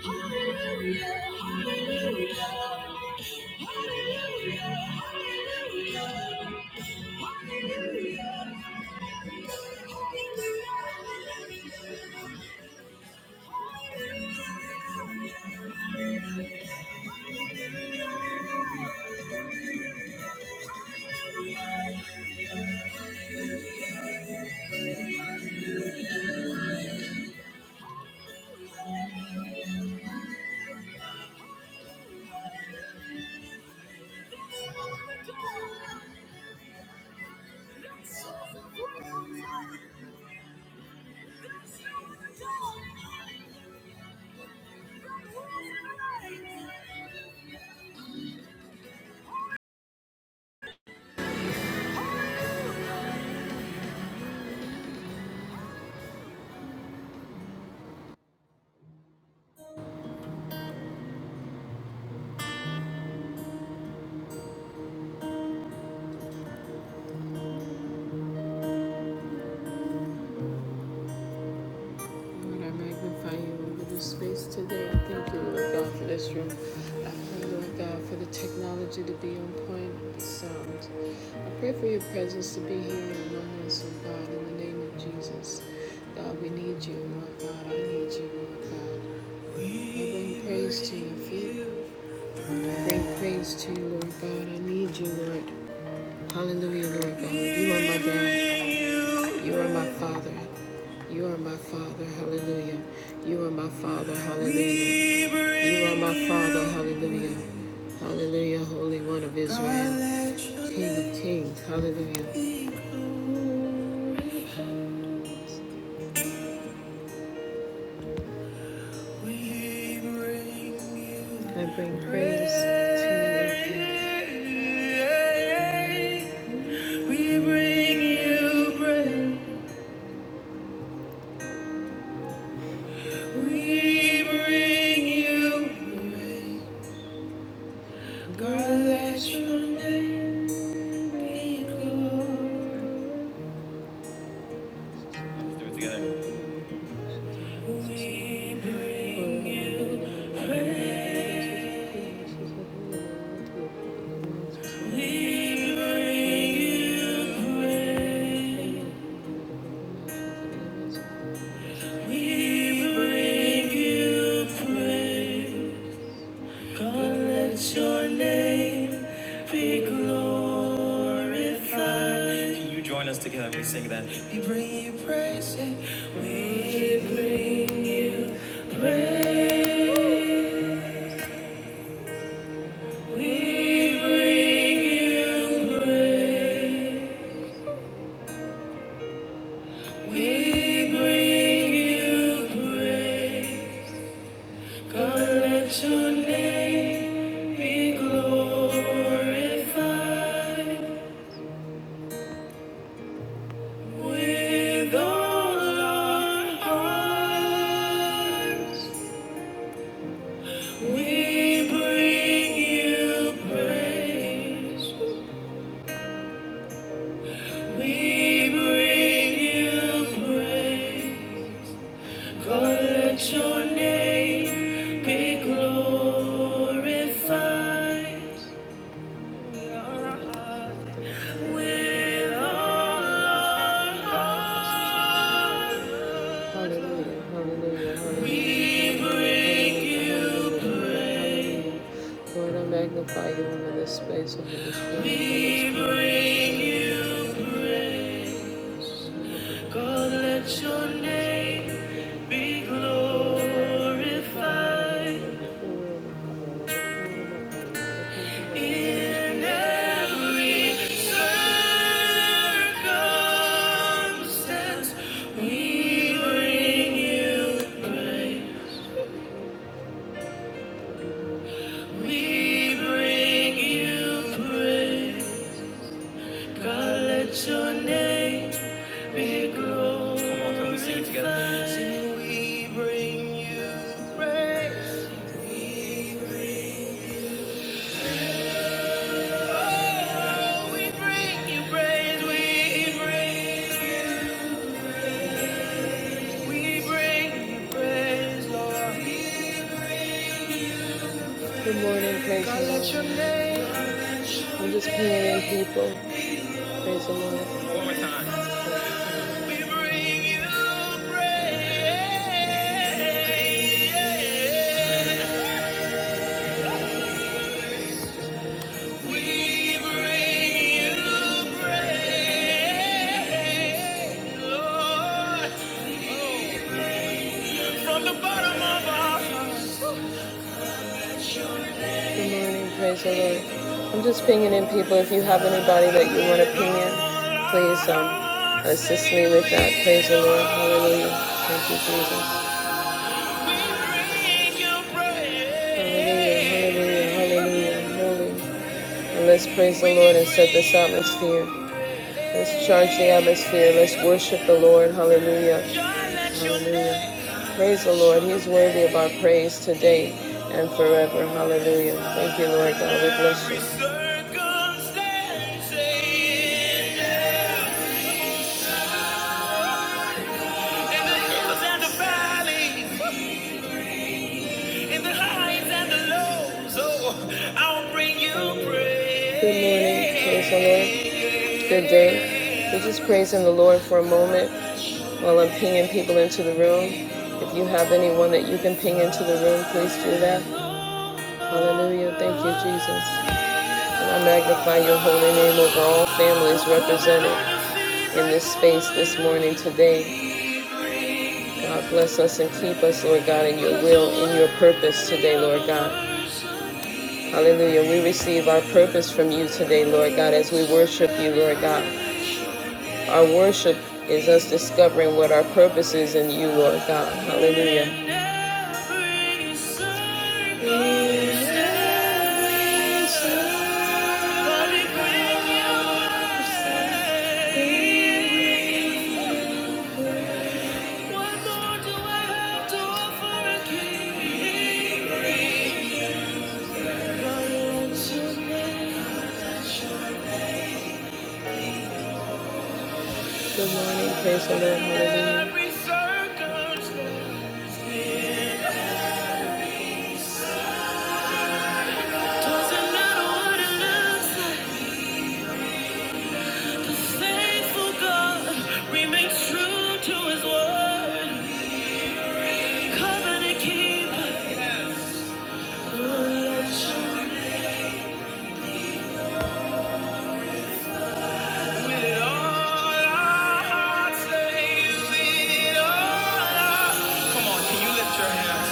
Hallelujah, hallelujah, hallelujah, hallelujah, hallelujah. Hallelujah, Hallelujah, Lord, I magnify you over this space today. I thank you, Lord God, for this room. I pray, Lord God, for the technology to be on point and be sound. I pray for your presence to be here among us, oh God, in the name of Jesus. God, we need you, Lord God. I need you, Lord God. I bring praise to your feet. I bring praise to you, Lord God. I need you, Lord. Hallelujah, Lord God. You are my God. You are my father. You are my father. Hallelujah. You are my father. Hallelujah. You are my father. Hallelujah. Hallelujah. Holy One of Israel. King of kings. Hallelujah. I bring praise to you. We bring you praise. We bring you praise. God, let your name be glorified. We bring you praise. We bring you, we bring you praise. God, let your name be glorified. Can you join us together? We sing that. We bring you praise. yeah. We bring you praise. We bring you praise. We bring you praise. God, let your name glorified with all our hearts. We Hallelujah, hallelujah, hallelujah. We make You praise. Lord, I magnify you over this space, over this room, We bring You praise. God, let your name be glorified. Yes, circumstance, we bring you praise. We bring you praise. God, let your name be glorified. Come we sing it together? we bring you praise. Oh, we bring you praise. We bring you. We bring you praise, Lord. Good morning, praise God, let your name. I'm just praying, people. Praise the Lord. We bring you praise. We bring you praise, Lord. From the bottom of our hearts. Good morning, praise the Lord. I'm just pinging in people. If you have anybody that you want to ping in, please um, assist me with that. Praise the Lord. Hallelujah. Thank you, Jesus. Hallelujah, hallelujah, hallelujah. Let's praise the Lord and set this atmosphere. Let's charge the atmosphere. Let's worship the Lord. Hallelujah. Hallelujah. Praise the Lord. He's worthy of our praise today and forever. Hallelujah. Thank you, Lord God. We bless you. In the highs and the lows, oh, I'll bring you praise. Good morning, praise the Lord. Good day. We're just praising the Lord for a moment while I'm pinging people into the room. If you have anyone that you can ping into the room, please do that. Hallelujah. Thank you, Jesus. And I magnify your holy name over all families represented in this space this morning today. God bless us and keep us, Lord God, in your will, in your purpose today, Lord God. Hallelujah. We receive our purpose from you today, Lord God, as we worship you, Lord God. Our worship is us discovering what our purpose is in you, Lord God. Hallelujah. Good morning, praise the Lord, hallelujah. Faithful God remains true to his word. Covenant keeper. With it all our hearts, say, with it all our- Come on, can you lift your hands?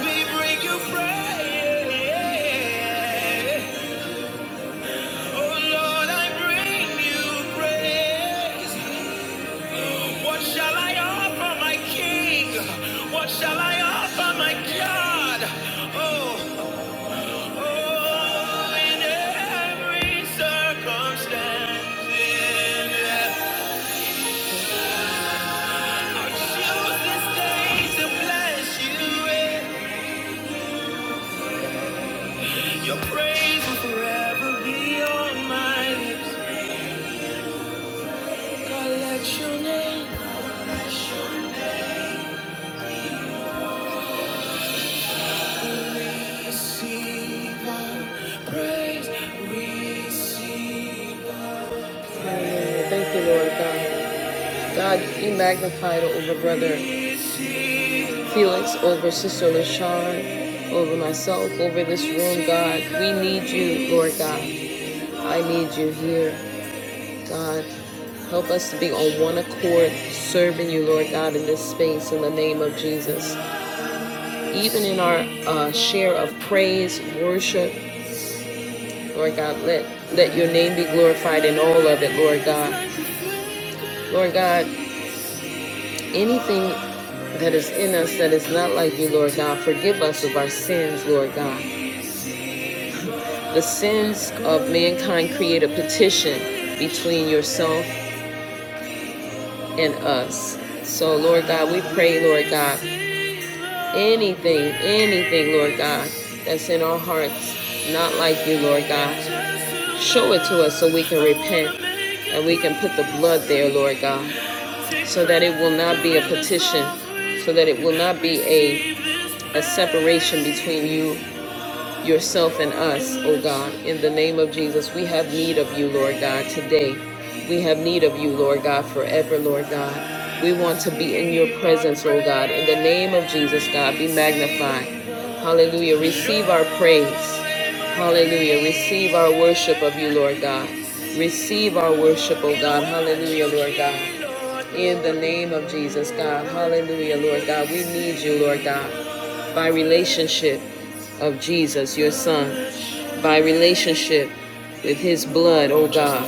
We bring you praise. Oh Lord, I bring you praise. What shall I offer my King? What shall I offer my God? Oh, oh, in every circumstance, in I choose this day to bless you with. Your praise will forever be on my lips. I let your name receive our praise, receive. Hallelujah. Thank you, Lord God. God, be magnified over Brother Felix, over Sister LaShawn, over myself, over this room, God. We need you, Lord God. I need you here, God. Help us to be on one accord, serving you, Lord God, in this space in the name of Jesus. Even in our uh, share of praise, worship, Lord God, let, let your name be glorified in all of it, Lord God. Lord God, Anything that is in us that is not like you, Lord God, forgive us of our sins, Lord God. The sins of mankind create a petition between yourself and us. So, Lord God, we pray, Lord God, anything, anything, Lord God, that's in our hearts, not like you, Lord God, show it to us so we can repent and we can put the blood there, Lord God, so that it will not be a petition so that it will not be a, a separation between you yourself and us, O God. In the name of Jesus, we have need of you, Lord God, today. We have need of you, Lord God, forever, Lord God. We want to be in your presence, O God. In the name of Jesus, God, be magnified. Hallelujah. Receive our praise. Hallelujah. Receive our worship of you, Lord God. Receive our worship, O God. Hallelujah, Lord God. In the name of Jesus, God. Hallelujah, Lord God. We need you, Lord God. By relationship of Jesus, your son. By relationship with his blood, oh God.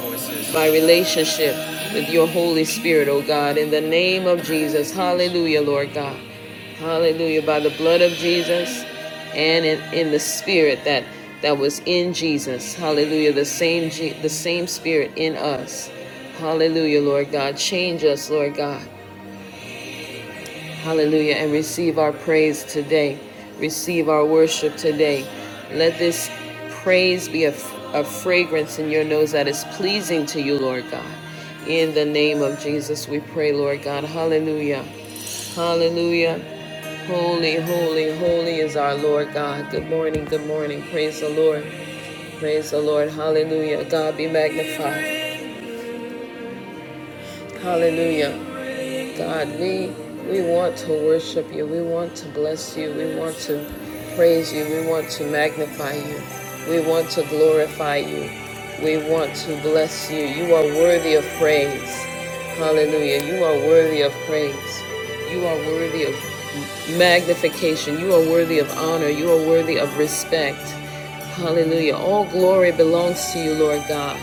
By relationship with your Holy Spirit, oh God. In the name of Jesus. Hallelujah, Lord God. Hallelujah. By the blood of Jesus and in, in the spirit that that was in Jesus. Hallelujah. The same the same spirit in us. Hallelujah, Lord God. Change us, Lord God. Hallelujah. And receive our praise today. Receive our worship today. Let this praise be a, a fragrance in your nose that is pleasing to you, Lord God. In the name of Jesus, we pray, Lord God. Hallelujah. Hallelujah. Holy, holy, holy is our Lord God. Good morning, good morning. Praise the Lord. Praise the Lord. Hallelujah. God be magnified. Hallelujah. God, we we want to worship you. We want to bless you. We want to praise you. We want to magnify you. We want to glorify you. We want to bless you. You are worthy of praise. Hallelujah. You are worthy of praise. You are worthy of magnification. You are worthy of honor. You are worthy of respect. Hallelujah. All glory belongs to you, Lord God.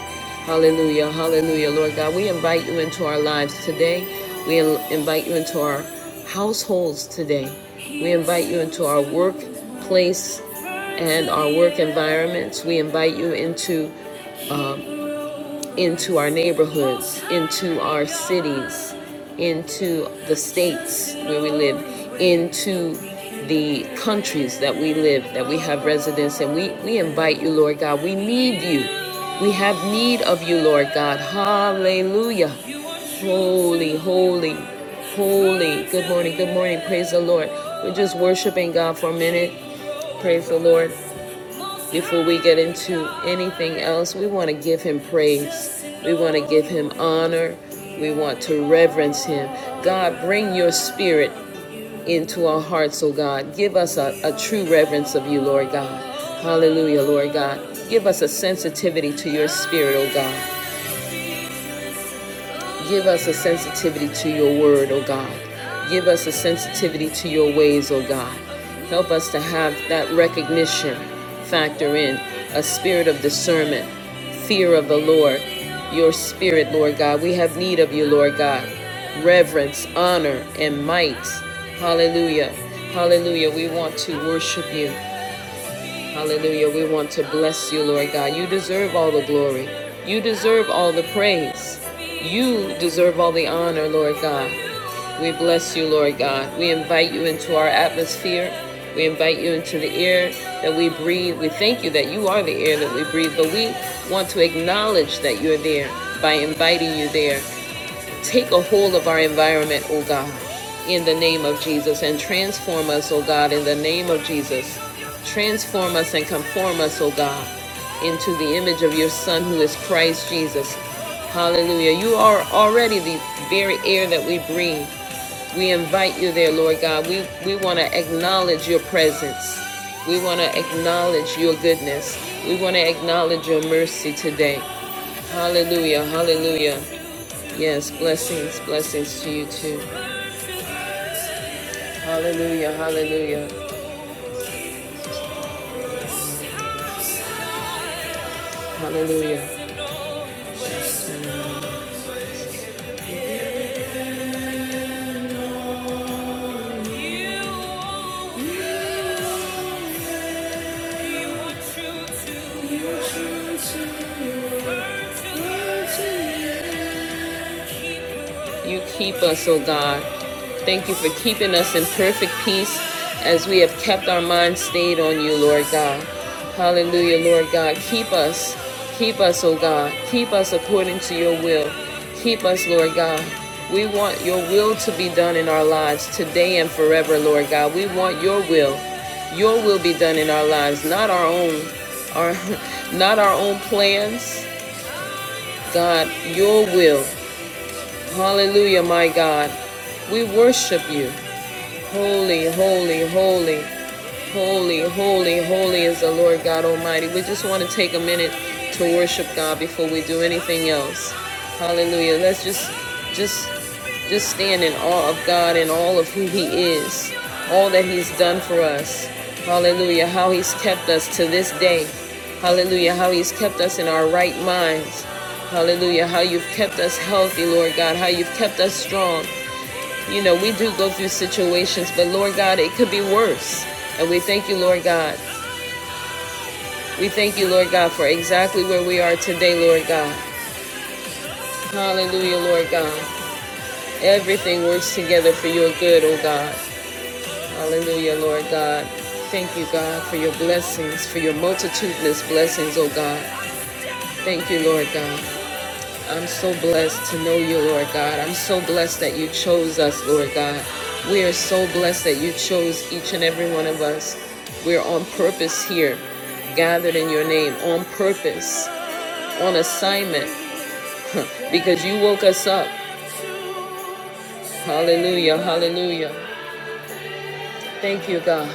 Hallelujah. Hallelujah, Lord God. We invite you into our lives today. We invite you into our households today. We invite you into our workplace and our work environments. We invite you into uh, into our neighborhoods, into our cities, into the states where we live, into the countries that we live, that we have residence and We, we invite you, Lord God. We need you. We have need of you, Lord God. Hallelujah. Holy, holy, holy. Good morning, good morning. Praise the Lord. We're just worshiping God for a minute. Praise the Lord. Before we get into anything else, we want to give him praise. We want to give him honor. We want to reverence him. God, bring your spirit into our hearts, oh God. Give us a, a true reverence of you, Lord God. Hallelujah, Lord God. Give us a sensitivity to your spirit, oh God. Give us a sensitivity to your word, O God. Give us a sensitivity to your ways, O God. Help us to have that recognition factor in, a spirit of discernment, fear of the Lord, your spirit, Lord God. We have need of you, Lord God. Reverence, honor, and might. Hallelujah. Hallelujah. We want to worship you. Hallelujah. We want to bless you, Lord God. You deserve all the glory. You deserve all the praise. You deserve all the honor, Lord God. We bless you, Lord God. We invite you into our atmosphere. We invite you into the air that we breathe. We thank you that you are the air that we breathe, but we want to acknowledge that you're there by inviting you there. Take a hold of our environment, O God, in the name of Jesus, and transform us, O God, in the name of Jesus. Transform us and conform us, O God, into the image of your Son who is Christ Jesus. Hallelujah. You are already the very air that we breathe. We invite you there, Lord God. We, we want to acknowledge your presence. We want to acknowledge your goodness. We want to acknowledge your mercy today. Hallelujah. Hallelujah. Yes, blessings, blessings to you too. Hallelujah, hallelujah, hallelujah. You are true to your word. You keep us, O God. Thank you for keeping us in perfect peace as we have kept our minds stayed on you, Lord God. Hallelujah, Lord God. Keep us. Keep us, O God. Keep us according to your will. Keep us, Lord God. We want your will to be done in our lives today and forever, Lord God. We want your will. Your will be done in our lives, not our own, our not our own plans. God, your will. Hallelujah, my God. We worship you. Holy, holy, holy, holy, holy, holy is the Lord God Almighty. We just want to take a minute to worship God before we do anything else. Hallelujah. Let's just just just stand in awe of God and all of who he is, all that he's done for us. Hallelujah. How he's kept us to this day. Hallelujah. How he's kept us in our right minds. Hallelujah. How you've kept us healthy, Lord God. How you've kept us strong. You know, we do go through situations, but Lord God, it could be worse. And we thank you, Lord God. We thank you, Lord God, for exactly where we are today, Lord God. Hallelujah, Lord God. Everything works together for your good, oh God. Hallelujah, Lord God. Thank you, God, for your blessings, for your multitudinous blessings, oh God. Thank you, Lord God. I'm so blessed to know you, Lord God. I'm so blessed that you chose us, Lord God. We are so blessed that you chose each and every one of us. We're on purpose here, gathered in your name, on purpose, on assignment, because you woke us up. Hallelujah, hallelujah. Thank you, God.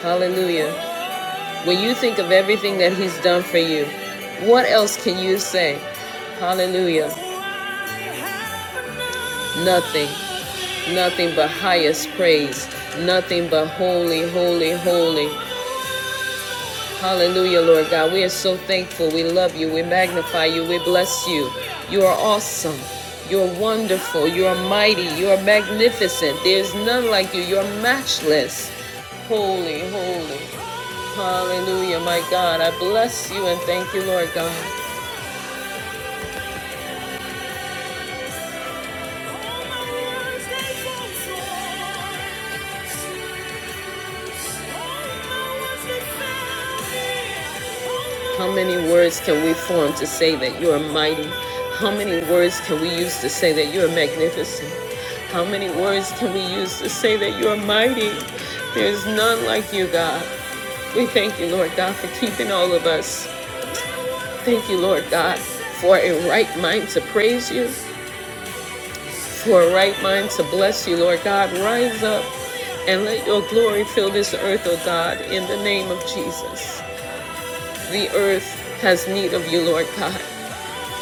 Hallelujah. When you think of everything that He's done for you, what else can you say? Hallelujah. Nothing. Nothing but highest praise. Nothing but holy, holy, holy. Hallelujah, Lord God. We are so thankful. We love you. We magnify you. We bless you. You are awesome. You're wonderful. You're mighty. You're magnificent. There's none like you. You're matchless. Holy, holy. Hallelujah, my God. I bless you and thank you, Lord God. How many words can we form to say that you are mighty? How many words can we use to say that you are magnificent? How many words can we use to say that you are mighty? There's none like you, God. We thank you, Lord God, for keeping all of us. Thank you, Lord God, for a right mind to praise you, for a right mind to bless you, Lord God. Rise up and let your glory fill this earth, O God, in the name of Jesus. The earth has need of you, Lord God.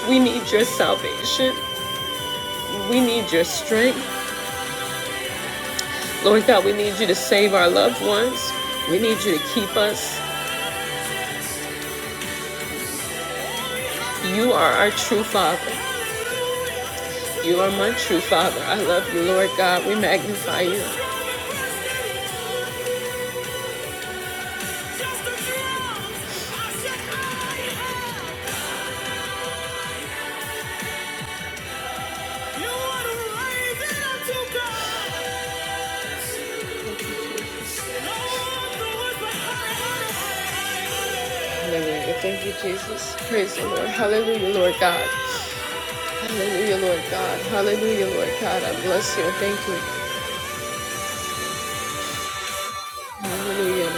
We need your salvation. We need your strength. Lord God, we need you to save our loved ones. We need you to keep us. You are our true Father. You are my true Father. I love you, Lord God. We magnify you. Hallelujah. Thank you, Jesus. Praise the Lord. Hallelujah, Lord God. Hallelujah, Lord God. Hallelujah, Lord God. I bless you. Thank you. Hallelujah.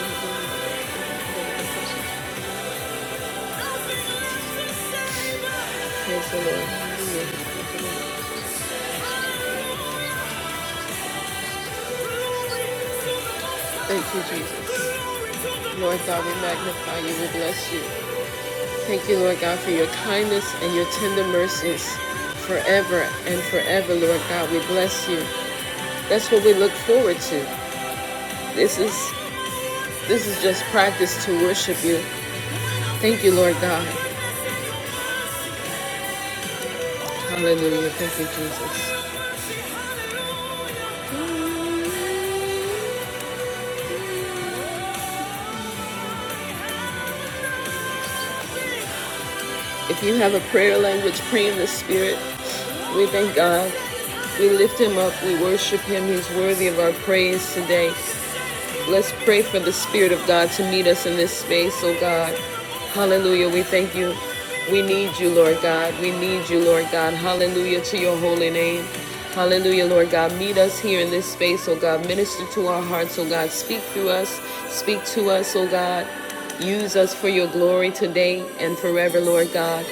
Praise the Lord. Hallelujah. Thank you, Jesus. Lord God, we magnify you. We bless you. Thank you, Lord God, for your kindness and your tender mercies forever and forever, Lord God. We bless you. That's what we look forward to. This is this is just practice to worship you. Thank you, Lord God. Hallelujah. Thank you, Jesus. If you have a prayer language, pray in the Spirit. We thank God. We lift Him up. We worship Him. He's worthy of our praise today. Let's pray for the Spirit of God to meet us in this space, oh God. Hallelujah. We thank you. We need you, Lord God. We need you, Lord God. Hallelujah to your holy name. Hallelujah, Lord God. Meet us here in this space, oh God. Minister to our hearts, oh God. Speak through us. Speak to us, oh God. Use us for your glory today and forever, Lord God.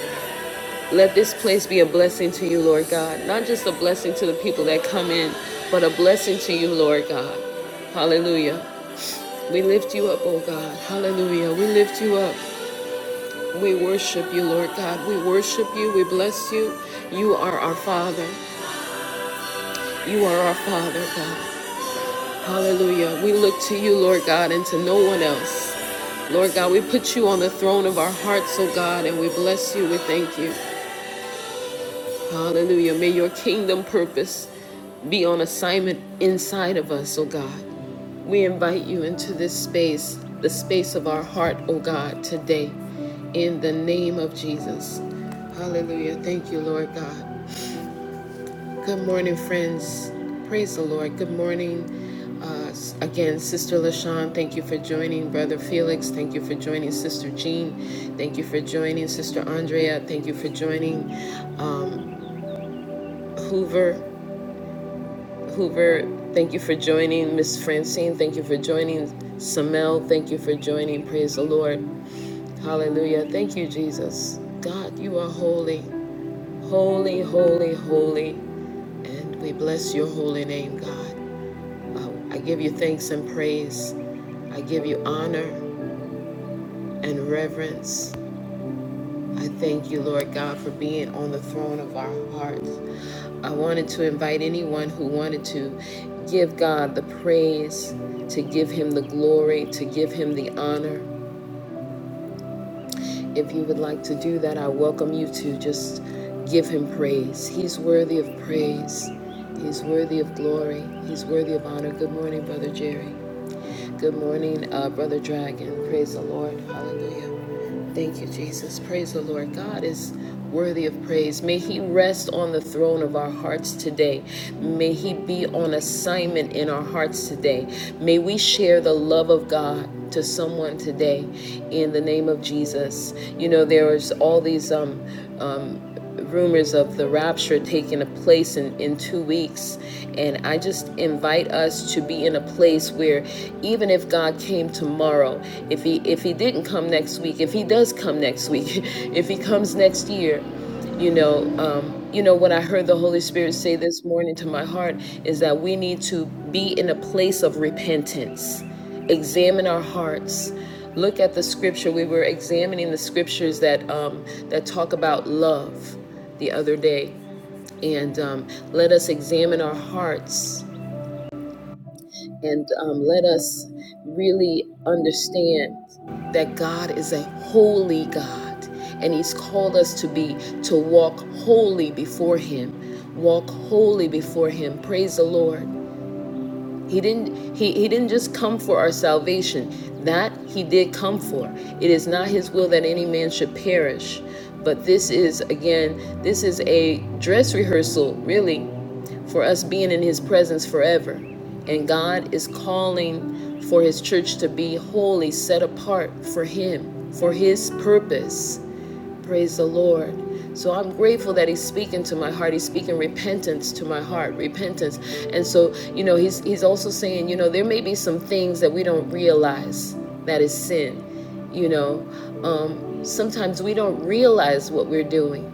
Let this place be a blessing to you, Lord God. Not just a blessing to the people that come in, but a blessing to you, Lord God. Hallelujah. We lift you up, oh God. Hallelujah. We lift you up. We worship you, Lord God. We worship you. We bless you. You are our Father. You are our Father, God. Hallelujah. We look to you, Lord God, and to no one else. Lord God, we put you on the throne of our hearts, oh God, and we bless you. We thank you. Hallelujah. May your kingdom purpose be on assignment inside of us, oh God. We invite you into this space, the space of our heart, oh God, today, in the name of Jesus. Hallelujah. Thank you, Lord God. Good morning, friends. Praise the Lord. Good morning. Uh, again, Sister LaShawn, thank you for joining. Brother Felix, thank you for joining. Sister Jean, thank you for joining. Sister Andrea, thank you for joining. Um, Hoover. Hoover, thank you for joining. Miss Francine, thank you for joining. Samel, thank you for joining. Praise the Lord. Hallelujah. Thank you, Jesus. God, you are holy, holy, holy, holy. And we bless your holy name, God. Uh, I give you thanks and praise. I give you honor and reverence. I thank you, Lord God, for being on the throne of our hearts. I wanted to invite anyone who wanted to give God the praise, to give Him the glory, to give Him the honor. If you would like to do that, I welcome you to just give Him praise. He's worthy of praise, He's worthy of glory, He's worthy of honor. Good morning, Brother Jerry. Good morning, uh, Brother Dragon. Praise the Lord. Hallelujah. Thank you, Jesus. Praise the Lord. God is worthy of praise. May He rest on the throne of our hearts today. May He be on assignment in our hearts today. May we share the love of God to someone today in the name of Jesus. You know, there's all these um, um, rumors of the rapture taking place in, in two weeks. And I just invite us to be in a place where even if God came tomorrow, if he if he didn't come next week, if he does come next week, if he comes next year, you know, um, you know what I heard the Holy Spirit say this morning to my heart is that we need to be in a place of repentance examine our hearts look at the scripture we were examining the scriptures that um, that talk about love the other day and um, let us examine our hearts and um, let us really understand that god is a holy god and he's called us to be to walk holy before him walk holy before him praise the lord he didn't he, he didn't just come for our salvation. That he did come for. It is not his will that any man should perish. But this is again, this is a dress rehearsal, really, for us being in his presence forever. And God is calling for his church to be holy, set apart for him, for his purpose. Praise the Lord. So I'm grateful that he's speaking to my heart. He's speaking repentance to my heart, repentance. And so, you know, he's he's also saying, you know, there may be some things that we don't realize that is sin. You know, um, sometimes we don't realize what we're doing.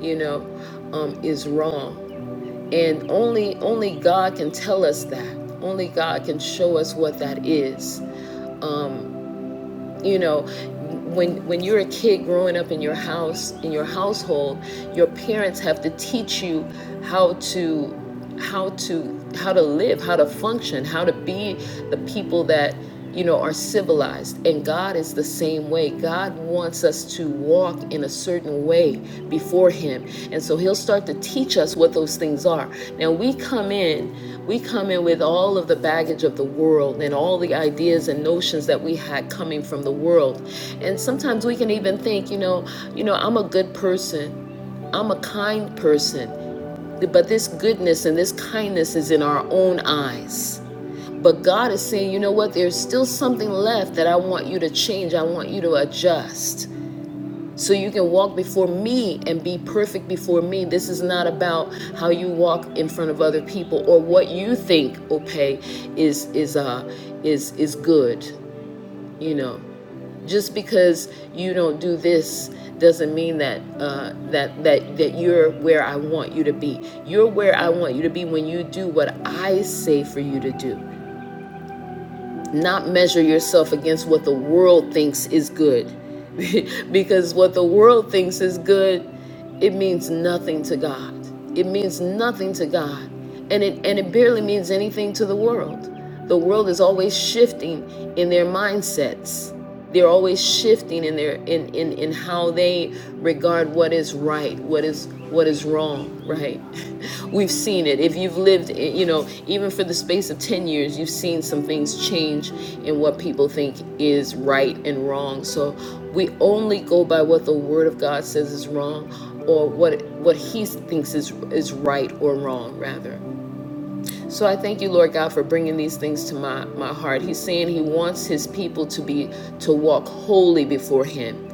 You know, um, is wrong, and only only God can tell us that. Only God can show us what that is. Um, you know when when you're a kid growing up in your house in your household your parents have to teach you how to how to how to live how to function how to be the people that you know are civilized and god is the same way god wants us to walk in a certain way before him and so he'll start to teach us what those things are now we come in we come in with all of the baggage of the world and all the ideas and notions that we had coming from the world and sometimes we can even think you know you know i'm a good person i'm a kind person but this goodness and this kindness is in our own eyes but God is saying, you know what? There's still something left that I want you to change. I want you to adjust so you can walk before me and be perfect before me. This is not about how you walk in front of other people or what you think okay is is uh is is good, you know. Just because you don't do this doesn't mean that uh, that that that you're where I want you to be. You're where I want you to be when you do what I say for you to do not measure yourself against what the world thinks is good. because what the world thinks is good, it means nothing to God. It means nothing to God. And it and it barely means anything to the world. The world is always shifting in their mindsets they're always shifting in their in, in in how they regard what is right what is what is wrong right we've seen it if you've lived eh, you know even for the space of 10 years you've seen some things change in what people think is right and wrong so we only go by what the word of god says is wrong or what what he thinks is is right or wrong rather so I thank you, Lord God, for bringing these things to my, my heart. He's saying he wants his people to be to walk holy before him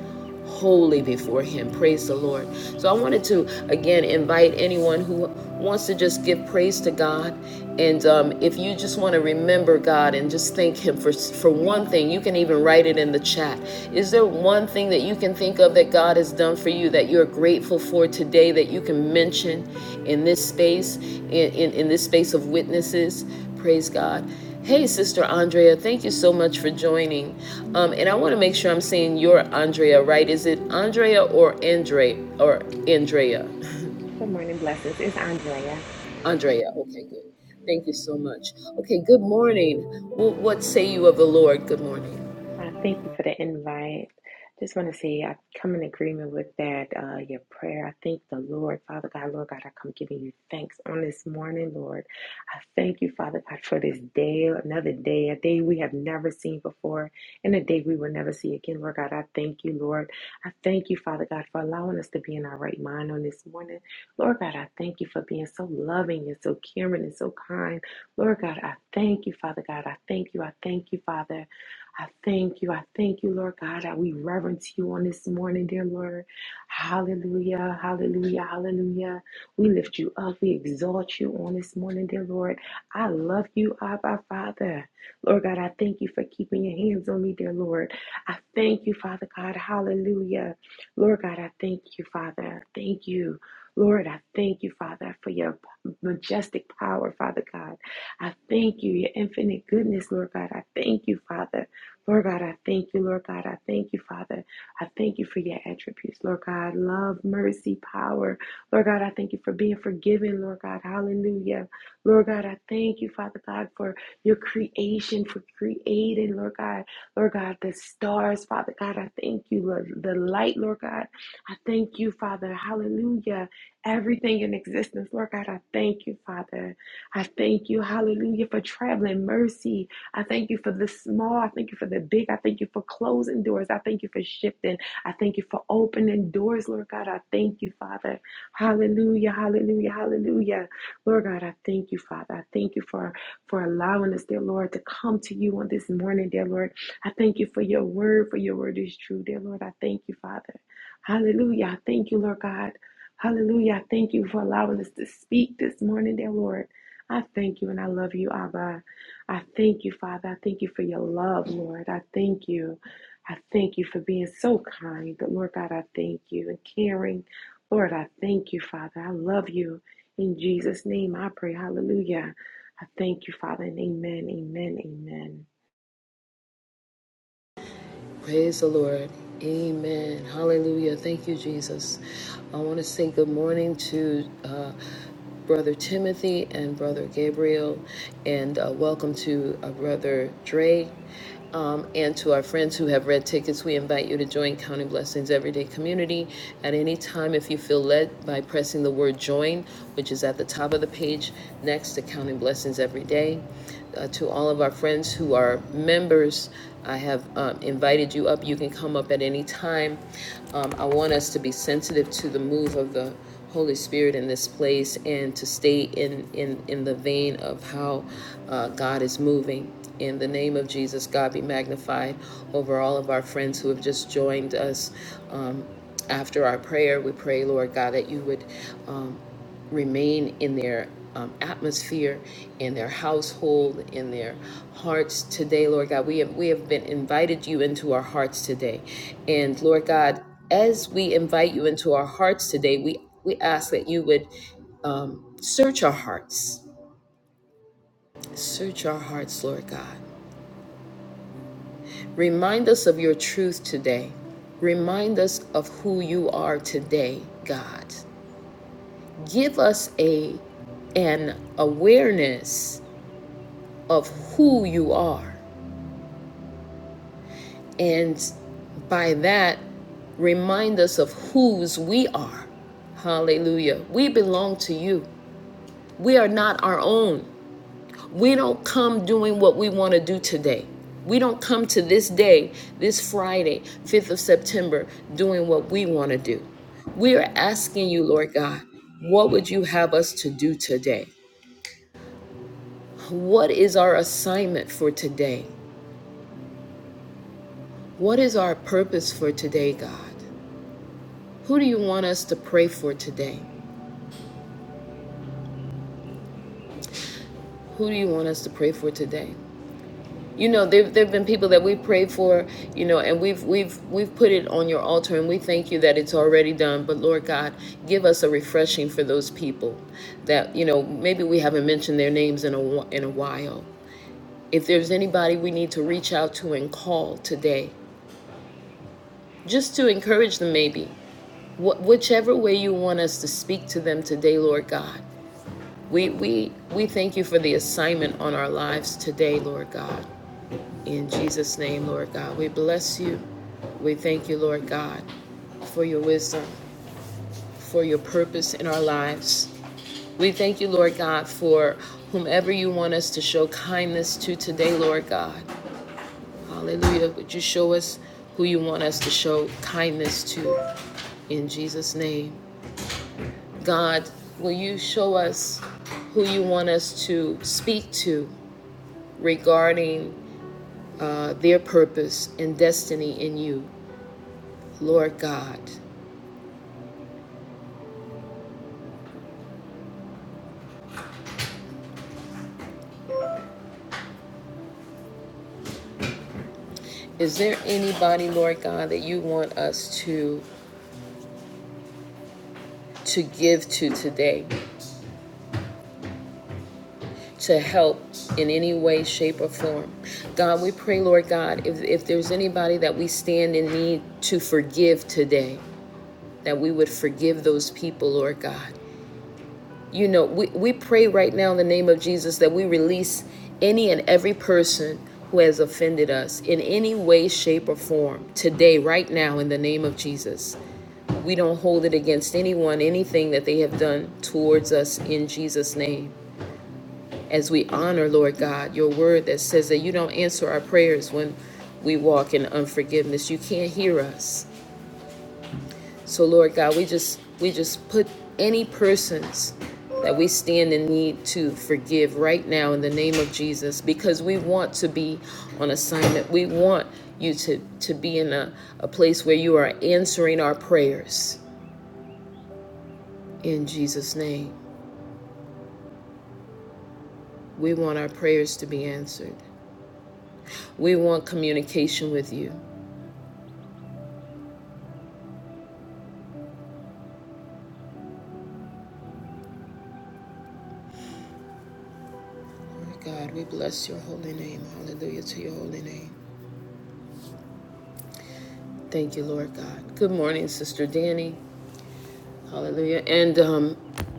holy before him praise the lord so i wanted to again invite anyone who wants to just give praise to god and um, if you just want to remember god and just thank him for for one thing you can even write it in the chat is there one thing that you can think of that god has done for you that you're grateful for today that you can mention in this space in, in, in this space of witnesses praise god Hey, Sister Andrea, thank you so much for joining. Um, and I want to make sure I'm saying your Andrea right. Is it Andrea or Andre or Andrea? Good morning, blessings. It's Andrea. Andrea. Okay, good. Thank you so much. Okay, good morning. Well, what say you of the Lord? Good morning. Uh, thank you for the invite. Just want to say I come in agreement with that, uh, your prayer. I thank the Lord, Father God, Lord God, I come giving you thanks on this morning, Lord. I thank you, Father God, for this day, another day, a day we have never seen before, and a day we will never see again, Lord God. I thank you, Lord. I thank you, Father God, for allowing us to be in our right mind on this morning. Lord God, I thank you for being so loving and so caring and so kind. Lord God, I thank you, Father God. I thank you. I thank you, Father. I thank you. I thank you, Lord God. That We reverence you on this morning, dear Lord. Hallelujah. Hallelujah. Hallelujah. We lift you up. We exalt you on this morning, dear Lord. I love you, Abba, Father. Lord God, I thank you for keeping your hands on me, dear Lord. I thank you, Father God. Hallelujah. Lord God, I thank you, Father. Thank you. Lord, I thank you, Father, for your majestic power, Father God. I thank you, your infinite goodness, Lord God. I thank you, Father. Lord God, I thank you. Lord God, I thank you, Father. I thank you for your attributes, Lord God. Love, mercy, power. Lord God, I thank you for being forgiven, Lord God. Hallelujah. Lord God, I thank you, Father God, for your creation, for creating, Lord God. Lord God, the stars, Father God, I thank you. Lord, the light, Lord God, I thank you, Father. Hallelujah. Everything in existence, Lord God, I thank you, Father. I thank you, hallelujah, for traveling mercy. I thank you for the small. I thank you for the big. I thank you for closing doors. I thank you for shifting. I thank you for opening doors, Lord God. I thank you, Father. Hallelujah, hallelujah, hallelujah. Lord God, I thank you, Father. I thank you for, for allowing us, dear Lord, to come to you on this morning, dear Lord. I thank you for your word, for your word is true, dear Lord. I thank you, Father. Hallelujah. I thank you, Lord God. Hallelujah. I thank you for allowing us to speak this morning, dear Lord. I thank you and I love you, Abba. I thank you, Father. I thank you for your love, Lord. I thank you. I thank you for being so kind. but Lord God, I thank you and caring. Lord, I thank you, Father. I love you. In Jesus' name I pray. Hallelujah. I thank you, Father, and amen, amen, amen. Praise the Lord. Amen. Hallelujah. Thank you, Jesus. I want to say good morning to uh, Brother Timothy and Brother Gabriel, and uh, welcome to uh, Brother Dre. Um, and to our friends who have red tickets, we invite you to join Counting Blessings Everyday Community at any time if you feel led by pressing the word join, which is at the top of the page next to Counting Blessings Every Day. Uh, to all of our friends who are members, I have um, invited you up. You can come up at any time. Um, I want us to be sensitive to the move of the Holy Spirit in this place and to stay in, in, in the vein of how uh, God is moving. In the name of Jesus, God be magnified over all of our friends who have just joined us. Um, after our prayer, we pray, Lord God, that you would. Um, remain in their um, atmosphere, in their household, in their hearts today, Lord God. We have, we have been invited you into our hearts today. And Lord God, as we invite you into our hearts today, we, we ask that you would um, search our hearts. Search our hearts, Lord God. Remind us of your truth today. Remind us of who you are today, God. Give us a an awareness of who you are. And by that, remind us of whose we are. Hallelujah. We belong to you. We are not our own. We don't come doing what we want to do today. We don't come to this day, this Friday, 5th of September, doing what we want to do. We are asking you, Lord God, what would you have us to do today? What is our assignment for today? What is our purpose for today, God? Who do you want us to pray for today? Who do you want us to pray for today? You know, there there've been people that we prayed for, you know, and we've we've we've put it on your altar and we thank you that it's already done. But Lord God, give us a refreshing for those people that, you know, maybe we haven't mentioned their names in a wh- in a while. If there's anybody we need to reach out to and call today, just to encourage them maybe. Wh- whichever way you want us to speak to them today, Lord God. We, we, we thank you for the assignment on our lives today, Lord God. In Jesus' name, Lord God, we bless you. We thank you, Lord God, for your wisdom, for your purpose in our lives. We thank you, Lord God, for whomever you want us to show kindness to today, Lord God. Hallelujah. Would you show us who you want us to show kindness to in Jesus' name? God, will you show us who you want us to speak to regarding uh, their purpose and destiny in you, Lord God. Is there anybody, Lord God, that you want us to to give to today? To help in any way, shape, or form. God, we pray, Lord God, if, if there's anybody that we stand in need to forgive today, that we would forgive those people, Lord God. You know, we, we pray right now in the name of Jesus that we release any and every person who has offended us in any way, shape, or form today, right now, in the name of Jesus. We don't hold it against anyone, anything that they have done towards us in Jesus' name. As we honor, Lord God, your word that says that you don't answer our prayers when we walk in unforgiveness. You can't hear us. So Lord God, we just we just put any persons that we stand in need to forgive right now in the name of Jesus because we want to be on assignment. We want you to to be in a, a place where you are answering our prayers in Jesus name. We want our prayers to be answered. We want communication with you. Lord God, we bless your holy name. Hallelujah to your holy name. Thank you, Lord God. Good morning, Sister Danny. Hallelujah. And um,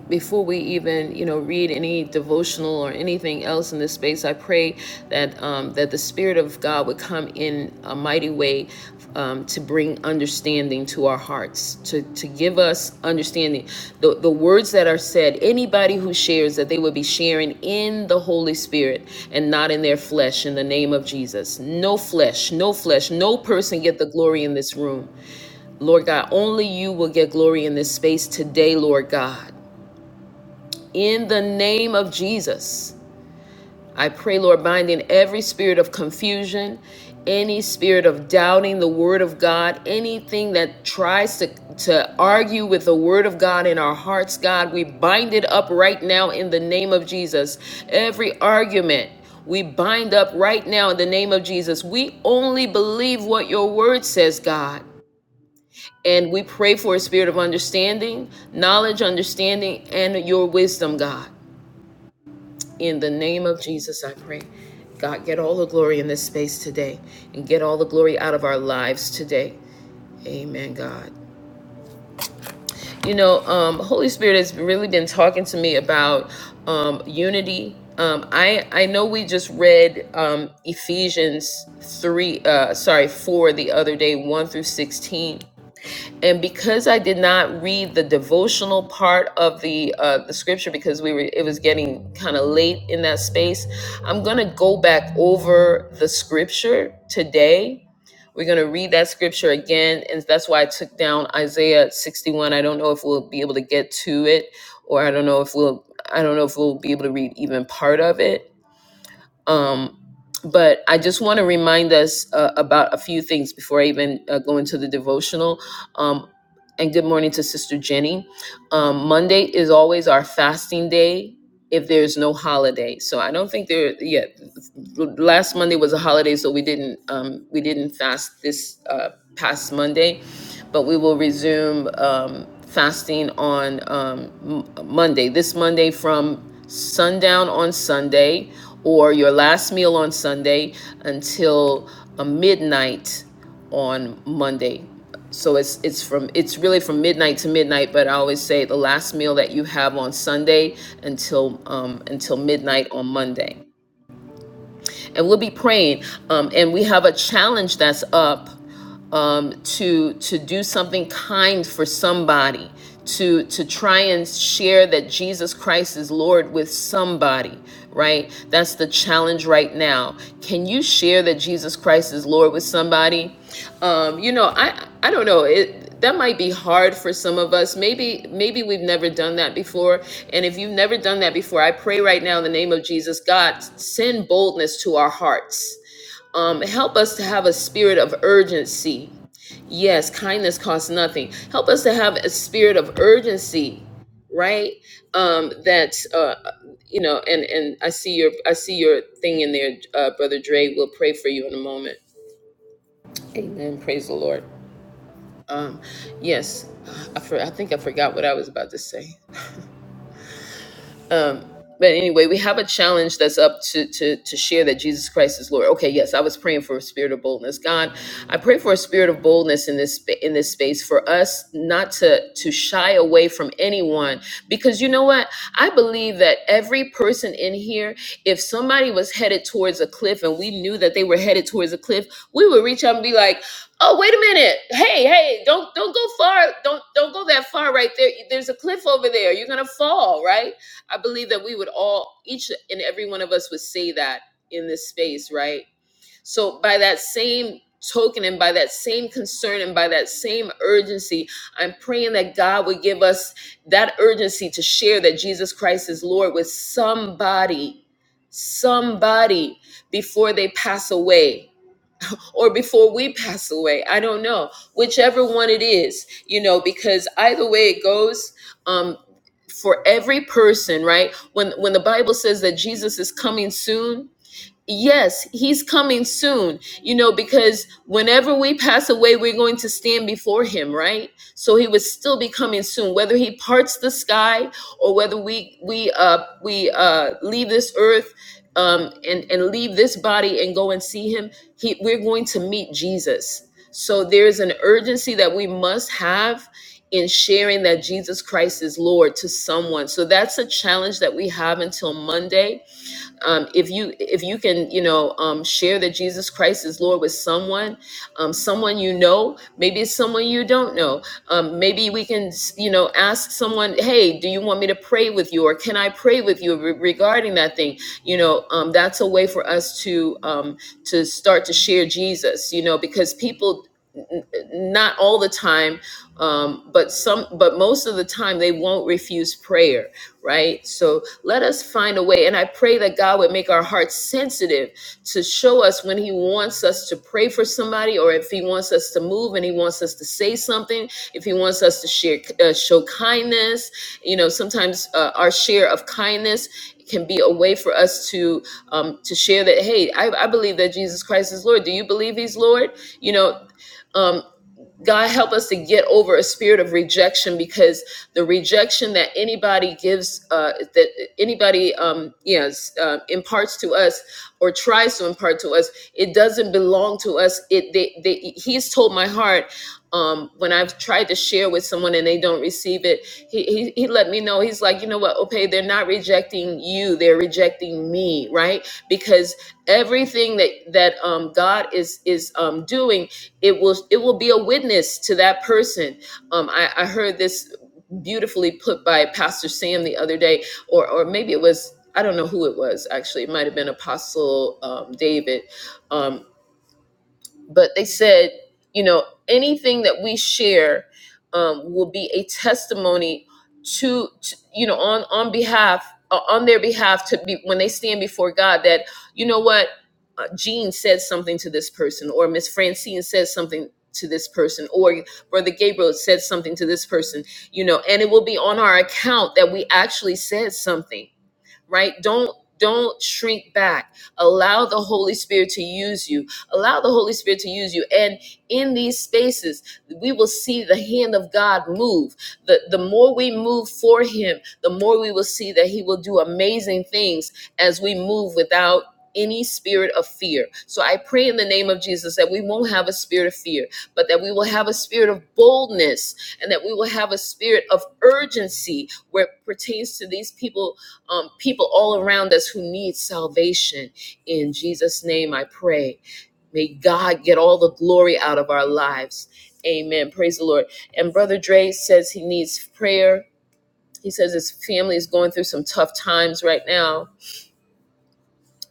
before we even, you know, read any devotional or anything else in this space, I pray that um, that the Spirit of God would come in a mighty way um, to bring understanding to our hearts, to to give us understanding. The the words that are said, anybody who shares that they would be sharing in the Holy Spirit and not in their flesh. In the name of Jesus, no flesh, no flesh, no person get the glory in this room. Lord God, only you will get glory in this space today, Lord God. In the name of Jesus, I pray, Lord, binding every spirit of confusion, any spirit of doubting the word of God, anything that tries to, to argue with the word of God in our hearts, God, we bind it up right now in the name of Jesus. Every argument, we bind up right now in the name of Jesus. We only believe what your word says, God. And we pray for a spirit of understanding, knowledge, understanding, and your wisdom, God. In the name of Jesus, I pray. God, get all the glory in this space today and get all the glory out of our lives today. Amen, God. You know, um, Holy Spirit has really been talking to me about um, unity. Um, I I know we just read um, Ephesians three, uh, sorry, four the other day, one through sixteen and because I did not read the devotional part of the uh, the scripture because we were it was getting kind of late in that space, I'm gonna go back over the scripture today. We're gonna read that scripture again, and that's why I took down Isaiah 61. I don't know if we'll be able to get to it, or I don't know if we'll I don't know if we'll be able to read even part of it um, but I just want to remind us uh, about a few things before I even uh, go into the devotional. Um, and good morning to Sister Jenny. Um, Monday is always our fasting day if there's no holiday. So I don't think there. Yeah, last Monday was a holiday, so we didn't um, we didn't fast this uh, past Monday, but we will resume um, fasting on um, M- Monday. This Monday from sundown on Sunday, or your last meal on Sunday until uh, midnight on Monday. So it's it's from it's really from midnight to midnight, but I always say the last meal that you have on Sunday until um, until midnight on Monday and we'll be praying. Um, and we have a challenge that's up um, to to do something kind for somebody, to to try and share that Jesus Christ is Lord with somebody. Right? That's the challenge right now. Can you share that Jesus Christ is Lord with somebody? Um, you know, I I don't know it that might be hard for some of us maybe maybe we've never done that before and if you've never done that before i pray right now in the name of jesus god send boldness to our hearts um, help us to have a spirit of urgency yes kindness costs nothing help us to have a spirit of urgency right um that uh you know and and i see your i see your thing in there uh brother dre we'll pray for you in a moment amen praise the lord um, yes, I, for, I think I forgot what I was about to say. Um, but anyway, we have a challenge that's up to, to to share that Jesus Christ is Lord. Okay, yes, I was praying for a spirit of boldness. God, I pray for a spirit of boldness in this spa- in this space for us not to to shy away from anyone because you know what? I believe that every person in here, if somebody was headed towards a cliff and we knew that they were headed towards a cliff, we would reach out and be like, "Oh, wait a minute. Hey, hey, don't don't go far. Don't don't go that far right there. There's a cliff over there. You're going to fall, right?" I believe that we would all, each and every one of us would say that in this space, right? So, by that same token and by that same concern and by that same urgency, I'm praying that God would give us that urgency to share that Jesus Christ is Lord with somebody, somebody before they pass away or before we pass away. I don't know. Whichever one it is, you know, because either way it goes, um, for every person, right? When when the Bible says that Jesus is coming soon, Yes, he's coming soon, you know, because whenever we pass away, we're going to stand before him, right? So he would still be coming soon, whether he parts the sky or whether we we uh we uh leave this earth um and and leave this body and go and see him, he we're going to meet Jesus. So there's an urgency that we must have in sharing that Jesus Christ is Lord to someone. So that's a challenge that we have until Monday um, if you if you can you know um, share that jesus christ is lord with someone um, someone you know maybe it's someone you don't know um, maybe we can you know ask someone hey do you want me to pray with you or can i pray with you re- regarding that thing you know um, that's a way for us to um, to start to share jesus you know because people n- n- not all the time um, but some but most of the time they won't refuse prayer right so let us find a way and i pray that god would make our hearts sensitive to show us when he wants us to pray for somebody or if he wants us to move and he wants us to say something if he wants us to share uh, show kindness you know sometimes uh, our share of kindness can be a way for us to um, to share that hey I, I believe that jesus christ is lord do you believe he's lord you know um, God help us to get over a spirit of rejection because the rejection that anybody gives, uh, that anybody um, yes uh, imparts to us or tries to impart to us, it doesn't belong to us. It they, they, he's told my heart um, when I've tried to share with someone and they don't receive it. He, he he let me know. He's like, you know what? Okay, they're not rejecting you. They're rejecting me, right? Because everything that that um, God is is um, doing it will it will be a witness to that person um i, I heard this beautifully put by pastor sam the other day or or maybe it was i don't know who it was actually it might have been apostle um, david Um, but they said, you know, anything that we share um, will be a testimony to, to you know, on on behalf uh, on their behalf to be when they stand before God that you know what uh, Jean said something to this person or Miss Francine says something to this person or brother Gabriel said something to this person you know and it will be on our account that we actually said something right? Don't don't shrink back. Allow the Holy Spirit to use you. Allow the Holy Spirit to use you. And in these spaces, we will see the hand of God move. The, the more we move for Him, the more we will see that He will do amazing things as we move without any spirit of fear. So I pray in the name of Jesus that we won't have a spirit of fear, but that we will have a spirit of boldness and that we will have a spirit of urgency where it pertains to these people um, people all around us who need salvation. In Jesus' name, I pray. May God get all the glory out of our lives. Amen. Praise the Lord. And Brother Dre says he needs prayer. He says his family is going through some tough times right now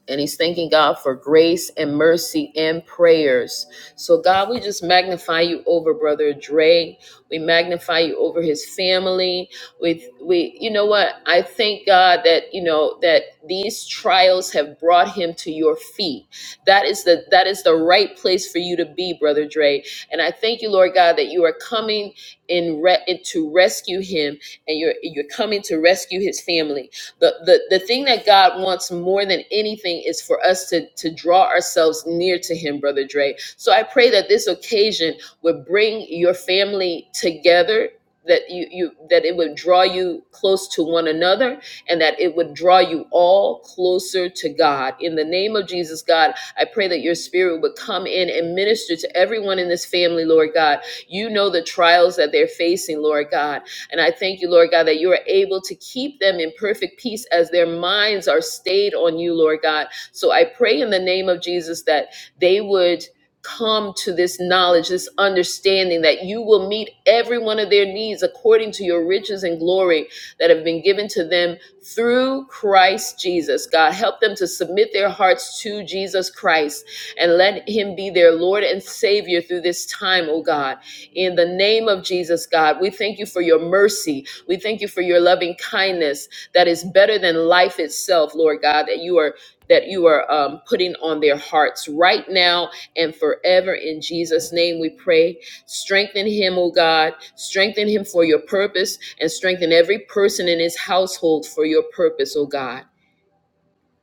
and he's thanking God for grace and mercy and prayers. So, God, we just magnify you over Brother Dre. We magnify you over his family. We, we, you know what? I thank God that you know that these trials have brought him to your feet. That is the that is the right place for you to be, Brother Dre. And I thank you, Lord God, that you are coming in re- to rescue him, and you're you're coming to rescue his family. The, the the thing that God wants more than anything is for us to to draw ourselves near to Him, Brother Dre. So I pray that this occasion would bring your family together. That you, you that it would draw you close to one another, and that it would draw you all closer to God. In the name of Jesus, God, I pray that your spirit would come in and minister to everyone in this family, Lord God. You know the trials that they're facing, Lord God. And I thank you, Lord God, that you are able to keep them in perfect peace as their minds are stayed on you, Lord God. So I pray in the name of Jesus that they would come to this knowledge, this understanding that you will meet every one of their needs according to your riches and glory that have been given to them through Christ Jesus. God, help them to submit their hearts to Jesus Christ and let him be their Lord and Savior through this time, oh God. In the name of Jesus, God, we thank you for your mercy. We thank you for your loving kindness that is better than life itself, Lord God, that you are that you are um, putting on their hearts right now and forever. In Jesus' name we pray. Strengthen him, O God. Strengthen him for your purpose and strengthen every person in his household for your purpose, O God.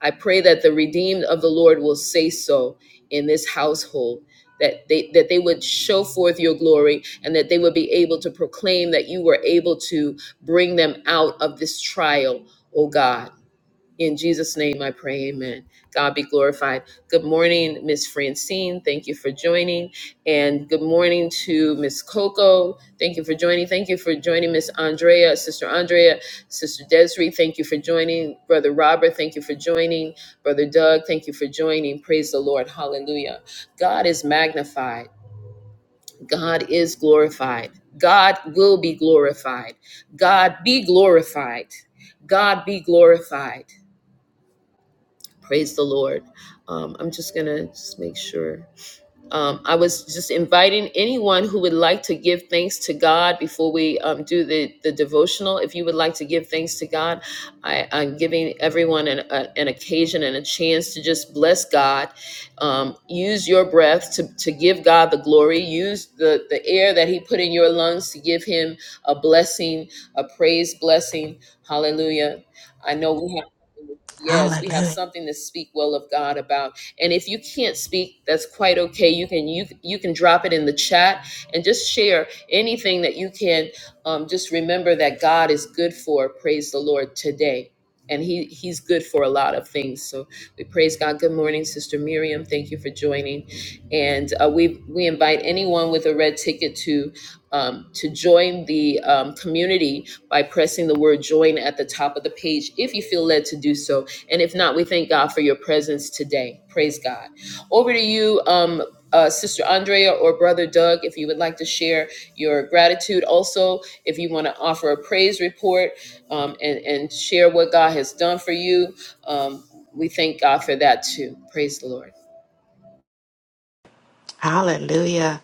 I pray that the redeemed of the Lord will say so in this household, that they that they would show forth your glory and that they would be able to proclaim that you were able to bring them out of this trial, oh God. In Jesus' name I pray, amen. God be glorified. Good morning, Miss Francine. Thank you for joining. And good morning to Miss Coco. Thank you for joining. Thank you for joining Miss Andrea, Sister Andrea, Sister Desiree. Thank you for joining. Brother Robert, thank you for joining. Brother Doug, thank you for joining. Praise the Lord. Hallelujah. God is magnified. God is glorified. God will be glorified. God be glorified. God be glorified. Praise the Lord. Um, I'm just going to just make sure. Um, I was just inviting anyone who would like to give thanks to God before we um, do the, the devotional. If you would like to give thanks to God, I, I'm giving everyone an, a, an occasion and a chance to just bless God. Um, use your breath to, to give God the glory. Use the, the air that He put in your lungs to give Him a blessing, a praise blessing. Hallelujah. I know we have. Yes, we have Hallelujah. something to speak well of God about. And if you can't speak, that's quite okay. You can you you can drop it in the chat and just share anything that you can. Um, just remember that God is good for. Praise the Lord today. And he, he's good for a lot of things. So we praise God. Good morning, Sister Miriam. Thank you for joining. And uh, we, we invite anyone with a red ticket to um, to join the um, community by pressing the word join at the top of the page if you feel led to do so. And if not, we thank God for your presence today. Praise God. Over to you, um, uh, Sister Andrea or Brother Doug, if you would like to share your gratitude. Also, if you want to offer a praise report um, and, and share what God has done for you, um, we thank God for that too. Praise the Lord. Hallelujah.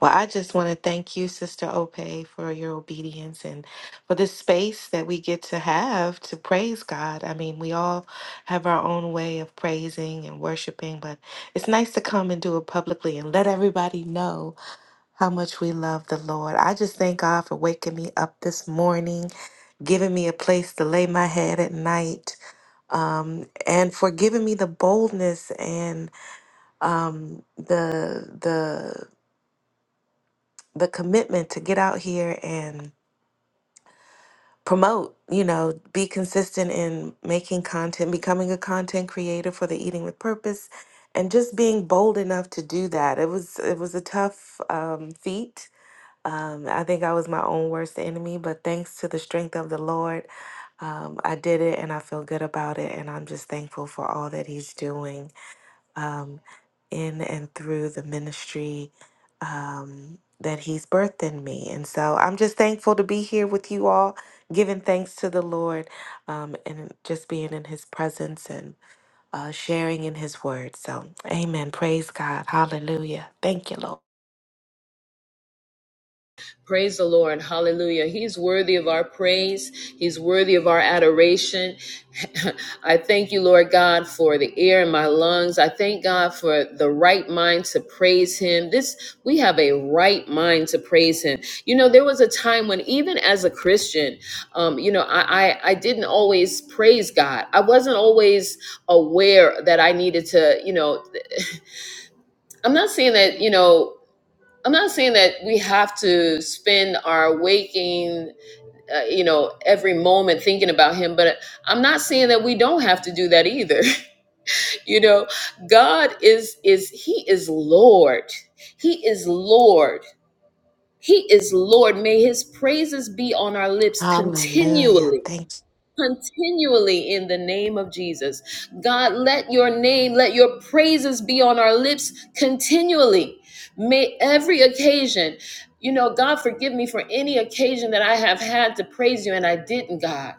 Well, I just want to thank you, Sister Ope, for your obedience and for this space that we get to have to praise God. I mean, we all have our own way of praising and worshiping, but it's nice to come and do it publicly and let everybody know how much we love the Lord. I just thank God for waking me up this morning, giving me a place to lay my head at night, um, and for giving me the boldness and um, the the the commitment to get out here and promote you know be consistent in making content becoming a content creator for the eating with purpose and just being bold enough to do that it was it was a tough um, feat um, i think i was my own worst enemy but thanks to the strength of the lord um, i did it and i feel good about it and i'm just thankful for all that he's doing um, in and through the ministry um, that He's birthed in me. And so I'm just thankful to be here with you all, giving thanks to the Lord um, and just being in His presence and uh, sharing in His Word. So, amen. Praise God. Hallelujah. Thank you, Lord. Praise the Lord. Hallelujah. He's worthy of our praise. He's worthy of our adoration. I thank you, Lord God, for the air in my lungs. I thank God for the right mind to praise him. This we have a right mind to praise him. You know, there was a time when even as a Christian, um, you know, I, I I didn't always praise God. I wasn't always aware that I needed to, you know, I'm not saying that, you know, I'm not saying that we have to spend our waking, uh, you know, every moment thinking about him, but I'm not saying that we don't have to do that either. you know, God is is he is Lord. He is Lord. He is Lord. May his praises be on our lips Hallelujah. continually Thank, continually in the name of Jesus. God, let your name, let your praises be on our lips continually. May every occasion, you know, God, forgive me for any occasion that I have had to praise you and I didn't, God.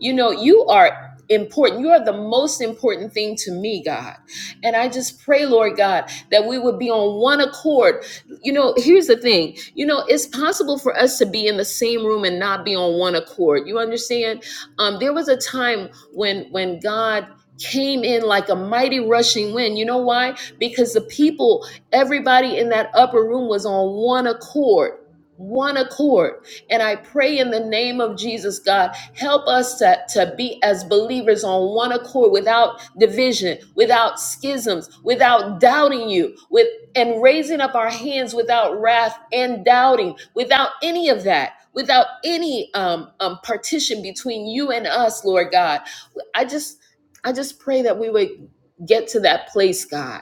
You know, you are. Important. You are the most important thing to me, God. And I just pray, Lord God, that we would be on one accord. You know, here's the thing you know, it's possible for us to be in the same room and not be on one accord. You understand? Um, there was a time when when God came in like a mighty rushing wind. You know why? Because the people, everybody in that upper room was on one accord. One accord. And I pray in the name of Jesus, God, help us to, to be as believers on one accord without division, without schisms, without doubting you, with and raising up our hands without wrath and doubting, without any of that, without any um, um, partition between you and us, Lord God. I just, I just pray that we would get to that place, God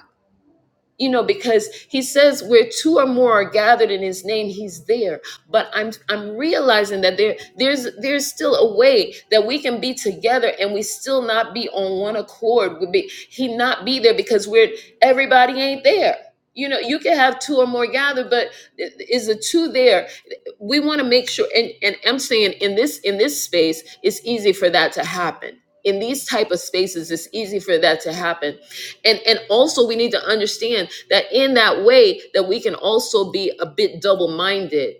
you know because he says where two or more are gathered in his name he's there but i'm i'm realizing that there there's there's still a way that we can be together and we still not be on one accord would be he not be there because we're everybody ain't there you know you can have two or more gathered but is the two there we want to make sure and, and i'm saying in this in this space it's easy for that to happen in these type of spaces it's easy for that to happen and and also we need to understand that in that way that we can also be a bit double-minded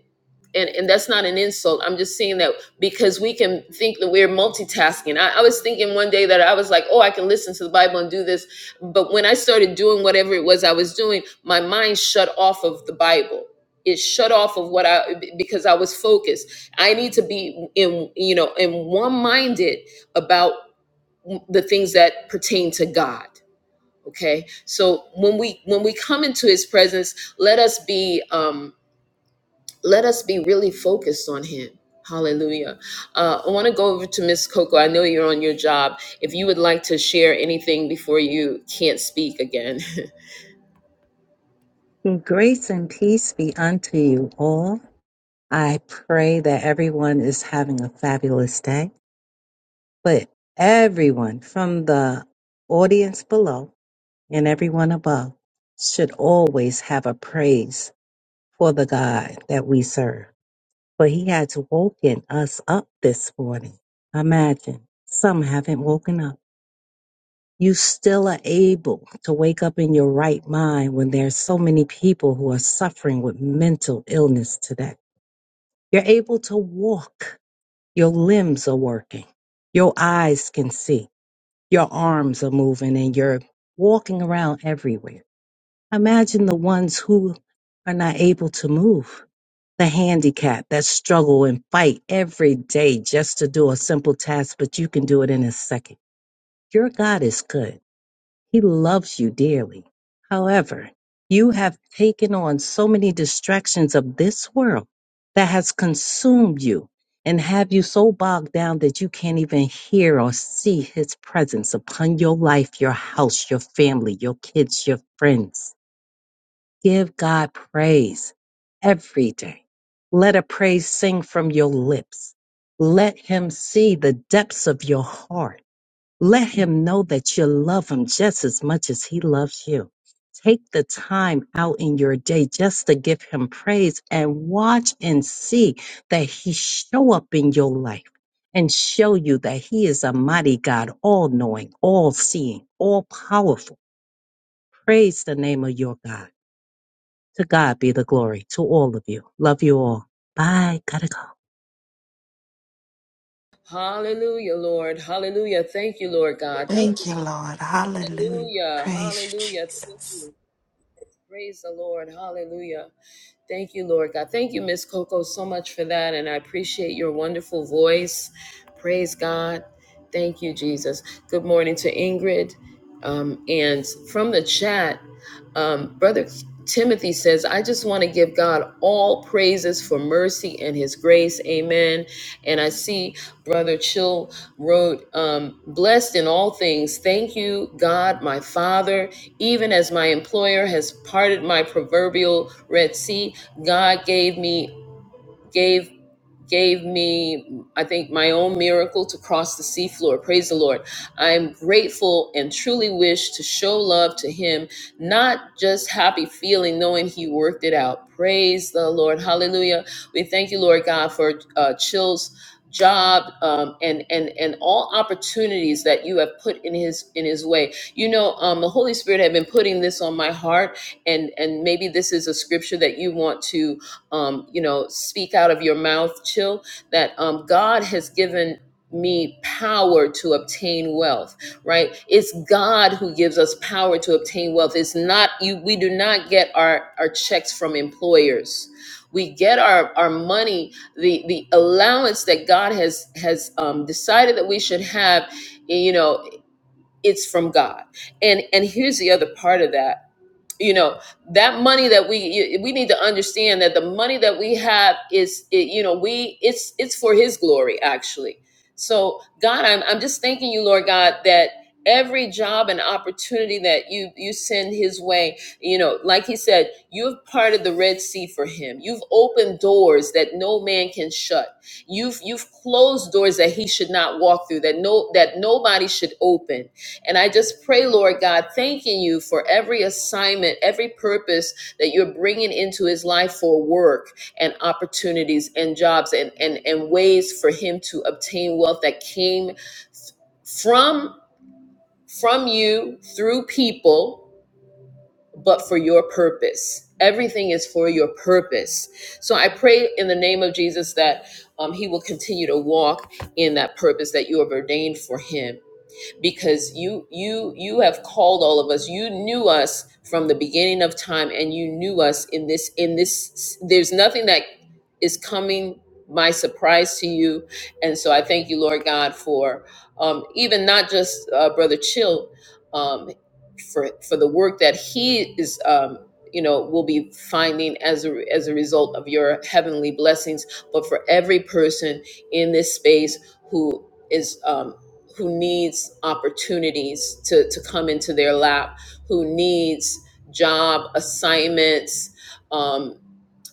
and and that's not an insult i'm just saying that because we can think that we're multitasking I, I was thinking one day that i was like oh i can listen to the bible and do this but when i started doing whatever it was i was doing my mind shut off of the bible it shut off of what i because i was focused i need to be in you know in one minded about the things that pertain to god okay so when we when we come into his presence let us be um let us be really focused on him hallelujah uh, i want to go over to miss coco i know you're on your job if you would like to share anything before you can't speak again Grace and peace be unto you all. I pray that everyone is having a fabulous day. But everyone from the audience below and everyone above should always have a praise for the God that we serve. For he has woken us up this morning. Imagine some haven't woken up. You still are able to wake up in your right mind when there's so many people who are suffering with mental illness today You're able to walk. Your limbs are working. Your eyes can see. Your arms are moving and you're walking around everywhere. Imagine the ones who are not able to move. The handicapped that struggle and fight every day just to do a simple task, but you can do it in a second. Your God is good. He loves you dearly. However, you have taken on so many distractions of this world that has consumed you and have you so bogged down that you can't even hear or see his presence upon your life, your house, your family, your kids, your friends. Give God praise every day. Let a praise sing from your lips. Let him see the depths of your heart let him know that you love him just as much as he loves you. Take the time out in your day just to give him praise and watch and see that he show up in your life and show you that he is a mighty God, all knowing, all seeing, all powerful. Praise the name of your God. To God be the glory to all of you. Love you all. Bye. Gotta go. hallelujah lord hallelujah thank you lord god Thank- thank you, Lord. Hallelujah. you. hallelujah Praise you, hallelujah Thank Jesus. you. praise the lord hallelujah Thank you, Lord God. Thank you, Miss Coco, so much for that. And I appreciate your wonderful voice. Praise God. Thank you, Jesus. Good morning to Ingrid. Um, and from the chat, um, Brother Timothy says, I just want to give God all praises for mercy and his grace. Amen. And I see Brother Chill wrote, um, Blessed in all things, thank you, God, my Father, even as my employer has parted my proverbial Red Sea. God gave me gave gave me I think my own miracle to cross the seafloor. Praise the Lord. I'm grateful and truly wish to show love to him, not just happy feeling knowing he worked it out. Praise the Lord. Hallelujah. We thank you, Lord God, for uh, Chill's job um, and and and all opportunities that you have put in his in his way. You know, um, the Holy Spirit had been putting this on my heart and and maybe this is a scripture that you want to um, you know, speak out of your mouth, chill, that um, God has given me power to obtain wealth, right? It's God who gives us power to obtain wealth. It's not you, we do not get our, our checks from employers. We get our, our money, the, the allowance that God has has um, decided that we should have, you know, it's from God. And and here's the other part of that you know that money that we we need to understand that the money that we have is it, you know we it's it's for his glory actually so god I'm, I'm just thanking you lord god that every job and opportunity that you you send his way you know like he said you've parted the red sea for him you've opened doors that no man can shut you've you've closed doors that he should not walk through that no that nobody should open and I just pray, Lord God, thanking you for every assignment, every purpose that you're bringing into his life for work and opportunities and jobs and, and, and ways for him to obtain wealth that came from from you through people, but for your purpose. Everything is for your purpose. So I pray in the name of Jesus that um, he will continue to walk in that purpose that you have ordained for him because you you you have called all of us you knew us from the beginning of time and you knew us in this in this there's nothing that is coming my surprise to you and so i thank you lord god for um, even not just uh, brother chill um, for for the work that he is um, you know will be finding as a as a result of your heavenly blessings but for every person in this space who is um, who needs opportunities to, to come into their lap, who needs job assignments, um,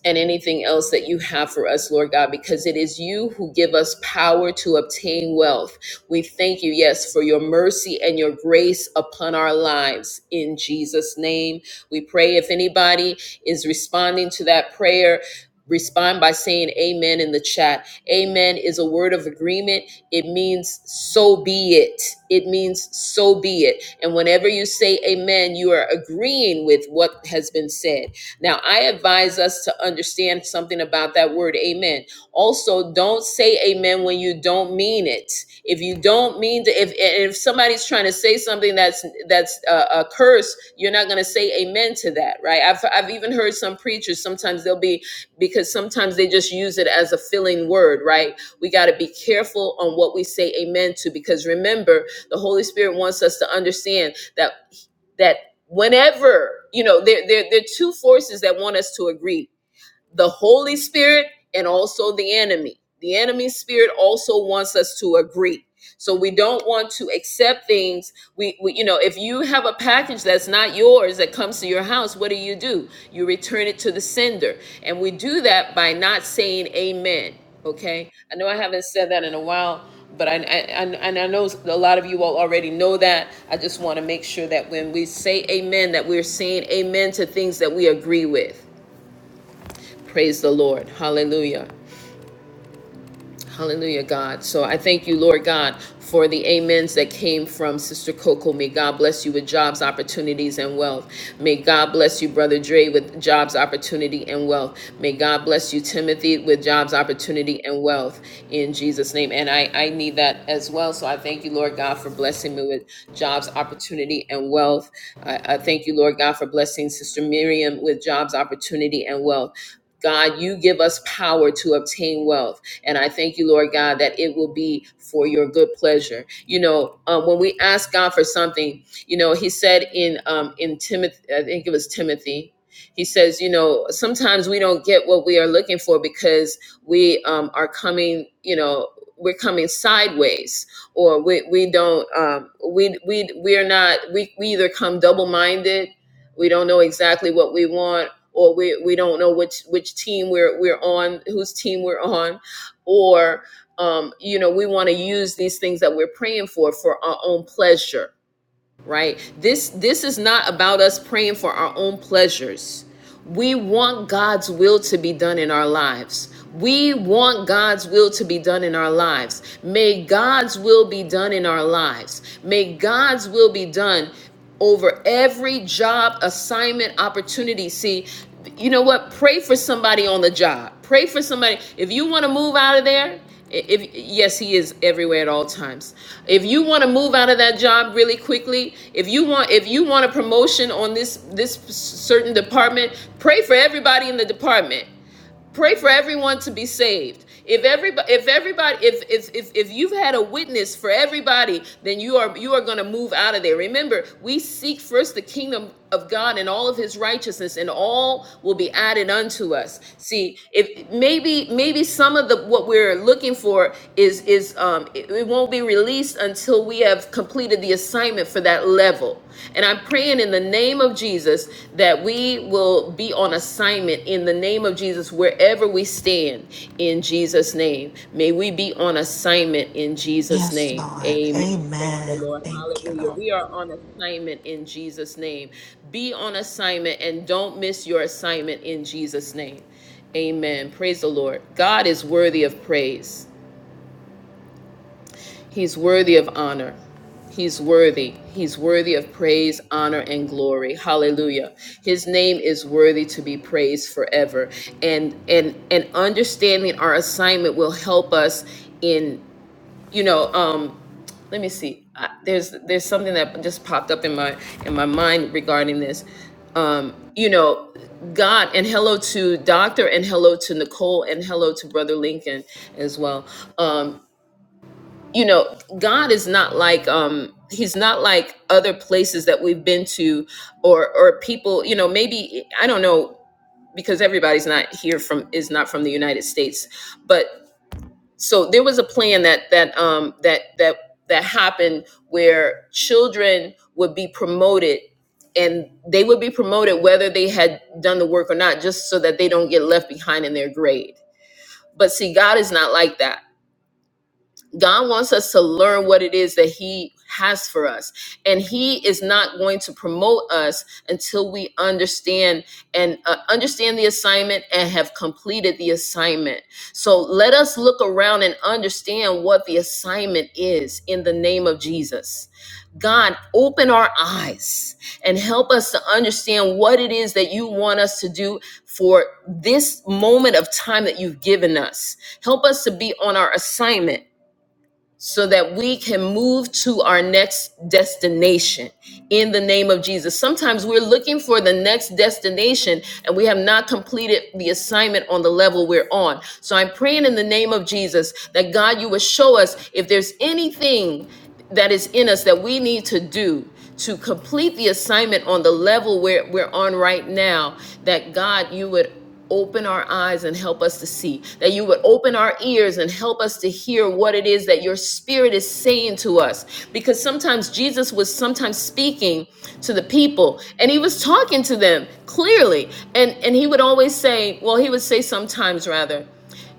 and anything else that you have for us, Lord God, because it is you who give us power to obtain wealth. We thank you, yes, for your mercy and your grace upon our lives. In Jesus' name, we pray. If anybody is responding to that prayer, respond by saying amen in the chat. Amen is a word of agreement. It means so be it. It means so be it. And whenever you say amen, you are agreeing with what has been said. Now, I advise us to understand something about that word amen. Also, don't say amen when you don't mean it. If you don't mean to, if if somebody's trying to say something that's that's a, a curse, you're not going to say amen to that, right? I've I've even heard some preachers sometimes they'll be because sometimes they just use it as a filling word, right? We got to be careful on what we say amen to because remember, the Holy Spirit wants us to understand that that whenever you know there, there there are two forces that want us to agree the Holy Spirit and also the enemy. The enemy spirit also wants us to agree. So we don't want to accept things. We, we, you know, if you have a package that's not yours that comes to your house, what do you do? You return it to the sender. And we do that by not saying amen. Okay. I know I haven't said that in a while, but I, I, I- and I know a lot of you all already know that. I just want to make sure that when we say amen, that we're saying amen to things that we agree with. Praise the Lord. Hallelujah. Hallelujah, God. So I thank you, Lord God, for the amens that came from Sister Coco. May God bless you with jobs, opportunities, and wealth. May God bless you, Brother Dre, with jobs, opportunity, and wealth. May God bless you, Timothy, with jobs, opportunity, and wealth in Jesus' name. And I, I need that as well. So I thank you, Lord God, for blessing me with jobs, opportunity, and wealth. I, I thank you, Lord God, for blessing Sister Miriam with jobs, opportunity, and wealth. God, you give us power to obtain wealth. And I thank you, Lord God, that it will be for your good pleasure. You know, um, when we ask God for something, you know, he said in, um, in Timothy, I think it was Timothy, he says, you know, sometimes we don't get what we are looking for because we um, are coming, you know, we're coming sideways or we, we don't, um, we, we, we are not, we, we either come double minded we don't know exactly what we want or we we don't know which which team we're we're on, whose team we're on, or um, you know we want to use these things that we're praying for for our own pleasure, right? This this is not about us praying for our own pleasures. We want God's will to be done in our lives. We want God's will to be done in our lives. May God's will be done in our lives. May God's will be done over every job assignment opportunity. See, you know what? Pray for somebody on the job. Pray for somebody. If you want to move out of there, if yes, he is everywhere at all times. If you want to move out of that job really quickly, if you want if you want a promotion on this this certain department, pray for everybody in the department pray for everyone to be saved if everybody if everybody if if if, if you've had a witness for everybody then you are you are going to move out of there remember we seek first the kingdom of god and all of his righteousness and all will be added unto us see if maybe maybe some of the what we're looking for is is um it, it won't be released until we have completed the assignment for that level and I'm praying in the name of Jesus that we will be on assignment in the name of Jesus wherever we stand in Jesus' name. May we be on assignment in Jesus' Yes, name. Lord. Amen. Praise the Amen. Lord. Thank you, Hallelujah. Lord. We are on assignment in Jesus' name. Be on assignment and don't miss your assignment in Jesus' name. Amen. Praise the Lord. God is worthy of praise. He's worthy of honor. He's worthy. He's worthy of praise, honor, and glory. Hallelujah. His name is worthy to be praised forever. And and and understanding our assignment will help us in, you know, um, let me see. I, there's there's something that just popped up in my in my mind regarding this. Um, you know, God and hello to Doctor and hello to Nicole and hello to Brother Lincoln as well. Um, you know god is not like um he's not like other places that we've been to or or people you know maybe i don't know because everybody's not here from is not from the united states but so there was a plan that that um that that that happened where children would be promoted and they would be promoted whether they had done the work or not just so that they don't get left behind in their grade but see god is not like that God wants us to learn what it is that He has for us. And He is not going to promote us until we understand and uh, understand the assignment and have completed the assignment. So let us look around and understand what the assignment is in the name of Jesus. God, open our eyes and help us to understand what it is that you want us to do for this moment of time that you've given us. Help us to be on our assignment so that we can move to our next destination in the name of Jesus. Sometimes we're looking for the next destination and we have not completed the assignment on the level we're on. So I'm praying in the name of Jesus that God, you will show us if there's anything that is in us that we need to do to complete the assignment on the level where we're on right now, that God, you would open our eyes and help us to see, that you would open our ears and help us to hear what it is that your spirit is saying to us. Because sometimes Jesus was sometimes speaking to the people and he was talking to them clearly. And, and he would always say, well, he would say sometimes rather,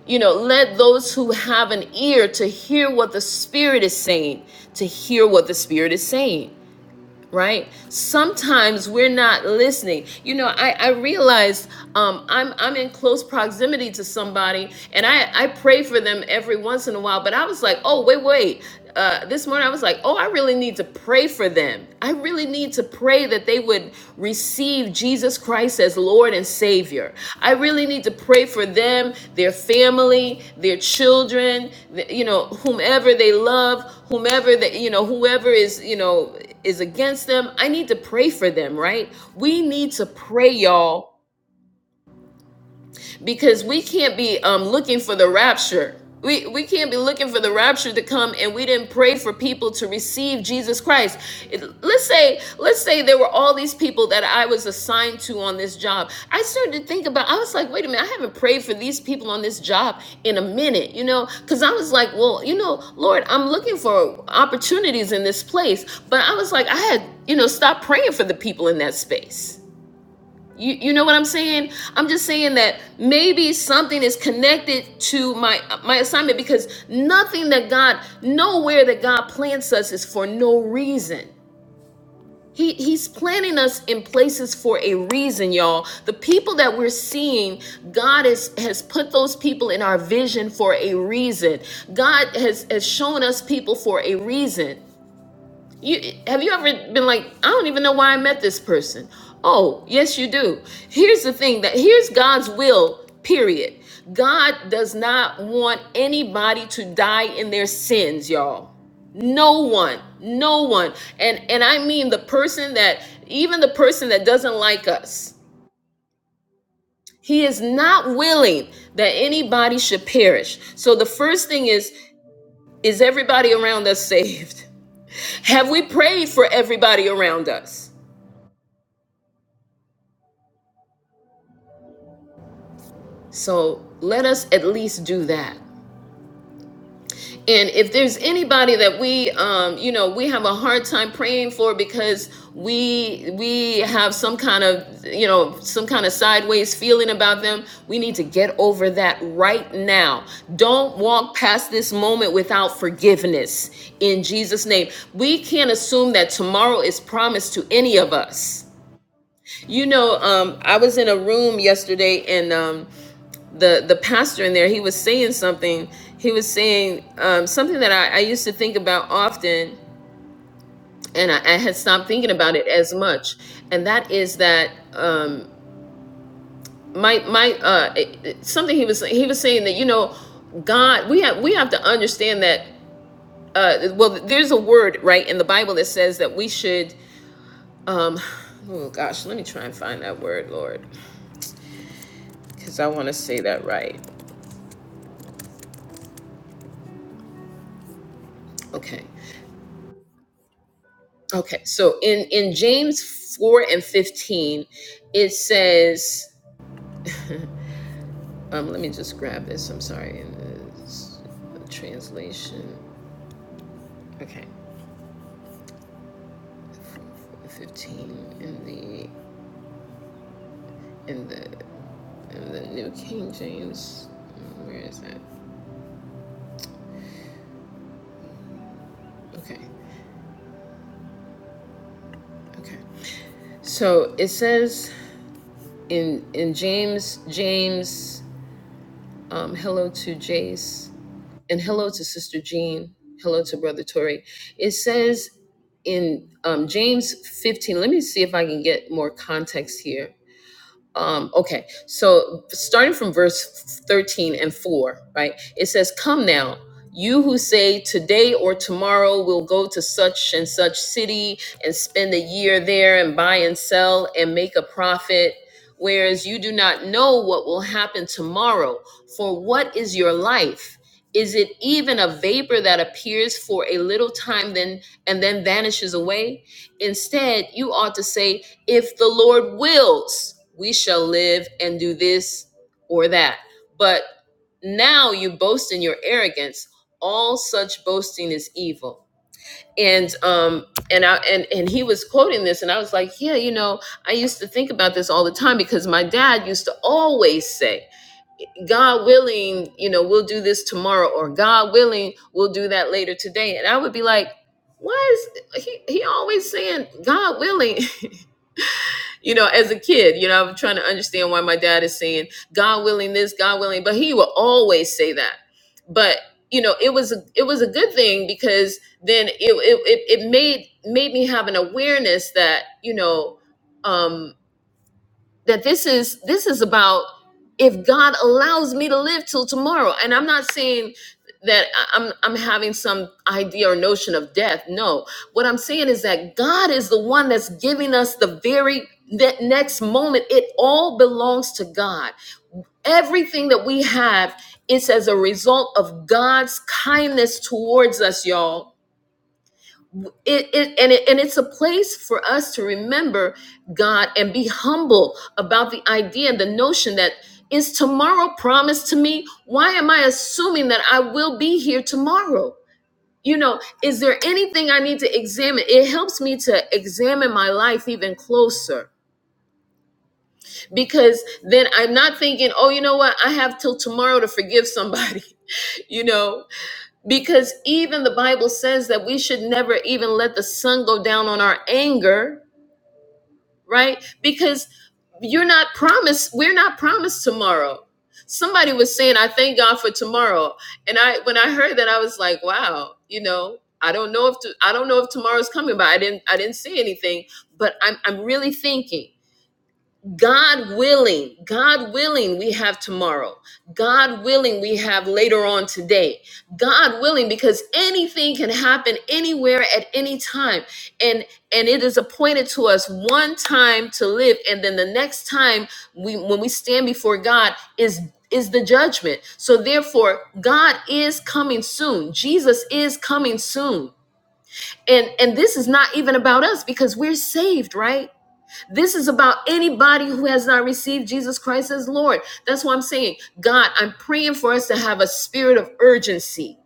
you know, let those who have an ear to hear what the spirit is saying, to hear what the spirit is saying right sometimes we're not listening you know i i realized um i'm i'm in close proximity to somebody and i i pray for them every once in a while but i was like oh wait wait uh, this morning i was like oh i really need to pray for them i really need to pray that they would receive jesus christ as lord and savior i really need to pray for them their family their children th- you know whomever they love whomever that you know whoever is you know is against them. I need to pray for them, right? We need to pray, y'all, because we can't be um, looking for the rapture. We, we can't be looking for the rapture to come and we didn't pray for people to receive Jesus Christ. It- Let's say let's say there were all these people that I was assigned to on this job. I started to think about I was like, wait a minute, I haven't prayed for these people on this job in a minute, you know, cuz I was like, well, you know, Lord, I'm looking for opportunities in this place, but I was like, I had, you know, stopped praying for the people in that space. You, you know what I'm saying? I'm just saying that maybe something is connected to my my assignment because nothing that God nowhere that God plants us is for no reason. He he's planting us in places for a reason, y'all. The people that we're seeing, God is, has put those people in our vision for a reason. God has has shown us people for a reason. You have you ever been like, I don't even know why I met this person? Oh, yes, you do. Here's the thing that here's God's will, period. God does not want anybody to die in their sins, y'all. No one, no one. And and I mean the person that even the person that doesn't like us. He is not willing that anybody should perish. So the first thing is is everybody around us saved? Have we prayed for everybody around us? So let us at least do that. And if there's anybody that we, um, you know, we have a hard time praying for because we we have some kind of, you know, some kind of sideways feeling about them, we need to get over that right now. Don't walk past this moment without forgiveness in Jesus' name. We can't assume that tomorrow is promised to any of us. You know, um, I was in a room yesterday, and um, the the pastor in there he was saying something he was saying um, something that I, I used to think about often and I, I had stopped thinking about it as much and that is that um, my my uh, it- it- something he was he was saying that you know God we have we have to understand that uh, well there's a word right in the Bible that says that we should um, oh gosh let me try and find that word Lord because I want to say that right okay Okay, so in in James four and fifteen, it says, um, let me just grab this. I'm sorry, in the translation. Okay, fifteen in the in the in the New King James. Where is that? Okay, okay. So it says in in James James. Um, hello to Jace. and hello to Sister Jean. Hello to Brother Tori. It says in um, James 15, let me see if I can get more context here um, okay, so starting from verse 13 and 4, right? It says, Come now, you who say today or tomorrow we'll go to such and such city and spend a year there and buy and sell and make a profit, whereas you do not know what will happen tomorrow. For what is your life? Is it even a vapor that appears for a little time then and then vanishes away? Instead, you ought to say, if the Lord wills, we shall live and do this or that. But now you boast in your arrogance. All such boasting is evil. And um and I and and he was quoting this and I was like, yeah, you know, I used to think about this all the time because my dad used to always say, God willing, you know, we'll do this tomorrow or God willing, we'll do that later today. And I would be like, why is he, he always saying God willing? you know, as a kid, you know, I'm trying to understand why my dad is saying, God willing this, God willing, but he will always say that. But you know, it was a it was a good thing because then it it, it, it made made me have an awareness that, you know, um, that this is this is about if God allows me to live till tomorrow. And I'm not saying that I- am I'm having some idea or notion of death. No. What I'm saying is that God is the one that's giving us the very ne- next moment. It all belongs to God. Everything that we have is as a result of God's kindness towards us, y'all it, it and it and it's a place for us to remember God and be humble about the idea and the notion that is tomorrow promised to me? Why am I assuming that I will be here tomorrow? You know, is there anything I need to examine? It helps me to examine my life even closer because then I'm not thinking, oh, you know what? I have till tomorrow to forgive somebody. you know because even the Bible says that we should never even let the sun go down on our anger, right? Because you're not promised, we're not promised tomorrow. Somebody was saying, I thank God for tomorrow. And I when I heard that, I was like, wow, you know, I don't know if to, I don't know if tomorrow's coming, but I didn't I didn't say anything. But I'm I'm really thinking. God willing, God willing, we have tomorrow. God willing, we have later on today. God willing, because anything can happen anywhere at any time. And and it is appointed to us one time to live. And then the next time we when we stand before God is is the judgment. So therefore, God is coming soon. Jesus is coming soon. And and this is not even about us because we're saved, right? This is about anybody who has not received Jesus Christ as Lord. That's why I'm saying, God, I'm praying for us to have a spirit of urgency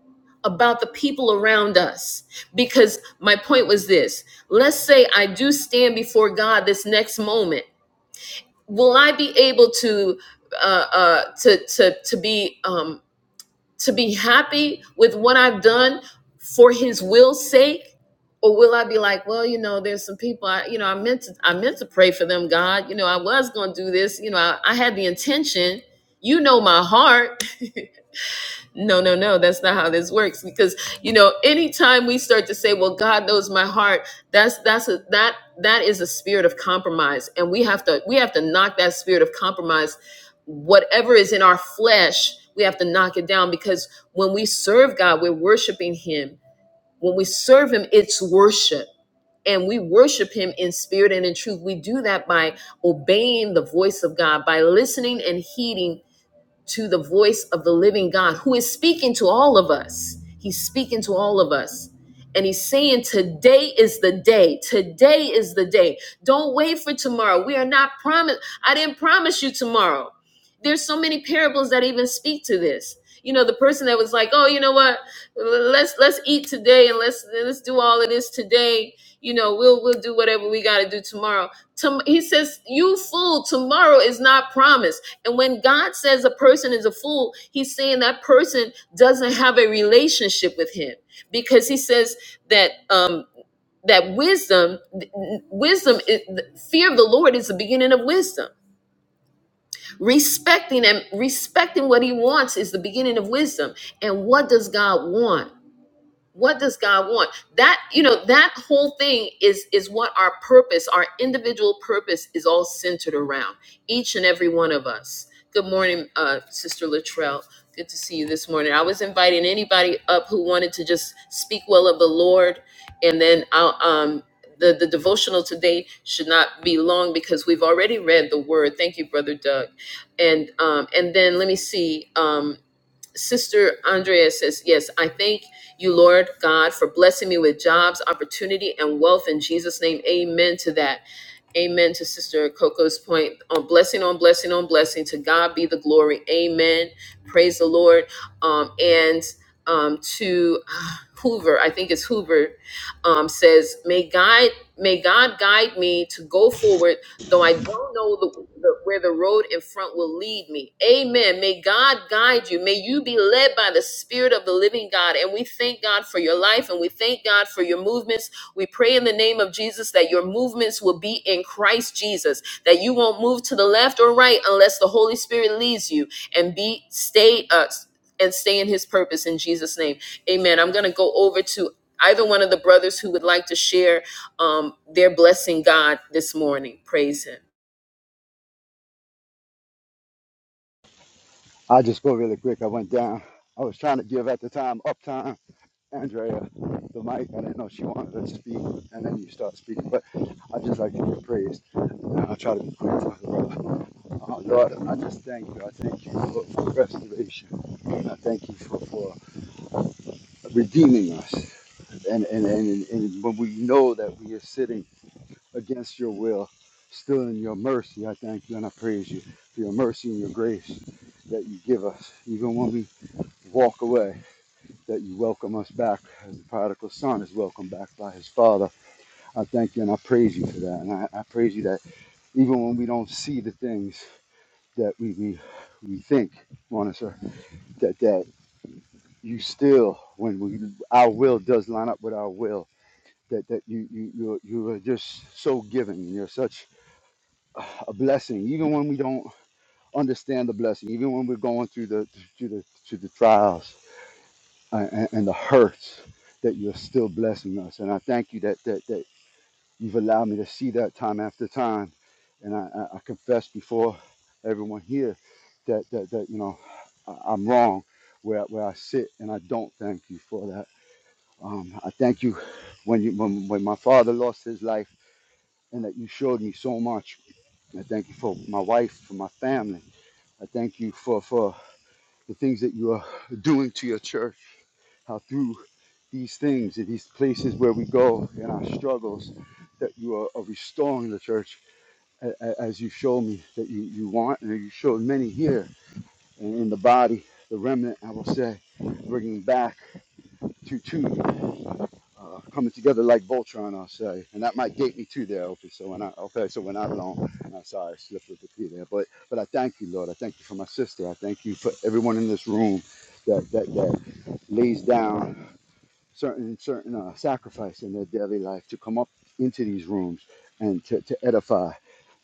about the people around us. Because my point was this let's say I do stand before God this next moment. Will I be able to? Uh, uh, to to to be um, to be happy with what I've done for his will's sake? Or will I be like, well, you know, there's some people I, you know, I meant to I meant to pray for them, God. You know, I was gonna do this, you know, I, I had the intention. You know my heart no, no, no, that's not how this works. Because you know, anytime we start to say, "Well, God knows my heart," that's that's a, that that is a spirit of compromise, and we have to we have to knock that spirit of compromise. Whatever is in our flesh, we have to knock it down because when we serve God, we're worshiping Him. When we serve Him, it's worship. And we worship him in spirit and in truth. We do that by obeying the voice of God, by listening and heeding to the voice of the living God who is speaking to all of us. He's speaking to all of us. And he's saying, Today is the day. Today is the day. Don't wait for tomorrow. We are not promised. I didn't promise you tomorrow. There's so many parables that even speak to this. You know, the person that was like, Oh, you know what? Let's let's eat today and let's let's do all of this today you know, we'll we'll do whatever we got to do tomorrow. Tom- he says, "You fool, tomorrow is not promised." And when God says a person is a fool, he's saying that person doesn't have a relationship with Him because He says that um, that wisdom, wisdom, is, fear of the Lord is the beginning of wisdom. Respecting and respecting what He wants is the beginning of wisdom. And what does God want? what does god want that you know that whole thing is is what our purpose our individual purpose is all centered around each and every one of us good morning uh sister latrell good to see you this morning i was inviting anybody up who wanted to just speak well of the lord and then i'll um the, the devotional today should not be long because we've already read the word thank you brother doug and um and then let me see um Sister Andrea says, Yes, I thank you, Lord God, for blessing me with jobs, opportunity, and wealth in Jesus' name. Amen to that. Amen to Sister Coco's point on blessing on blessing on blessing. To God be the glory. Amen. Praise the Lord. Um, and um, to uh, Hoover, I think it's Hoover, um, says, May God, may God guide me to go forward though I don't know the, the, where the road in front will lead me. Amen. May God guide you. May you be led by the Spirit of the living God. And we thank God for your life and we thank God for your movements. We pray in the name of Jesus that your movements will be in Christ Jesus, that you won't move to the left or right unless the Holy Spirit leads you and be stay us and stay in his purpose in Jesus' name. Amen. I'm going to go over to either one of the brothers who would like to share um, their blessing God this morning. Praise him. I'll just go really quick. I went down. I was trying to give at the time uptime Andrea the mic. I didn't know she wanted to speak, and then you start speaking. But I just like to give praise. And I'll try to be quick, to the brother. Uh, Lord, I just thank you. I thank you for, for restoration. And I thank you for, for redeeming us. And, and, and, and when we know that we are sitting against your will, still in your mercy, I thank you and I praise you for your mercy and your grace that you give us, even when we walk away, that you welcome us back as the prodigal son is welcomed back by his father. I thank you and I praise you for that. And I, I praise you that even when we don't see the things that we, we, we think, Monica, that, that you still, when we, our will does line up with our will, that, that you, you, you, you are just so giving. and You're such a blessing, even when we don't understand the blessing, even when we're going through the, through the, through the trials uh, and, and the hurts that you're still blessing us. And I thank you that, that, that you've allowed me to see that time after time. And I, I I confess before everyone here that, that, that you know, I- I'm wrong where, where I sit and I don't thank you for that. Um, I thank you when, you when, when my father lost his life and that you showed me so much. I thank you for my wife, for my family. I thank you for, for the things that you are doing to your church, how through these things, in these places where we go in our struggles, that you are, are restoring the church as you show me that you, you want, and you showed many here and in the body, the remnant, I will say, bringing back to two, uh, coming together like Voltron, I'll say, and that might date me too there, okay, so when I, okay, so when I'm alone, I'm sorry, I slipped with the P there, but, but I thank you, Lord, I thank you for my sister, I thank you for everyone in this room that, that, that lays down certain certain uh, sacrifice in their daily life to come up into these rooms and to, to edify.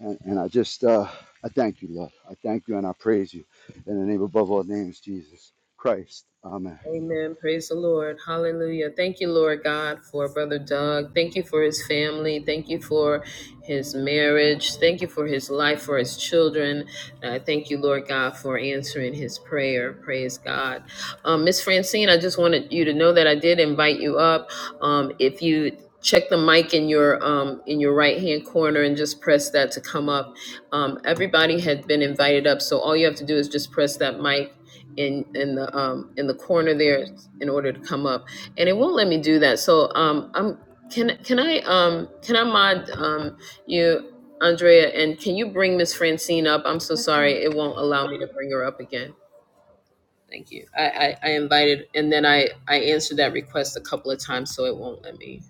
And, and I just uh, I thank you, Lord. I thank you and I praise you in the name above all names, Jesus Christ. Amen. Amen. Praise the Lord. Hallelujah. Thank you, Lord God, for Brother Doug. Thank you for his family. Thank you for his marriage. Thank you for his life, for his children. And I thank you, Lord God, for answering his prayer. Praise God. Um, Miss Francine, I just wanted you to know that I did invite you up. Um, if you check the mic in your um, in your right hand corner and just press that to come up. Um, everybody had been invited up, so all you have to do is just press that mic in in the um in the corner there in order to come up and it won't let me do that so um i'm can can i um can i mod um you andrea and can you bring miss francine up i'm so sorry it won't allow me to bring her up again thank you i i, I invited and then i i answered that request a couple of times so it won't let me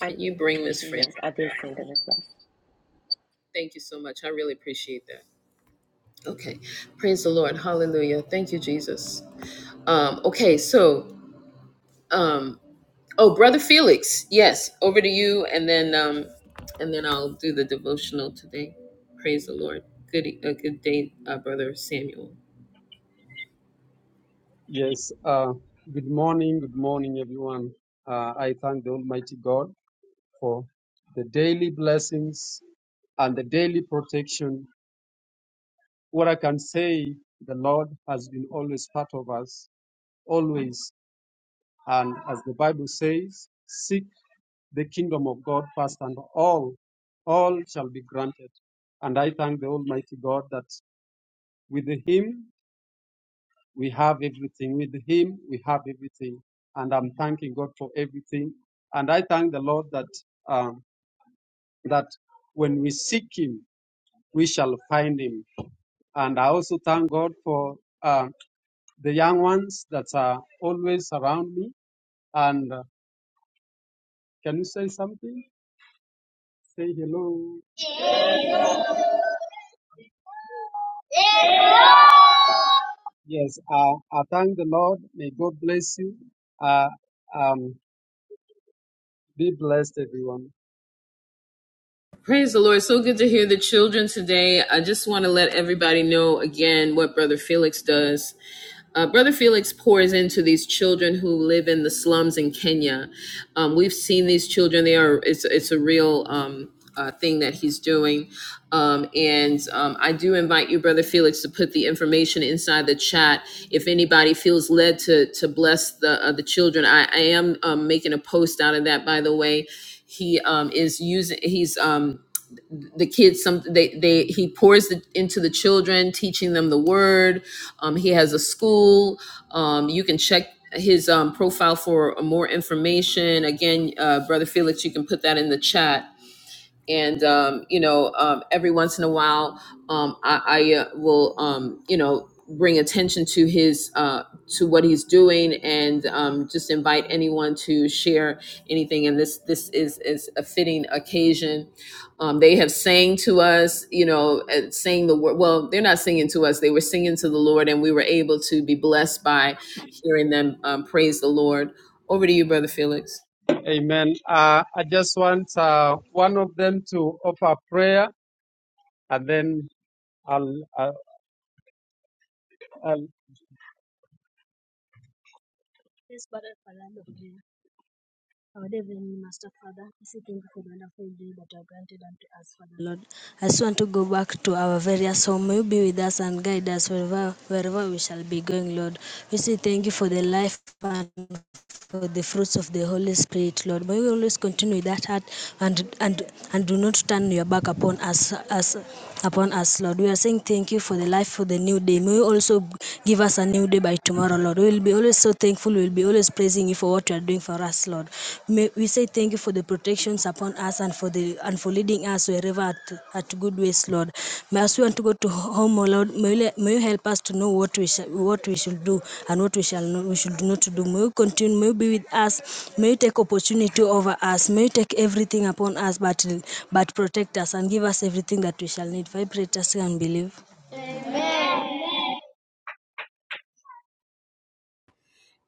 I can you bring miss francine yes, I did send a request. thank you so much i really appreciate that okay praise the lord hallelujah thank you jesus um okay so um Oh, brother Felix. Yes, over to you, and then um, and then I'll do the devotional today. Praise the Lord. Good, a good day, uh, brother Samuel. Yes, uh, good morning, good morning, everyone. Uh, I thank the Almighty God for the daily blessings and the daily protection. What I can say, the Lord has been always part of us, always. And as the Bible says, seek the kingdom of God first, and all, all shall be granted. And I thank the Almighty God that with Him We have everything. With Him, we have everything. And I'm thanking God for everything. And I thank the Lord that um, that when we seek Him, we shall find Him. And I also thank God for uh, the young ones that are always around me. And uh, can you say something? Say hello. Yes, uh, I thank the Lord. May God bless you. Uh, um, be blessed, everyone. Praise the Lord. So good to hear the children today. I just want to let everybody know again what Brother Felix does. Uh, Brother Felix pours into these children who live in the slums in Kenya. Um, we've seen these children. They are it's it's a real um, uh, thing that he's doing. Um, and um, I do invite you, Brother Felix, to put the information inside the chat. If anybody feels led to to bless the uh, the children, I, I am um, making a post out of that, by the way he um is using he's um the kids some they they he pours the, into the children teaching them the word um he has a school um you can check his um, profile for more information again uh, brother felix you can put that in the chat and um, you know um, every once in a while um, I, I uh, will um, you know bring attention to his uh, to what he's doing and um, just invite anyone to share anything and this this is is a fitting occasion um, they have sang to us you know uh, saying the word well they're not singing to us they were singing to the lord and we were able to be blessed by hearing them um, praise the lord over to you brother felix Amen. Uh, I just want uh, one of them to offer prayer, and then I'll. I'll, I'll Please, Father, for land of prayer. Our Heavenly Master, Father, we say thank you for the wonderful day that you have granted unto us, Father. Lord, I just want to go back to our various home. May you be with us and guide us wherever, wherever we shall be going, Lord. We say thank you for the life and for the fruits of the Holy Spirit, Lord. May we always continue with that heart and and and do not turn your back upon us us upon us, Lord. We are saying thank you for the life for the new day. May you also give us a new day by tomorrow, Lord. We will be always so thankful. We will be always praising you for what you are doing for us, Lord. May we say thank you for the protections upon us and for the, and for leading us wherever at, at good ways, Lord. May as we want to go to home, O Lord, may you, may you help us to know what we shall, what we should do and what we shall not, we should not do. May you continue, may you be with us, may you take opportunity over us, may you take everything upon us, but but protect us and give us everything that we shall need. Vibrate us and believe.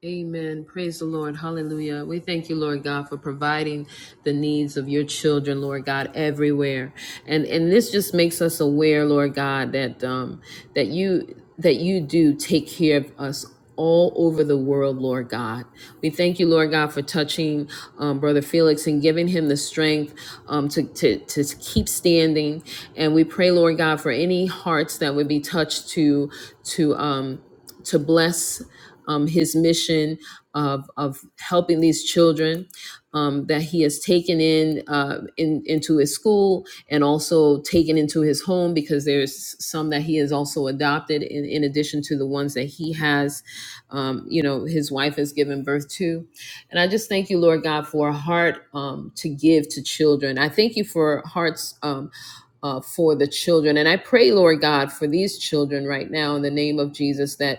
Amen. Praise the Lord. Hallelujah. We thank you, Lord God, for providing the needs of your children, Lord God, everywhere. And and this just makes us aware, Lord God, that um that you that you do take care of us all over the world, Lord God. We thank you, Lord God, for touching um, Brother Felix and giving him the strength um, to, to, to keep standing. And we pray, Lord God, for any hearts that would be touched to to um to bless um, his mission of, of helping these children um, that he has taken in, uh, in into his school and also taken into his home because there's some that he has also adopted in, in addition to the ones that he has um, you know his wife has given birth to and i just thank you lord god for a heart um, to give to children i thank you for hearts um, uh, for the children. And I pray, Lord God, for these children right now in the name of Jesus that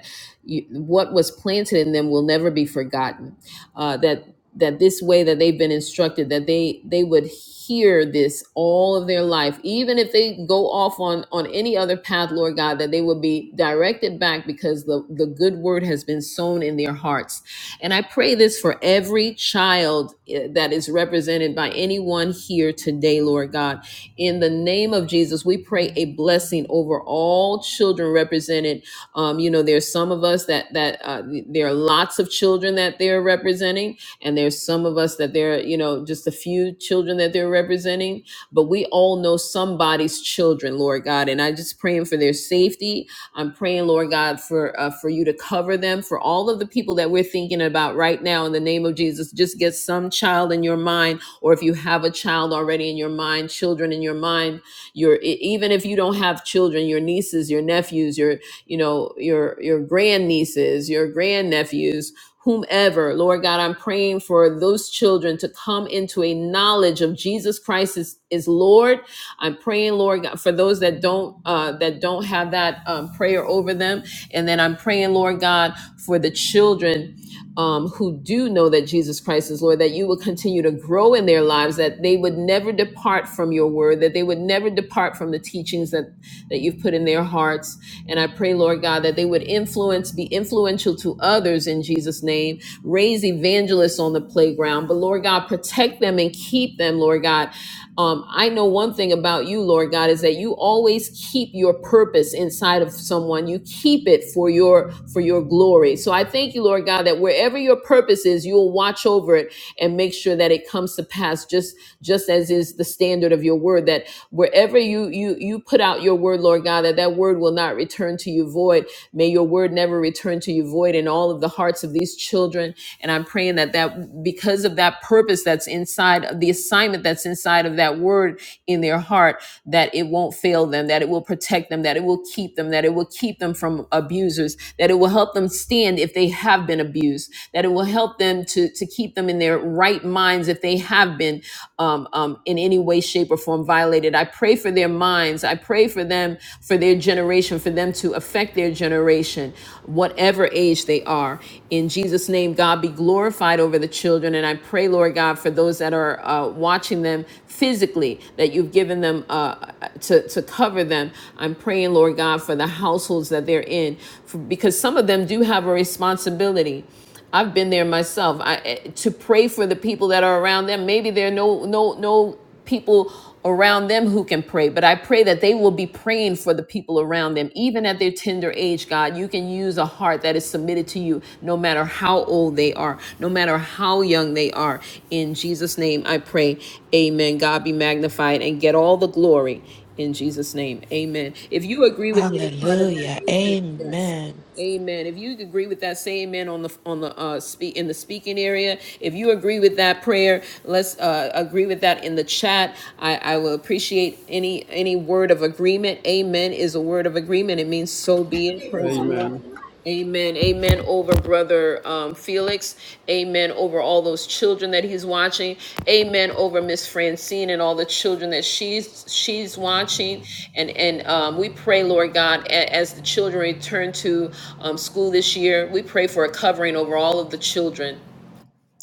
you, what was planted in them will never be forgotten. Uh, that that this way that they've been instructed, that they they would hear this all of their life, even if they go off on on any other path, Lord God, that they would be directed back because the the good word has been sown in their hearts. And I pray this for every child eh, that is represented by anyone here today, Lord God. In the name of Jesus, we pray a blessing over all children represented um, you know, there's some of us that that uh, there are lots of children that they're representing, and there's some of us that they're you know just a few children that they're representing. But we all know somebody's children, Lord God, and I just praying for their safety. I'm praying, Lord God, for uh, for you to cover them for all of the people that we're thinking about right now in the name of Jesus. Just get some child in your mind, or if you have a child already in your mind, children in your mind your e- even if you don't have children your nieces your nephews your you know, your your grandnieces, your grandnephews, whomever. Lord God, I'm praying for those children to come into a knowledge of Jesus Christ is, is Lord. I'm praying, Lord God, for those that don't uh, that don't have that um, prayer over them, and then I'm praying, Lord God, for the children um, who do know that Jesus Christ is Lord, that you will continue to grow in their lives, that they would never depart from your word, that they would never depart from the teachings that that you've put in their hearts. And I pray, Lord God, that they would influence, be influential to others in Jesus' name. Raise evangelists on the playground. But Lord God, protect them and keep them, Lord God. Um, I know one thing about you, Lord God, is that you always keep your purpose inside of someone. You keep it for your for your glory. So I thank you, Lord God, that wherever your purpose is, you'll watch over it and make sure that it comes to pass just just as is the standard of your word that that wherever you you you put out your word, Lord God, that that word will not return to you void. May your word never return to you void in all of the hearts of these children. And I'm praying that that because of that purpose that's inside of the assignment that's inside of that word in their heart, that it won't fail them, that it will protect them, that it will keep them, that it will keep them from abusers, that it will help them stand if they have been abused, that it will help them to to keep them in their right minds if they have been um, um, in any way, shape, or form violated. I pray for their minds. I pray for them, for their generation, for them to affect their generation, whatever age they are. In Jesus' name, God be glorified over the children. And I pray, Lord God, for those that are uh, watching them physically, that you've given them uh, to, to cover them. I'm praying, Lord God, for the households that they're in, for, because some of them do have a responsibility I've been there myself. I eh, to pray for the people that are around them. Maybe there are no no no people around them who can pray, but I pray that they will be praying for the people around them, even at their tender age. God, you can use a heart that is submitted to you, no matter how old they are, no matter how young they are. In Jesus' name, I pray. Amen. God be magnified and get all the glory. In Jesus' name, Amen. If you agree with any part of that, Hallelujah. amen. yes. Amen. Amen. If you agree with that, say amen on the on the uh speak in the speaking area. If you agree with that prayer, let's uh agree with that in the chat. I I will appreciate any any word of agreement. Amen is a word of agreement. It means so be it. Praise the Lord. Amen. Amen. Amen over brother um, Felix. Amen over all those children that he's watching. Amen over Miss Francine and all the children that she's she's watching. And and um, we pray, Lord God, a- as the children return to um, school this year, we pray for a covering over all of the children.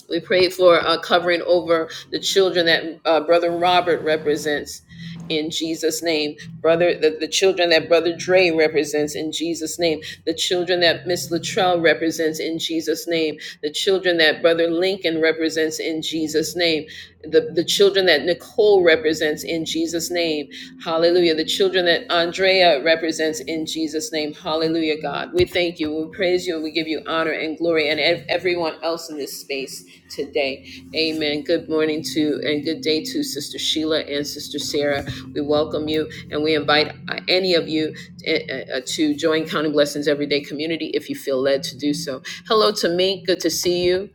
We prayed for uh, covering over the children that uh, Brother Robert represents in Jesus' name. Brother, the, the children that Brother Dre represents in Jesus' name. The children that Miss Latrell represents in Jesus' name. The children that Brother Lincoln represents in Jesus' name. The, the children that Nicole represents in Jesus' name. Hallelujah. The children that that Andrea represents in Jesus' name. Hallelujah, God. We thank you. We praise you and we give you honor and glory and ev- everyone else in this space today. Amen. Good morning to and good day to Sister Sheila and Sister Sarah. We welcome you and we invite uh, any of you uh, uh, to join Counting Blessings Everyday Community if you feel led to do so. Hello to me. Good to see you.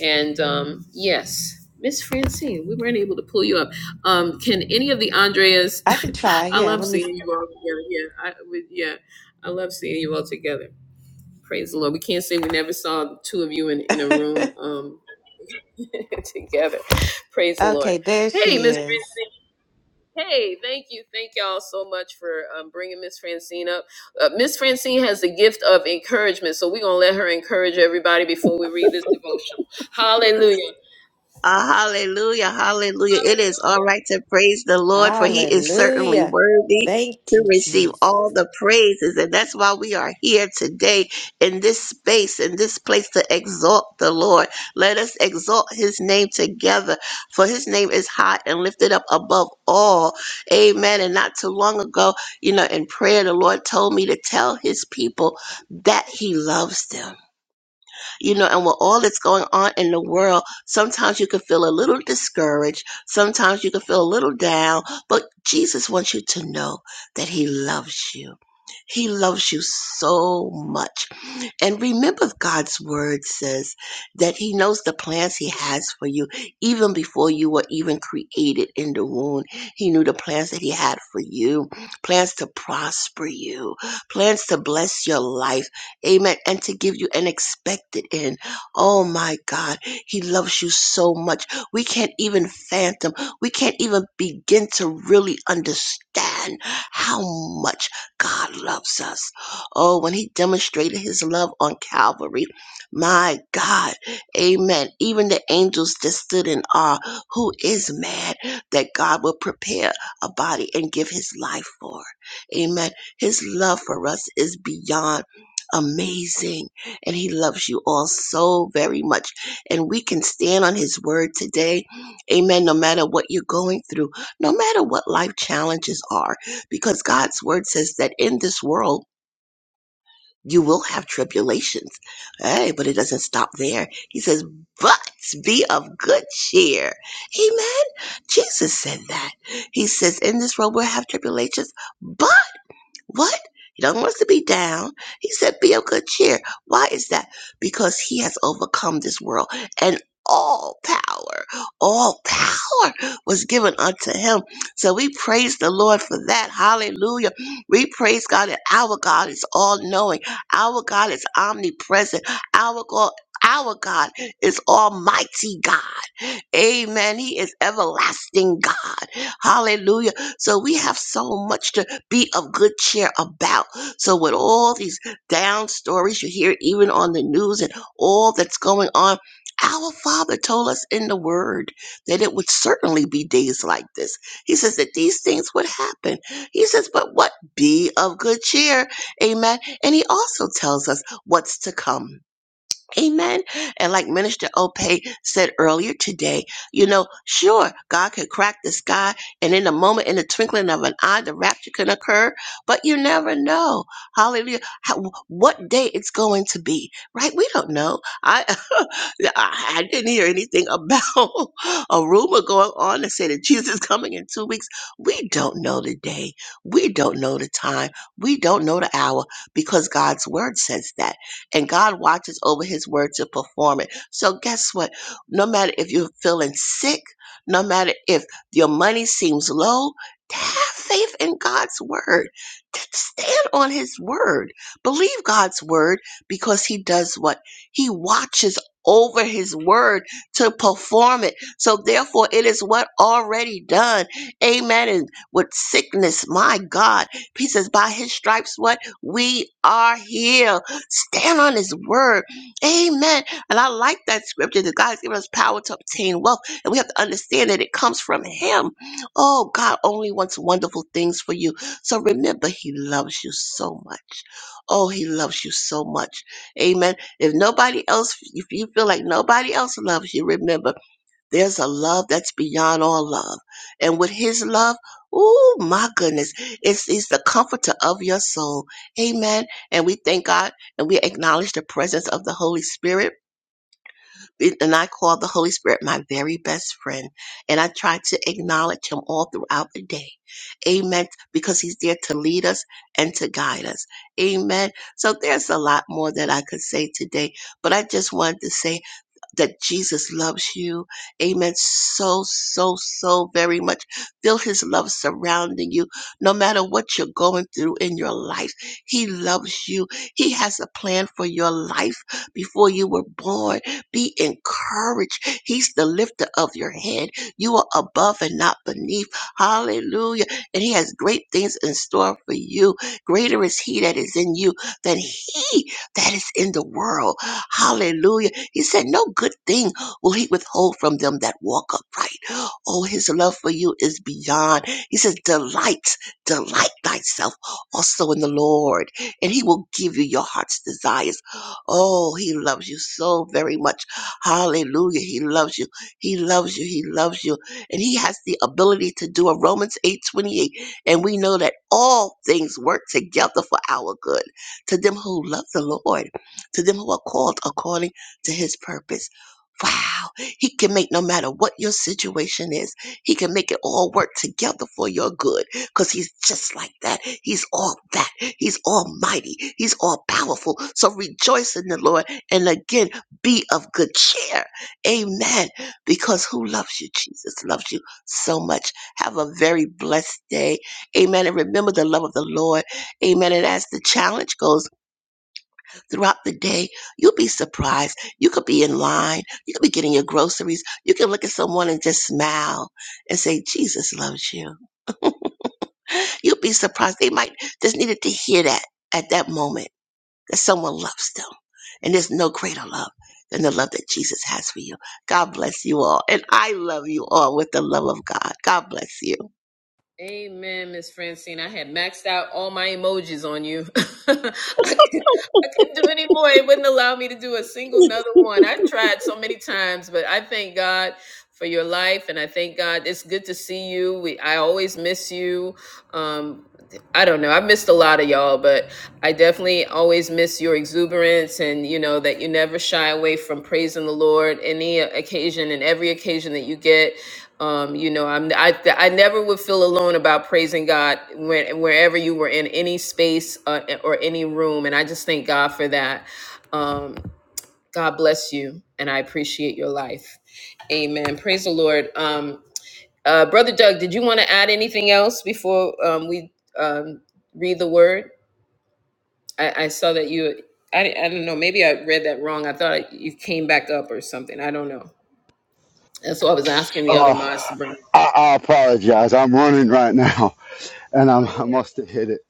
And um, yes, Miss Francine, we weren't able to pull you up. Um, can any of the Andreas? I can try. I Yeah, love let me. seeing you all together. Yeah, I, we, yeah, I love seeing you all together. Praise the Lord. We can't say we never saw the two of you in, in a s- room um, together. Praise the Lord. okay, there Hey, she Miss. Fran- is. Hey, thank you, thank y'all so much for um, bringing Miss Francine up. Uh, Miss Francine has the gift of encouragement, so we're gonna let her encourage everybody before we read this devotional. Hallelujah. Ah, hallelujah, hallelujah. It is Hallelujah. all right to praise the Lord, for he is certainly Hallelujah. worthy Thank to you, receive Jesus. all the praises. And that's why we are here today in this space, in this place to exalt the Lord. Let us exalt his name together, for his name is high and lifted up above all. Amen. And not too long ago, you know, in prayer, the Lord told me to tell his people that he loves them you know, and with all that's going on in the world, sometimes you can feel a little discouraged. Sometimes you can feel a little down, but Jesus wants you to know that He loves you. He loves you so much. And remember, God's word says that He knows the plans He has for you even before you were even created in the womb. He knew the plans that He had for you plans to prosper you, plans to bless your life, Amen. And to give you an expected end. Oh my God. He loves you so much. We can't even phantom. We can't even begin to really understand how much God loves us. Oh, when he demonstrated his love on Calvary, my God. Amen. Even the angels just stood in awe. Who is man that God will prepare a body and give his life for? Amen. His love for us is beyond amazing and he loves you all so very much and we can stand on his word today amen no matter what you're going through no matter what life challenges are because god's word says that in this world you will have tribulations hey but it doesn't stop there he says but be of good cheer amen jesus said that he says in this world we'll have tribulations but." What? He don't want us to be down. He said, Be of good cheer. Why is that? Because he has overcome this world and all power, all power was given unto him. So we praise the Lord for that. Hallelujah. We praise God that our God is all knowing. Our God is omnipresent. Our God, our God is almighty God. Amen. He is everlasting God. Hallelujah. So we have so much to be of good cheer about. So with all these down stories you hear even on the news and all that's going on, our Father told us in the Word that it would certainly be days like this. He says that these things would happen. He says, but what? Be of good cheer. Amen. And He also tells us what's to come. Amen. And like Minister Ope said earlier today, you know, sure, God can crack the sky, and in a moment, in the twinkling of an eye, the rapture can occur, but you never know. Hallelujah. How, what day it's going to be, right? We don't know. I, I I didn't hear anything about a rumor going on that said that Jesus is coming in two weeks. We don't know the day. We don't know the time. We don't know the hour because God's word says that and God watches over his word to perform it. So guess what? No matter if you're feeling sick, no matter if your money seems low, have faith in God's word. T- Stand on his word. Believe God's word because he does what? He watches over his word to perform it. So therefore it is what already done. Amen. And with sickness, my God, he says, by his stripes, what? We are healed Stand on his word. Amen. And I like that scripture that God's given us power to obtain wealth. And we have to understand that it comes from him. Oh, God only wants wonderful things for you. So remember, he loves you so much. Oh, he loves you so much. Amen. If nobody else, if you feel like nobody else loves you, remember. There's a love that's beyond all love. And with his love, oh my goodness, it's, it's the comforter of your soul. Amen. And we thank God and we acknowledge the presence of the Holy Spirit. And I call the Holy Spirit my very best friend. And I try to acknowledge him all throughout the day. Amen. Because he's there to lead us and to guide us. Amen. So there's a lot more that I could say today, but I just wanted to say that Jesus loves you. Amen. So, so, so very much. Feel his love surrounding you. No matter what you're going through in your life, he loves you. He has a plan for your life before you were born. Be encouraged. He's the lifter of your head. You are above and not beneath. Hallelujah. And he has great things in store for you. Greater is he that is in you than he that is in the world. Hallelujah. He said, No good thing will he withhold from them that walk upright. Oh, his love for you is beyond. He says, Delight, delight thyself also in the Lord, and he will give you your heart's desires. Oh, he loves you so very much. Hallelujah. He loves you. He loves you. He loves you. And he has the ability to do a Romans eight twenty eight, And we know that all things work together for our good to them who love the Lord, to them who are called according to his purpose. Wow, he can make no matter what your situation is, he can make it all work together for your good because he's just like that. He's all that. He's almighty. He's all powerful. So rejoice in the Lord and again be of good cheer. Amen. Because who loves you? Jesus loves you so much. Have a very blessed day. Amen. And remember the love of the Lord. Amen. And as the challenge goes, throughout the day, you'll be surprised. You could be in line. You could be getting your groceries. You can look at someone and just smile and say, Jesus loves you. You'll be surprised. They might just needed to hear that at that moment that someone loves them. And there's no greater love than the love that Jesus has for you. God bless you all. And I love you all with the love of God. God bless you. Amen, Miss Francine. I had maxed out all my emojis on you. I, couldn't, I couldn't do any more. It wouldn't allow me to do a single another one. I tried so many times, but I thank God for your life, and I thank God it's good to see you. We, I always miss you. Um, I don't know. I missed a lot of y'all, but I definitely always miss your exuberance, and you know that you never shy away from praising the Lord any occasion and every occasion that you get. Um, you know, I'm I I never would feel alone about praising God when wherever you were in any space uh, or any room, and I just thank God for that. Um, God bless you, and I appreciate your life. Amen. Praise the Lord. Um, uh, Brother Doug, did you want to add anything else before um, we um, read the word? I, I saw that you. I, I don't know. Maybe I read that wrong. I thought you came back up or something. I don't know. That's why I was asking the other mods Oh, to bring. I, I apologize. I'm running right now, and Oh no I'm, I worries. must have hit it.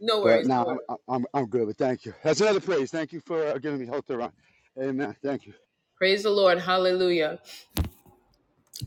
No But worries. No worries. now I'm, I'm I'm good. But thank you. That's another praise. Thank you for uh, giving me hope to run. Amen. Thank you. Praise the Lord. Hallelujah.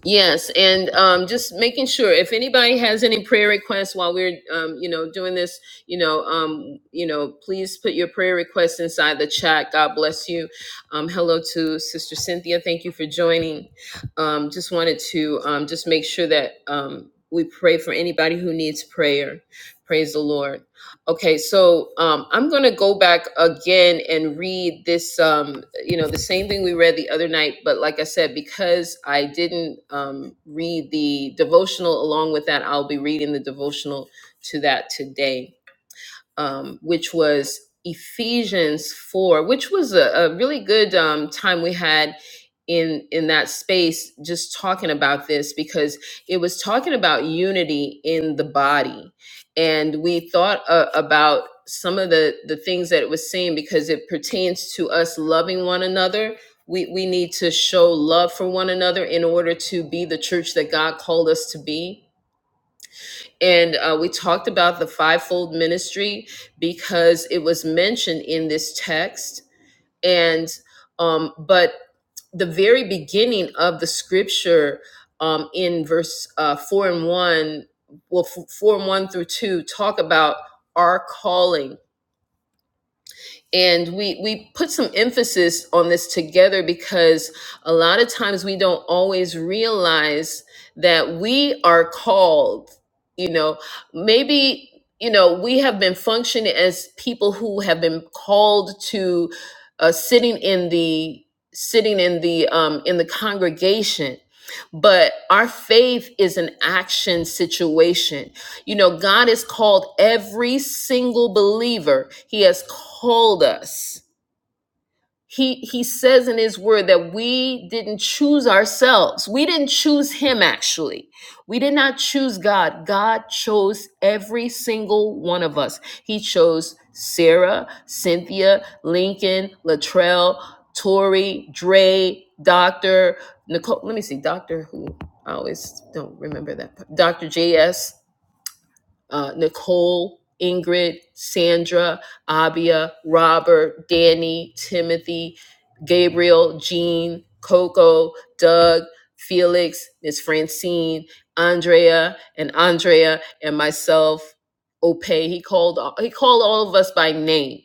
Yes. And um, just making sure if anybody has any prayer requests while we're, um, you know, doing this, you know, um, you know, please put your prayer requests inside the chat. God bless you. Um, hello to Sister Cynthia. Thank you for joining. Um, just wanted to um, just make sure that um, we pray for anybody who needs prayer. Praise the Lord. Okay. So um, I'm going to go back again and read this. Um, you know the same thing we read the other night but like i said because i didn't um, read the devotional along with that i'll be reading the devotional to that today um, which was Ephesians 4, which was a, a really good um, time we had in in that space just talking about this because it was talking about unity in the body and we thought uh, about some of the the things that it was saying because it pertains to us loving one another we we need to show love for one another in order to be the church that God called us to be and uh, we talked about the fivefold ministry because it was mentioned in this text and um, but the very beginning of the scripture um, in verse uh, four and one well f- four and one through two talk about our calling and we we put some emphasis on this together because a lot of times we don't always realize that we are called you know maybe you know we have been functioning as people who have been called to uh, sitting in the sitting in the um, in the congregation but our faith is an action situation you know, God has called every single believer. He has called us. He he says in his word that we didn't choose ourselves. We didn't choose him actually. We did not choose God. God chose every single one of us. He chose Sarah, Cynthia, Lincoln, Latrell, Tori, Dre, Dr. Nicole. Let me see, Dr. Who? I always don't remember that. Dr. JS uh, Nicole, Ingrid, Sandra, Abia, Robert, Danny, Timothy, Gabriel, Jean, Coco, Doug, Felix, Miss Francine, Andrea, and Andrea, and myself, Ope. He called he called all of us by name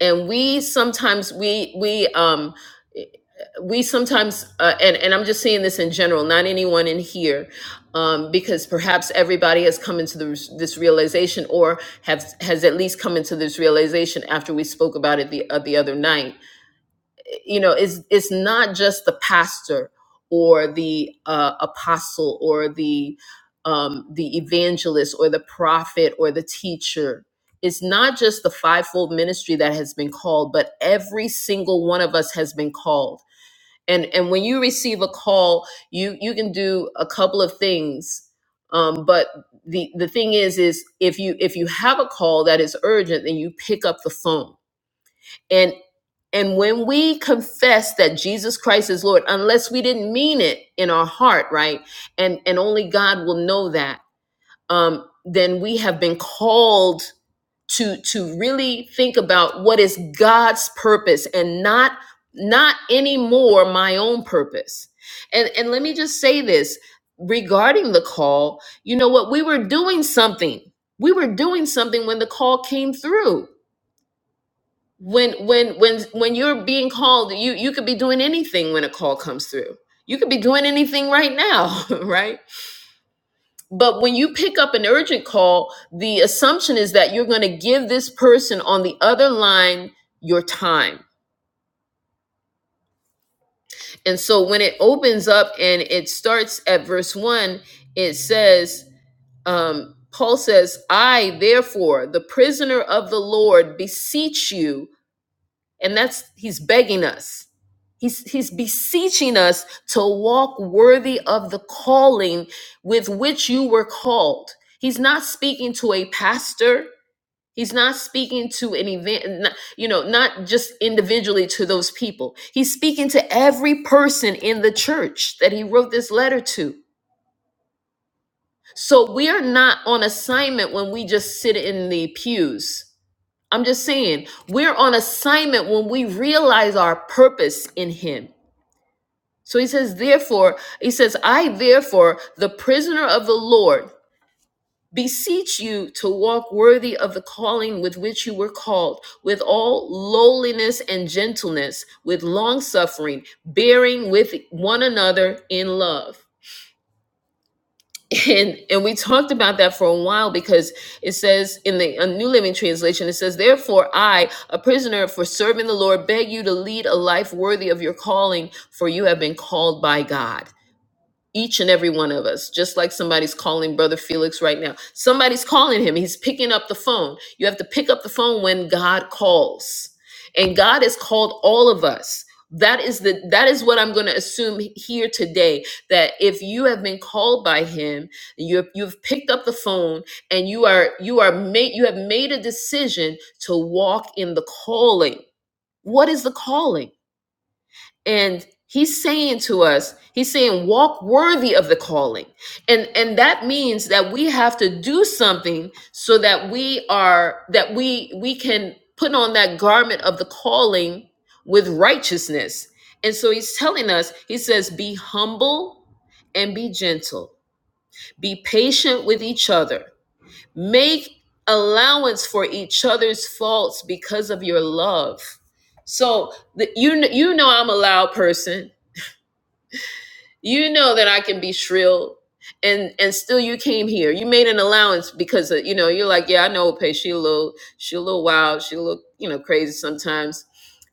and we sometimes we we um we sometimes uh, and and I'm just saying this in general, not anyone in here, um, because perhaps everybody has come into this, this realization or have has at least come into this realization after we spoke about it the uh, the other night you know it's it's not just the pastor or the uh, apostle or the um, the evangelist or the prophet or the teacher it's not just the fivefold ministry that has been called but every single one of us has been called and and when you receive a call you you can do a couple of things um, but the the thing is is if you if you have a call that is urgent then you pick up the phone and. And when we confess that Jesus Christ is Lord, unless we didn't mean it in our heart, right? And and only God will know that. Um, then we have been called to to really think about what is God's purpose and not not anymore my own purpose. And and let me just say this regarding the call, you know what? We were doing something. We were doing something when the call came through when when when when you're being called you you could be doing anything when a call comes through you could be doing anything right now right but when you pick up an urgent call the assumption is that you're going to give this person on the other line your time and so when it opens up and it starts at verse 1 it says um Paul says, I, therefore, the prisoner of the Lord, beseech you And that's he's begging us. He's he's beseeching us to walk worthy of the calling with which you were called. He's not speaking to a pastor. He's not speaking to an event, n- you know, not just individually to those people. He's speaking to every person in the church that he wrote this letter to. So we are not on assignment when we just sit in the pews. I'm just saying, we're on assignment when we realize our purpose in Him. So he says, therefore, he says, I, therefore, the prisoner of the Lord, beseech you to walk worthy of the calling with which you were called, with all lowliness and gentleness, with long suffering, bearing with one another in love. and and we talked about that for a while because it says in the uh, New Living Translation it says therefore I a prisoner for serving the Lord beg you to lead a life worthy of your calling for you have been called by God each and every one of us just like somebody's calling brother felix right now somebody's calling him he's picking up the phone you have to pick up the phone when god calls and god has called all of us that is the that is what i'm going to assume here today that if you have been called by him you you've picked up the phone and you are you are made you have made a decision to walk in the calling what is the calling and he's saying to us he's saying walk worthy of the calling and and that means that we have to do something so that we are that we we can put on that garment of the calling with righteousness and so he's telling us he says be humble and be gentle be patient with each other make allowance for each other's faults because of your love so the, you kn- you know I'm a loud person you know that I can be shrill and and still you came here. You made an allowance because of, you know, you're like, yeah, I know Ope, she a little she a little wild, she a little, you know, crazy sometimes.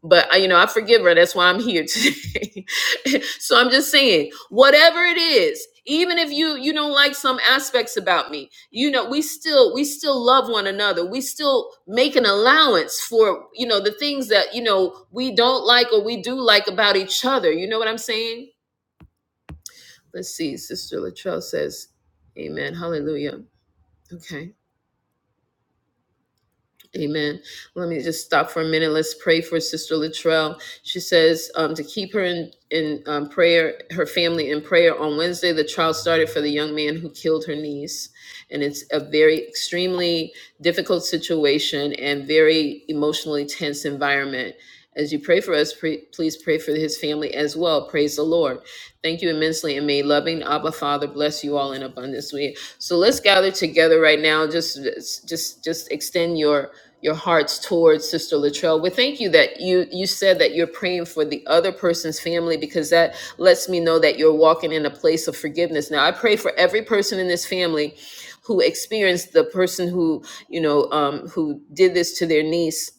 But uh, you know, I forgive her. That's why I'm here today. so I'm just saying, whatever it is, even if you you don't like some aspects about me, you know, we still we still love one another. We still make an allowance for, you know, the things that, you know, we don't like or we do like about each other. You know what I'm saying? Let's see. Sister Latrell says, Amen. Hallelujah. Okay. Amen. Let me just stop for a minute. Let's pray for Sister Latrell. She says um, to keep her in, in um, prayer, her family in prayer. On Wednesday, the trial started for the young man who killed her niece. And it's a very extremely difficult situation and very emotionally tense environment. As you pray for us, pre- please pray for his family as well. Praise the Lord. Thank you immensely, and may loving Abba Father bless you all in abundance. We so let's gather together right now. Just just just extend your your hearts towards Sister Latrell. We thank you that you you said that you're praying for the other person's family because that lets me know that you're walking in a place of forgiveness. Now I pray for every person in this family who experienced the person who you know um, who did this to their niece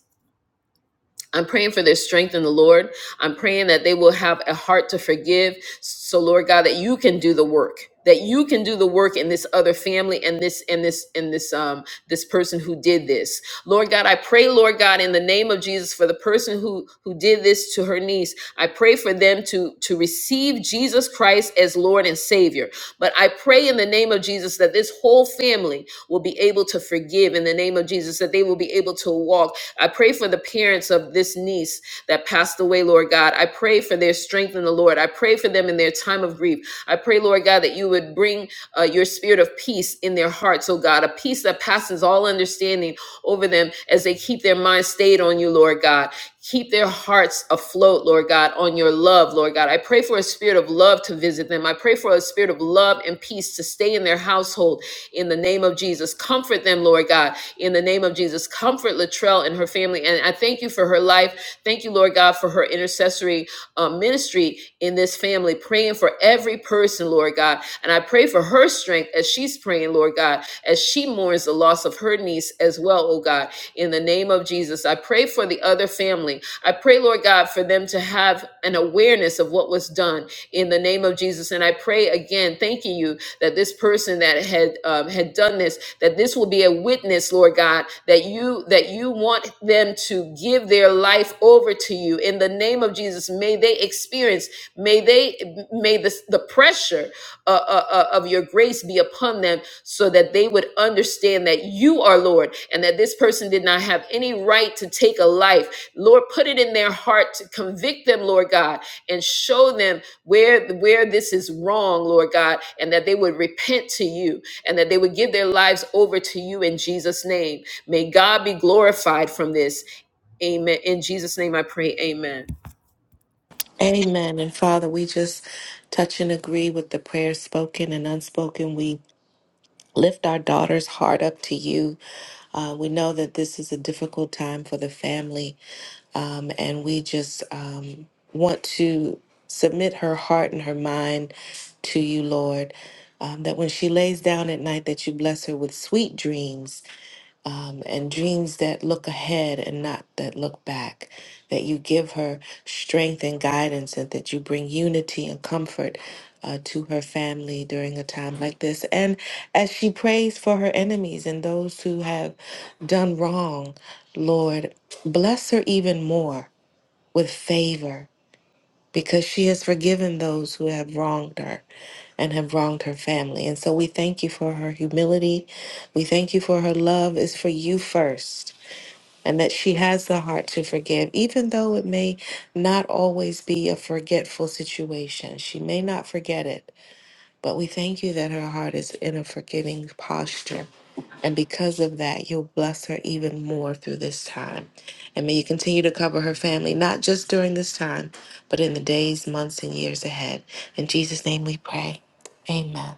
I'm praying for their strength in the Lord. I'm praying that they will have a heart to forgive. So Lord God, that you can do the work. That you can do the work in this other family and this and this and this um this person who did this. Lord God, I pray, Lord God, in the name of Jesus for the person person who who did this to her niece i pray for them to to receive jesus christ as lord and savior but i pray in the name of jesus that this whole family will be able to forgive in the name of jesus that they will be able to walk i pray for the parents of this niece that passed away lord god i pray for their strength in the lord i pray for them in their time of grief i pray lord god that you would bring uh, your spirit of peace in their hearts oh god a peace that passes all understanding over them as they keep their mind stayed on you, Lord God. Keep their hearts afloat, Lord God, on your love, Lord God. I pray for a spirit of love to visit them. I pray for a spirit of love and peace to stay in their household in the name of Jesus. Comfort them, Lord God, in the name of Jesus. Comfort Latrell and her family. And I thank you for her life. Thank you, Lord God, for her intercessory uh, ministry in this family, praying for every person, Lord God. And I pray for her strength as she's praying, Lord God, as she mourns the loss of her niece as well, oh God in the name of Jesus. I pray for the other family. I pray, Lord God, for them to have an awareness of what was done in the name of Jesus. And I pray again, thanking you that this person that had um, had done this, that this will be a witness, Lord God, that you that you want them to give their life over to you in the name of Jesus. May they experience, may they may the the pressure uh, uh, uh, of your grace be upon them so that they would understand that you are Lord and that this person did not have any right to take a life. Lord, put it in their heart to convict them, Lord God, and show them where, where this is wrong, Lord God, and that they would repent to you and that they would give their lives over to you in Jesus' name. May God be glorified from this. Amen. In Jesus' name I pray, amen. Amen. And Father, we just touch and agree with the prayers spoken and unspoken. We Lift our daughter's heart up to you. Uh, we know that this is a difficult time for the family, um, and we just um, want to submit her heart and her mind to you, Lord. Um, that when she lays down at night, that you bless her with sweet dreams um, and dreams that look ahead and not that look back. That you give her strength and guidance, and that you bring unity and comfort uh, to her family during a time like this. And as she prays for her enemies and those who have done wrong, Lord, bless her even more with favor because she has forgiven those who have wronged her and have wronged her family. And so we thank you for her humility. We thank you for her love is for you first, and that she has the heart to forgive, even though it may not always be a forgetful situation. She may not forget it, but we thank you that her heart is in a forgiving posture. And because of that, you'll bless her even more through this time. And may you continue to cover her family, not just during this time, but in the days, months, and years ahead. In Jesus' name we pray. Amen.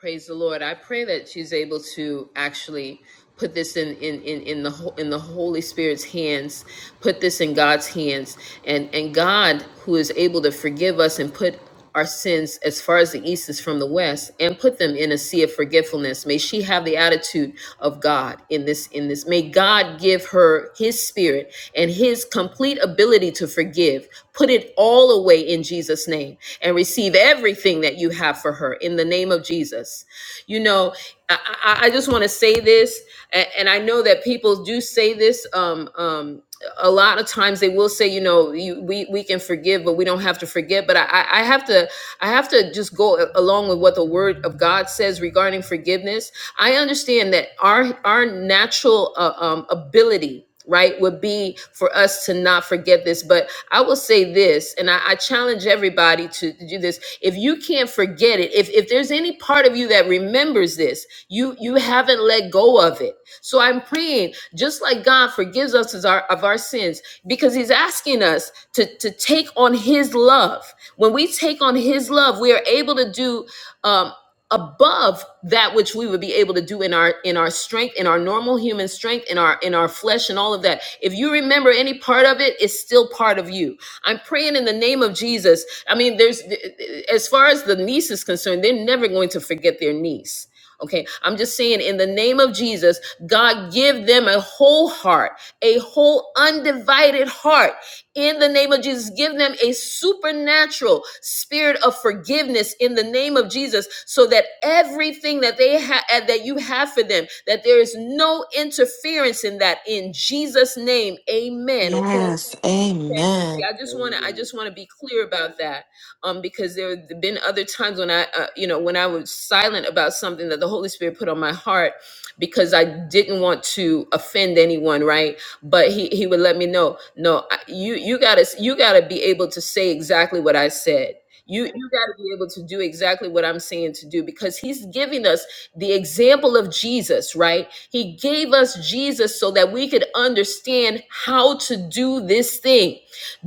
Praise the Lord. I pray that she's able to actually put this in in in in the ho- in the Holy Spirit's hands, put this in God's hands, and and God who is able to forgive us and put our sins as far as the east is from the west and put them in in a sea of forgetfulness. May she have the attitude of God in this in this. May God give her his spirit and his complete ability to forgive. Put it all away in Jesus name and receive everything that you have for her in the name of Jesus. You know, I, I, I just want to say this, and, and I know that people do say this. Um, um, a lot of times they will say, you know, you, we we can forgive, but we don't have to forget. But I, I have to I have to just go along with what the Word of God says regarding forgiveness. I understand that our our natural uh, um, ability right would be for us to not forget this but i will say this and i, I challenge everybody to, to do this if you can't forget it if, if there's any part of you that remembers this you you haven't let go of it so I'm praying, just like God forgives us of our, of our sins, because He's asking us to, to take on His love. When we take on His love, we are able to do um, above that which we would be able to do in our in our strength, in our normal human strength, in our in our flesh, and all of that. If you remember any part of it, it's still part of you. I'm praying in the name of Jesus. I mean, there's as far as the niece is concerned, they're never going to forget their niece Okay, I'm just saying, in the name of Jesus, God, give them a whole heart, a whole undivided heart. In the name of Jesus, give them a supernatural spirit of forgiveness in the name of Jesus, so that everything that they have that you have for them, that there is no interference in that. In Jesus' name, Amen. Yes. Okay. Amen. Yeah, I just want to. I Amen. just want to be clear about that, um, because there have been other times when I, uh, you know, when I was silent about something that the Holy Spirit put on my heart, because I didn't want to offend anyone, right? But he he would let me know, no, I- you you gotta you gotta be able to say exactly what I said. You you gotta be able to do exactly what I'm saying to do, because he's giving us the example of Jesus, right? He gave us Jesus so that we could understand how to do this thing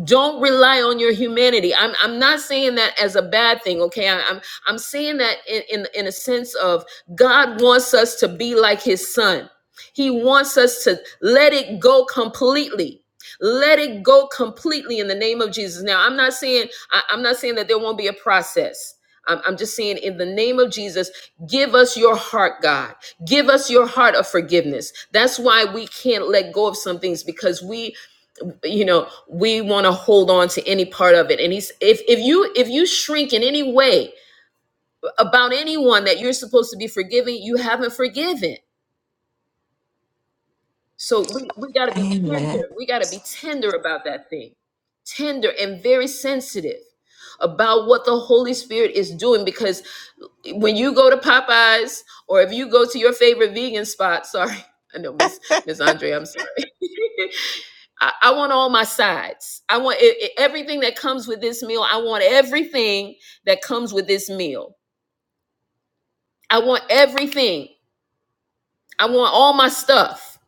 don't rely on your humanity i'm i'm not saying that as a bad thing okay I, i'm i'm saying that in, in in a sense of god wants us to be like his son he wants us to let it go completely let it go completely in the name of jesus now i'm not saying I, i'm not saying that there won't be a process I'm I'm just saying, in the name of Jesus, give us your heart, God. Give us your heart of forgiveness. That's why we can't let go of some things because we you know we want to hold on to any part of it and he's if if you if you shrink in any way about anyone that you're supposed to be forgiving you haven't forgiven so we, we got to be Amen. tender we got to be tender about that thing tender and very sensitive about what the holy spirit is doing because when you go to popeyes or if you go to your favorite vegan spot sorry i know miss miss andre i'm sorry I, I want all my sides. I want e- e- everything that comes with this meal. I want everything that comes with this meal. I want everything. I want all my stuff.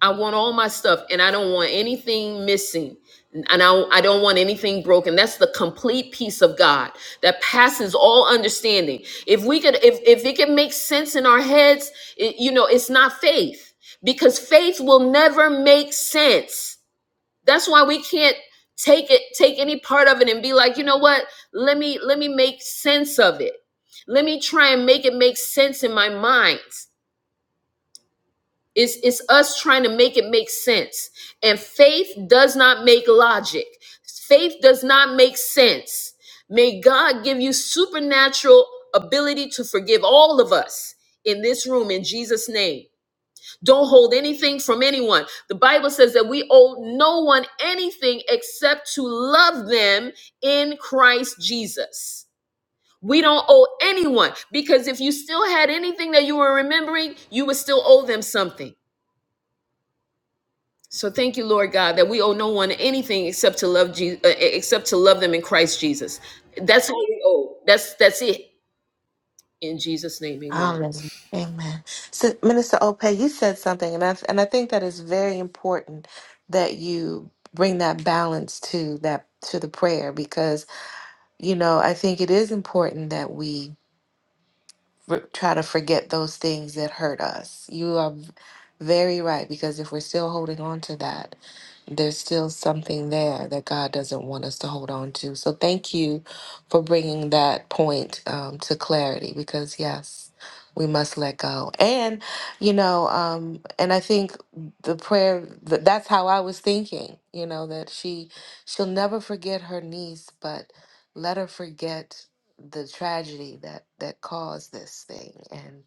I want all my stuff, and I don't want anything missing. And I, I don't want anything broken. That's the complete peace of God that passes all understanding. If we could, if, if it can make sense in our heads, it, you know, it's not faith because faith will never make sense That's why we can't take it, take any part of it and be like, you know what? Let me let me make sense of it. Let me try and make it make sense in my mind. It's, it's us trying to make it make sense. And faith does not make logic. Faith does not make sense. May God give you supernatural ability to forgive all of us in this room in Jesus' name. Don't hold anything from anyone. The Bible says that we owe no one anything except to love them in Christ Jesus. We don't owe anyone because if you still had anything that you were remembering, you would still owe them something. So thank you, Lord God, that we owe no one anything except to love Jesus, except to love them in Christ Jesus. That's all we owe. That's that's it. In Jesus' name, Amen. Hallelujah. Amen. So, Minister Ope, you said something, and I, and I think that is very important that you bring that balance to that to the prayer because you know i think it is important that we r- try to forget those things that hurt us. You are v- very right because if we're still holding on to that, there's still something there that God doesn't want us to hold on to. So thank you for bringing that point um, to clarity because, yes, we must let go. And, you know, um, and I think the prayer, th- that's how I was thinking, you know, that she, she'll never forget her niece, but let her forget the tragedy that, that caused this thing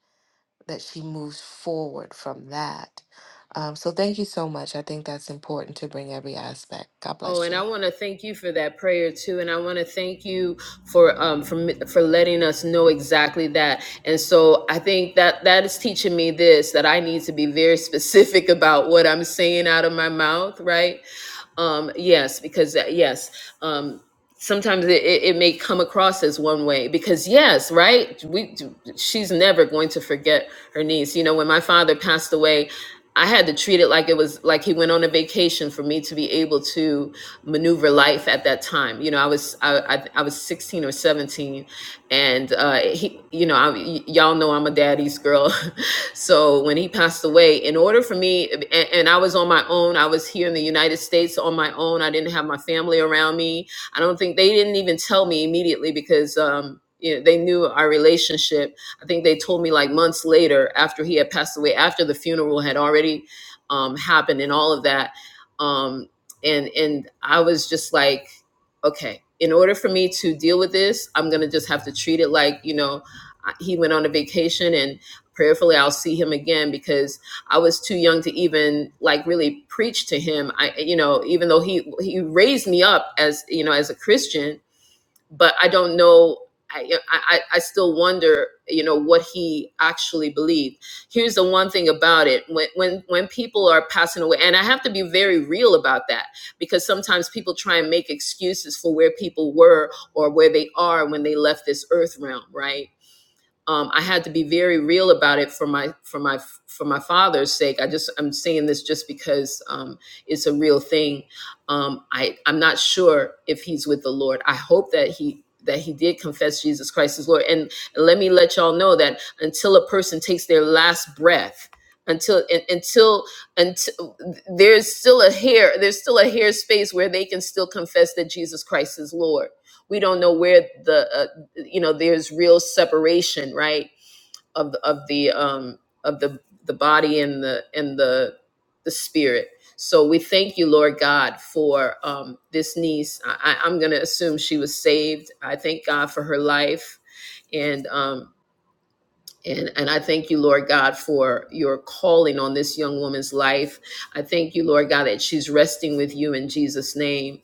that she moves forward from that. Um, so thank you so much. I think that's important to bring every aspect. God Oh, bless and you. I want to thank you for that prayer too, and I want to thank you for um for for letting us know exactly that. And so I think that that is teaching me this that I need to be very specific about what I'm saying out of my mouth, right? Um, yes, because uh, yes, um, sometimes it, it, it may come across as one way. Because yes, right, we she's never going to forget her niece. You know, when my father passed away, I had to treat it like it was like he went on a vacation for me to be able to maneuver life at that time. You know, I was I I, I was sixteen or seventeen, and uh, he, you know, I, y- y'all know I'm a daddy's girl, so when he passed away in order for me and, and i was on my own i was here in the united states on my own i didn't have my family around me i don't think they didn't even tell me immediately because um you know, they knew our relationship i think they told me like months later after he had passed away after the funeral had already um, happened and all of that um, and and i was just like okay in order for me to deal with this i'm gonna just have to treat it like you know he went on a vacation and prayerfully I'll see him again because I was too young to even like really preach to him. I you know, even though he he raised me up as, you know, as a Christian, but I don't know I, I, I still wonder, you know, what he actually believed. Here's the one thing about it: when, when when people are passing away, and I have to be very real about that because sometimes people try and make excuses for where people were or where they are when they left this earth realm, right? um, I had to be very real about it for my for my for my father's sake. I just I'm saying this just because um, it's a real thing. Um, I I'm not sure if he's with the Lord. I hope that he that he did confess Jesus Christ as Lord. And let me let y'all know that until a person takes their last breath, until un- until until there's still a hair there's still a hair space where they can still confess that Jesus Christ is Lord. We don't know where the uh, you know there's real separation right of the of the um of the the body and the and the the spirit so we thank you lord god for um this niece i I- i'm gonna assume she was saved i thank god for her life and um and, and I thank you, Lord God, for your calling on this young woman's life. I thank you, Lord God, that she's resting with you in Jesus' name.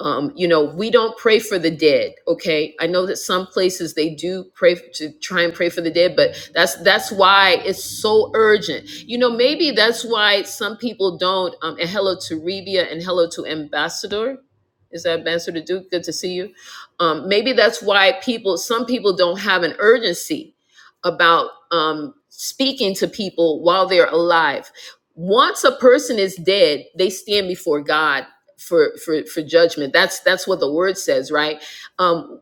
Um, you know, we don't pray for the dead, okay? I know that some places they do pray f- to try and pray for the dead, but that's that's why it's so urgent. You know, maybe that's why some people don't. Um, and hello to Rebia and hello to Ambassador. Is that Ambassador Duke? Good to see you. Um, maybe that's why people, some people don't have an urgency about um, speaking to people while they're alive. Once a person is dead, they stand before God for for for judgment. That's that's what the word says, right? Um,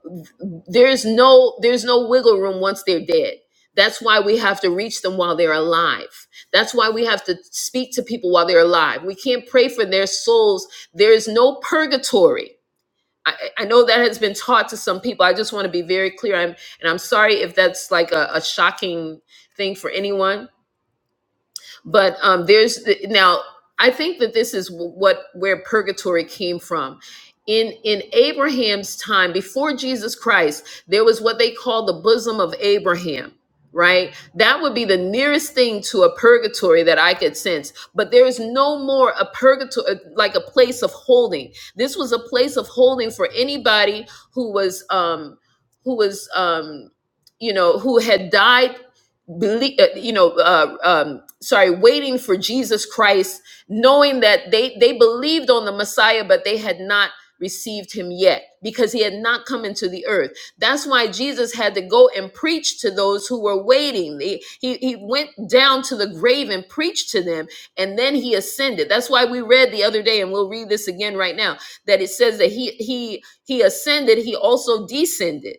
there's no there's no wiggle room once they're dead. That's why we have to reach them while they're alive. That's why we have to speak to people while they're alive. We can't pray for their souls. There is no purgatory I, I know that has been taught to some people. I just want to be very clear. I'm, and I'm sorry if that's like a, a shocking thing for anyone but um, there's now i think that this is what where purgatory came from in in abraham's time before jesus christ there was what they call the bosom of abraham right that would be the nearest thing to a purgatory that i could sense but there is no more a purgatory like a place of holding this was a place of holding for anybody who was um who was um you know who had died belie- uh, you know, uh, um, sorry, waiting for Jesus Christ, knowing that they they believed on the Messiah, but they had not received him yet because he had not come into the earth. That's why Jesus had to go and preach to those who were waiting. He, he, he went down to the grave and preached to them, and then he ascended. That's why we read the other day, and we'll read this again right now, that it says that he he he ascended, he also descended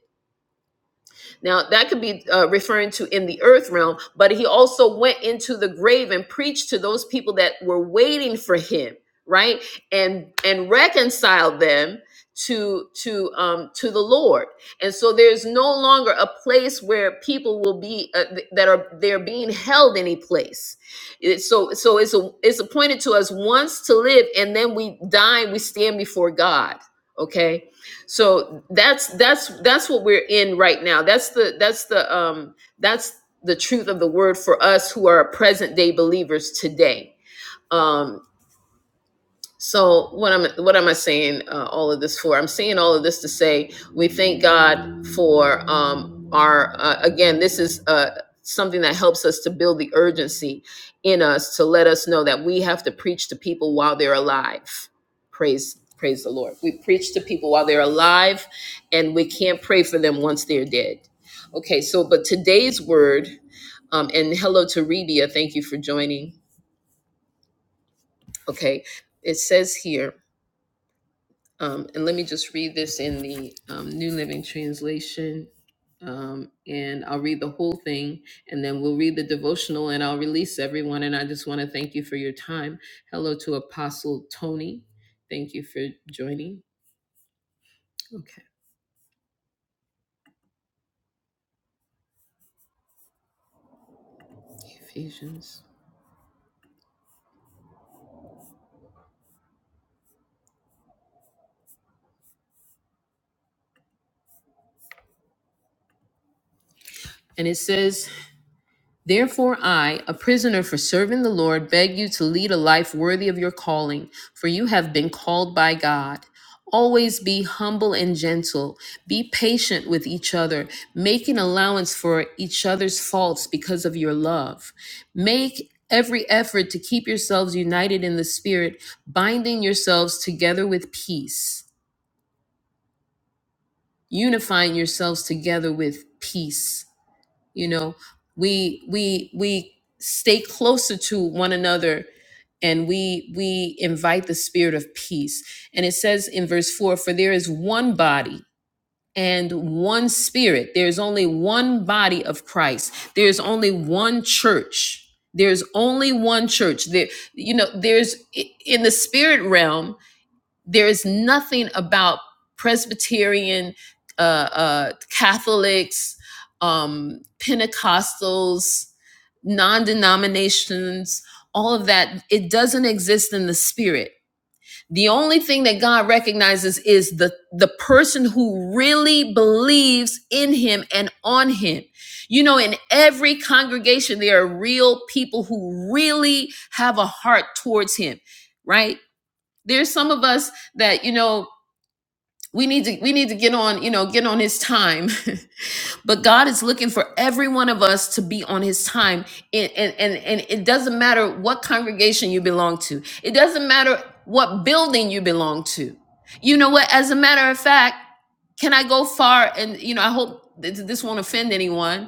now, that could be uh, referring to in the earth realm, but he also went into the grave and preached to those people that were waiting for him, right? And and reconciled them to to um to the Lord. And so there's no longer a place where people will be uh, th- that are they're being held any place. It- so so it's a, it's appointed to us once to live and then we die and we stand before God, okay? so that's that's that's what we're in right now that's the that's the um that's the truth of the word for us who are present day believers today Um, so what am what am I saying uh, all of this for? I'm saying all of this to say we thank God for um, our uh, again. This is uh, something that helps us to build the urgency in us to let us know that we have to preach to people while they're alive. Praise praise the Lord. We preach to people while they're alive, and we can't pray for them once they're dead. Okay. So but today's word um, and hello to Rebia. Thank you for joining. Okay. It says here. Um, and let me just read this in the um, New Living Translation. Um, and I'll read the whole thing and then we'll read the devotional and I'll release everyone. And I just want to thank you for your time. Hello to Apostle Tony. Thank you for joining. Okay, Ephesians. And it says, Therefore, I, a prisoner for serving the Lord, beg you to lead a life worthy of your calling, for you have been called by God. Always be humble and gentle. Be patient with each other, making allowance for each other's faults because of your love. Make every effort to keep yourselves united in the Spirit, binding yourselves together with peace, unifying yourselves together with peace you know we we we stay closer to one another and we we invite the spirit of peace and it says in verse 4 for there is one body and one spirit there's only one body of christ there's only one church there's only one church there you know there's in the spirit realm there is nothing about Presbyterian, uh, uh, Catholics, um, Pentecostals, non denominations, all of that. It doesn't exist in the spirit. The only thing that God recognizes is the, the person who really believes in Him and on Him. You know, in every congregation, there are real people who really have a heart towards Him, right? there's some of us that you know we need to we need to get on you know get on his time but god is looking for every one of us to be on his time and and and, and it doesn't matter what congregation you belong to it doesn't matter what building you belong to you know what as a matter of fact can i go far and you know i hope th- this won't offend anyone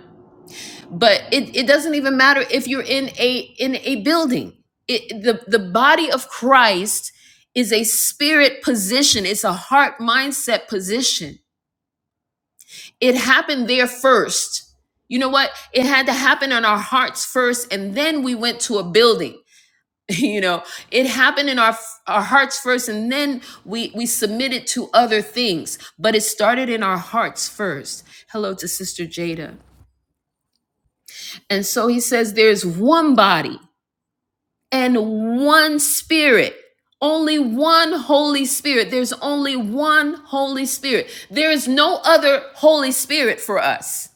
but it, it doesn't even matter if you're in a in a building it, the the body of christ is a spirit position it's a heart mindset position it happened there first you know what it had to happen in our hearts first and then we went to a building you know it happened in our our hearts first and then we we submitted to other things but it started in our hearts first hello to sister jada and so he says there's one body and one spirit. Only one Holy Spirit. There's only one Holy Spirit. There is no other Holy Spirit for us.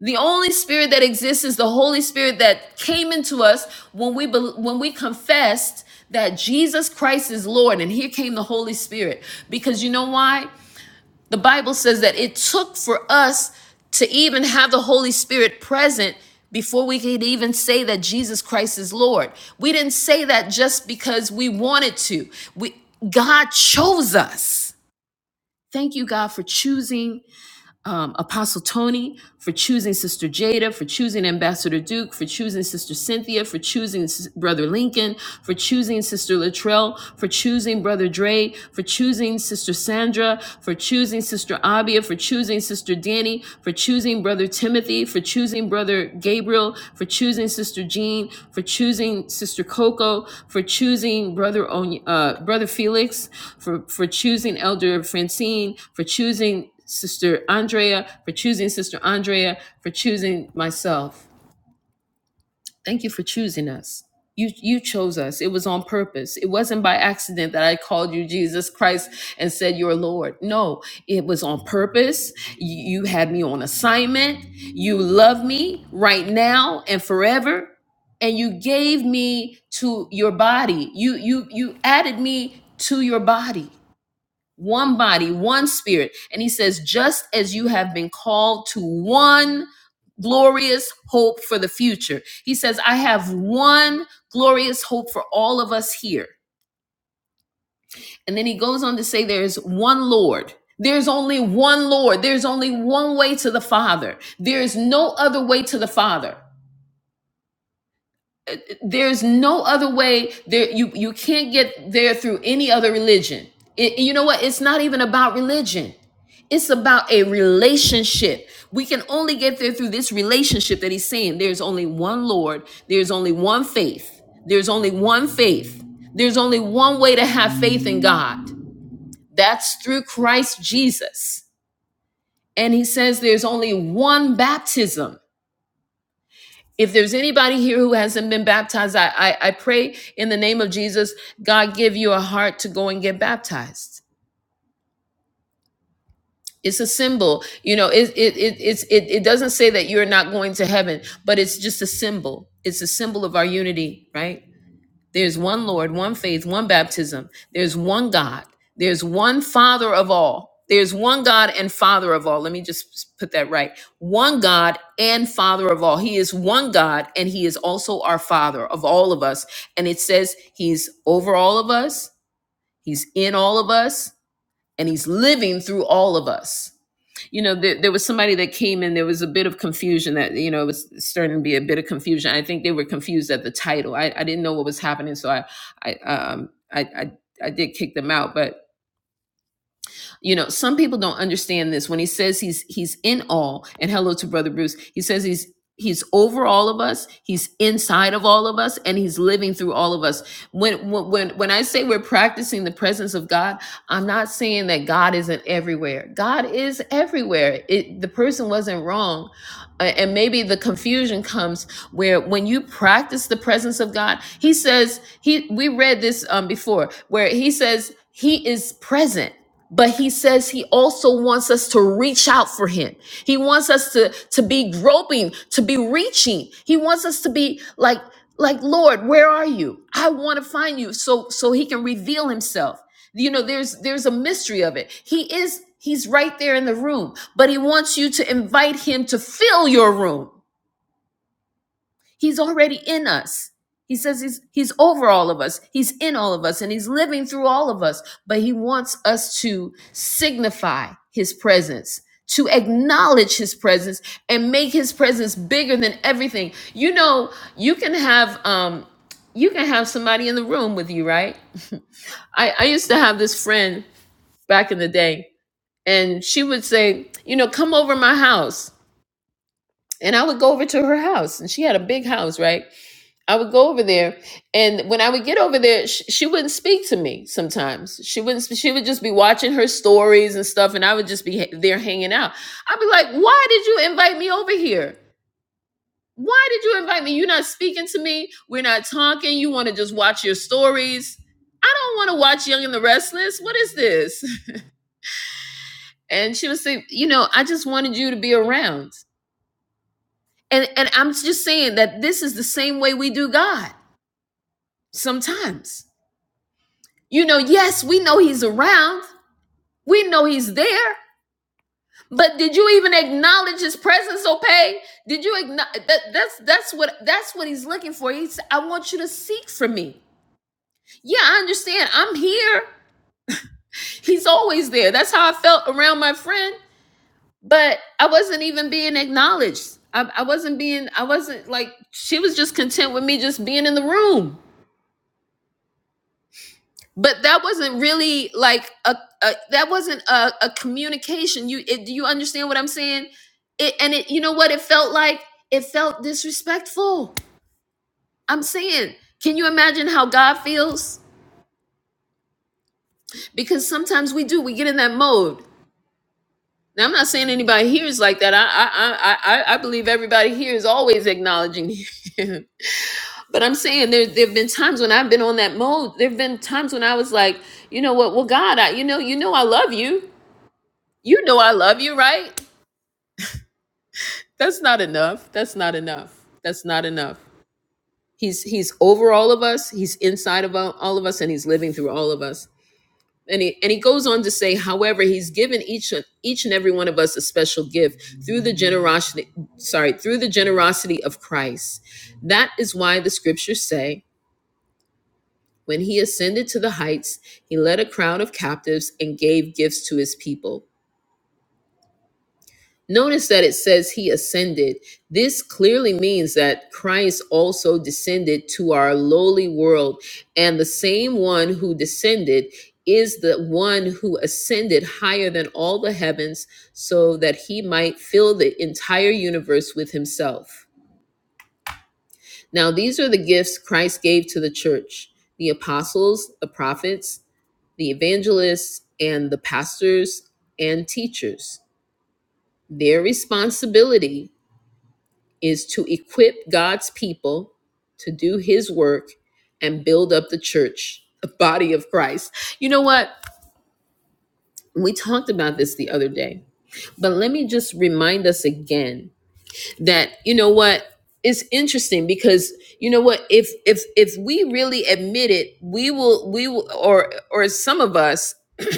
The only spirit that exists is the Holy Spirit that came into us when we bel- when we confessed that Jesus Christ is Lord and here came the Holy Spirit. Because you know why? The Bible says that it took for us to even have the Holy Spirit present before we could even say that Jesus Christ is Lord. We didn't say that just because we wanted to. We God chose us. Thank you God for choosing um, Apostle Tony, for choosing Sister Jada, for choosing Ambassador Duke, for choosing Sister Cynthia, for choosing S- Brother Lincoln, for choosing Sister Latrell, for choosing Brother Dre, for choosing Sister Sandra, for choosing Sister Abia, for choosing Sister Danny, for choosing Brother Timothy, for choosing Brother Gabriel, for choosing Sister Jean, for choosing Sister Coco, for choosing Brother Ony- uh, Brother Felix, for for choosing Elder Francine, for choosing Sister Andrea, for choosing Sister Andrea, for choosing myself. Thank you for choosing us. You you chose us. It was on purpose. It wasn't by accident that I called you Jesus Christ and said you're Lord. No, it was on purpose. You, you had me on assignment. You love me right now and forever. And you gave me to your body. You you you added me to your body one body, one spirit. And he says, just as you have been called to one glorious hope for the future. He says, I have one glorious hope for all of us here. And then he goes on to say, there's one Lord. There's only one Lord. There's only one way to the Father. There is no other way to the Father. there's no other way there you you can't get there through any other religion It- you know what it's not even about religion it's about a relationship we can only get there through this relationship that he's saying there's only one lord there's only one faith there's only one faith there's only one way to have faith in god that's through christ jesus and he says there's only one baptism if there's anybody here who hasn't been baptized, I, I, I pray in the name of Jesus, God give you a heart to go and get baptized. It's a symbol, you know. It it it it's, it it doesn't say that you're not going to heaven, but it's just a symbol. It's a symbol of our unity, right? There's one Lord, one faith, one baptism. There's one God. There's one Father of all. There's one God and Father of all. Let me just put that right. One God and Father of all. He is one God and He is also our Father of all of us. And it says He's over all of us, He's in all of us, and He's living through all of us you know, there, there was somebody that came in. There was a bit of confusion that you know it was starting to be a bit of confusion. I think they were confused at the title. I, I didn't know what was happening, so I I um I, I I did kick them out. But you know, some people don't understand this. When he says he's he's in all, and hello to Brother Bruce, he says he's he's over all of us, he's inside of all of us, and he's living through all of us. When when when when I say we're practicing the presence of God, I'm not saying that God isn't everywhere. God is everywhere. It, the person wasn't wrong. Uh, And maybe the confusion comes where when you practice the presence of God, he says, he we read this um before where he says he is present. But he says he also wants us to reach out for him. He wants us to, to be groping, to be reaching. He wants us to be like, like, Lord, where are you? I want to find you. So, so he can reveal himself you know there's there's a mystery of it he is he's right there in the room but he wants you to invite him to fill your room He's already in us. He says he's, he's over all of us, he's in all of us, and he's living through all of us. But he wants us to signify his presence, to acknowledge his presence, and make his presence bigger than everything. You know, you can have um, you can have somebody in the room with you, right? I, I used to have this friend back in the day, and she would say, you know, come over my house. And I would go over to her house, and she had a big house, right? I would go over there, and when I would get over there, she, she wouldn't speak to me. Sometimes she wouldn't. sp- She would just be watching her stories and stuff, and I would just be ha- there hanging out. I'd be like, "Why did you invite me over here? Why did you invite me? You're not speaking to me. We're not talking. You want to just watch your stories." I don't want to watch Young and the Restless. What is this? And she would say, "You know, I just wanted you to be around." And and I'm just saying that this is the same way we do God sometimes You know, yes, we know he's around. We know he's there. But did you even acknowledge his presence, Opay? Did you acknowledge that, that's that's what that's what he's looking for. He's I want you to seek for me. Yeah, I understand. I'm here. He's always there. That's how I felt around my friend. But I wasn't even being acknowledged. I, I wasn't being I wasn't like she was just content with me just being in the room. but that wasn't really like a, a that wasn't a, a communication you it, do you understand what i'm saying it and it you know what it felt like it felt disrespectful i'm saying can you imagine how god feels because sometimes we do we get in that mode now i'm not saying anybody here is like that i i i i, I believe everybody here is always acknowledging him but i'm saying there there have been times when i've been on that mode there have been times when i was like you know what well god i you know you know i love you You know I love you, right? That's not enough. That's not enough. That's not enough. He's he's over all of us. He's inside of all all of us, and he's living through all of us. And he and he goes on to say, however, he's given each and- each and every one of us a special gift through the generosity. Sorry, through the generosity of Christ. That is why the scriptures say, when he ascended to the heights, he led a crowd of captives and gave gifts to his people. Notice that it says he ascended. This clearly means that Christ also descended to our lowly world, and the same one who descended is the one who ascended higher than all the heavens so that he might fill the entire universe with himself. Now, these are the gifts Christ gave to the church the apostles, the prophets, the evangelists, and the pastors and teachers. Their responsibility is to equip God's people to do his work and build up the church, the body of Christ. You know what? We talked about this the other day, but let me just remind us again that you know what? It's interesting because you know what if if if we really admit it, we will we will or or some of us,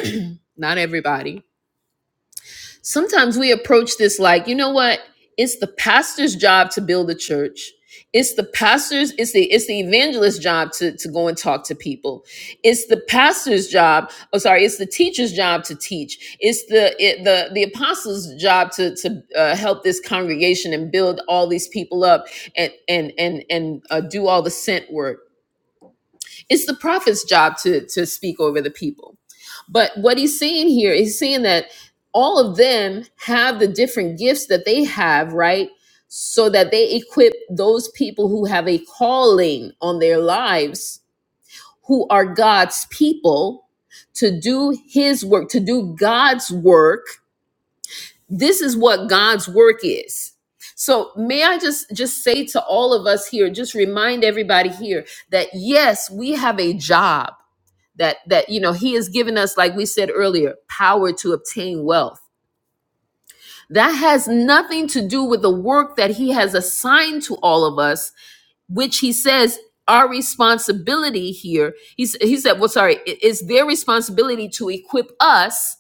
not everybody, sometimes we approach this like you know what it's the pastor's job to build a church it's the pastor's it's the it's the evangelist's job to, to go and talk to people it's the pastor's job oh sorry it's the teacher's job to teach it's the it, the the apostle's job to to uh, help this congregation and build all these people up and and and and uh, do all the sent work it's the prophet's job to to speak over the people but what he's saying here is saying that all of them have the different gifts that they have, right? So that they equip those people who have a calling on their lives, who are God's people, to do his work, to do God's work. This is what God's work is. So may I just just say to all of us here, just remind everybody here that yes, we have a job that that you know he has given us like we said earlier power to obtain wealth that has nothing to do with the work that he has assigned to all of us which he says our responsibility here he, he said well sorry it- it's their responsibility to equip us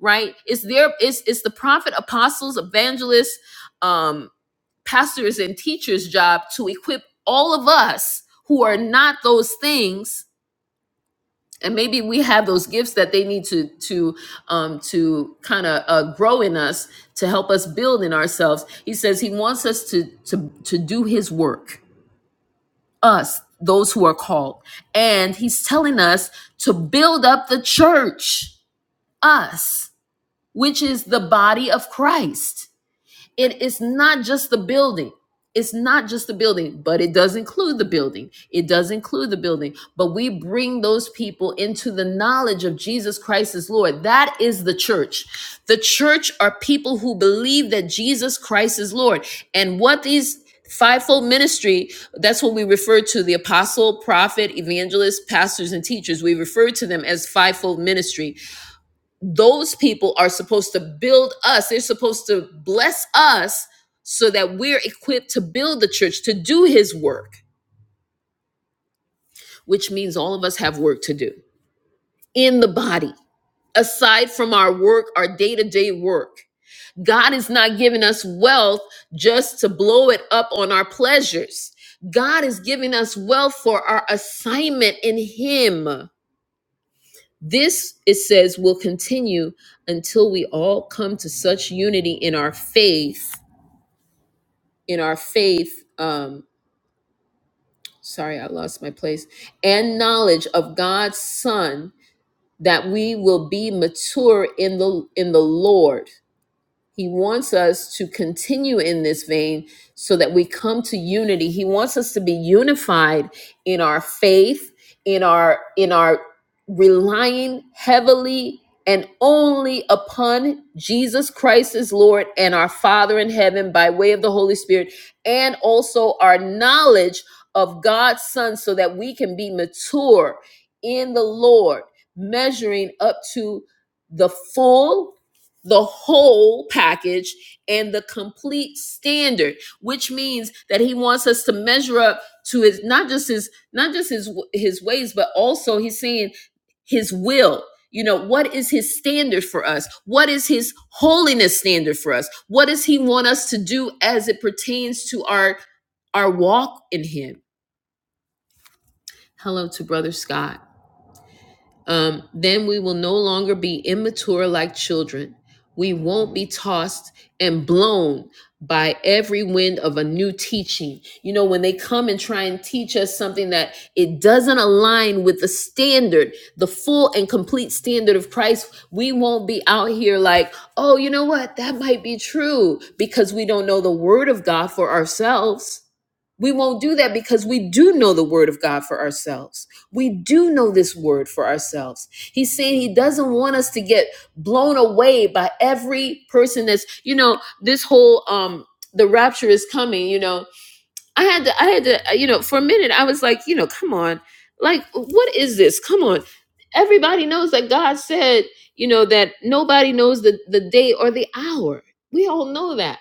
right it's their it's, it's the prophet apostles evangelists um pastors and teachers job to equip all of us who are not those things and maybe we have those gifts that they need to to um to kind of uh, grow in us to help us build in ourselves he says he wants us to to to do his work us those who are called and he's telling us to build up the church us which is the body of christ it is not just the building. It's not just the building, but it does include the building. It does include the building. But we bring those people into the knowledge of Jesus Christ as Lord. That is the church. The church are people who believe that Jesus Christ is Lord. And what these fivefold ministry that's what we refer to the apostle prophet evangelist pastors and teachers we refer to them as fivefold ministry those people are supposed to build us they're supposed to bless us so that we're equipped to build the church to do his work which means all of us have work to do in the body aside from our work our day-to-day work god is not giving us wealth just to blow it up on our pleasures god is giving us wealth for our assignment in him this it says will continue until we all come to such unity in our faith in our faith um sorry i lost my place and knowledge of god's son that we will be mature in the in the lord he wants us to continue in this vein so that we come to unity. He wants us to be unified in our faith, in our in our relying heavily and only upon Jesus Christ as Lord and our Father in heaven by way of the Holy Spirit and also our knowledge of God's son so that we can be mature in the Lord, measuring up to the full the whole package and the complete standard which means that he wants us to measure up to his not just his not just his his ways but also he's saying his will you know what is his standard for us what is his holiness standard for us what does he want us to do as it pertains to our our walk in him hello to brother scott um, then we will no longer be immature like children. We won't be tossed and blown by every wind of a new teaching. You know, when they come and try and teach us something that it doesn't align with the standard, the full and complete standard of Christ, we won't be out here like, oh, you know what? That might be true because we don't know the word of God for ourselves we won't do that because we do know the word of God for ourselves. We do know this word for ourselves. He's saying he doesn't want us to get blown away by every person that's, you know, this whole um the rapture is coming, you know. I had to I had to uh, you know, for a minute I was like, you know, come on. Like what is this? Come on. Everybody knows that God said, you know, that nobody knows the the day or the hour. We all know that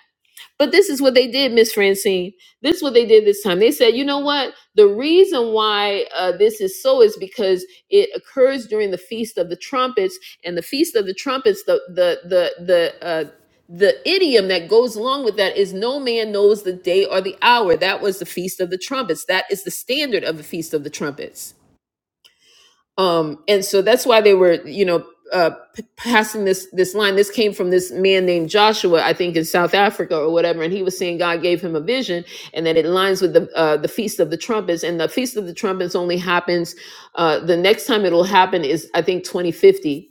but this is what they did, Miss Francine. This is what they did this time. They said, you know what? The reason why uh, this is so is because it occurs during the Feast of the Trumpets, and the Feast of the Trumpets, the the the the uh, the idiom that goes along with that is no man knows the day or the hour. That was the Feast of the Trumpets. That is the standard of the Feast of the Trumpets um and so that's why they were you know uh p- passing this this line this came from this man named joshua i think in south africa or whatever and he was saying god gave him a vision and that it lines with the uh the feast of the trumpets and the feast of the trumpets only happens uh the next time it'll happen is i think 2050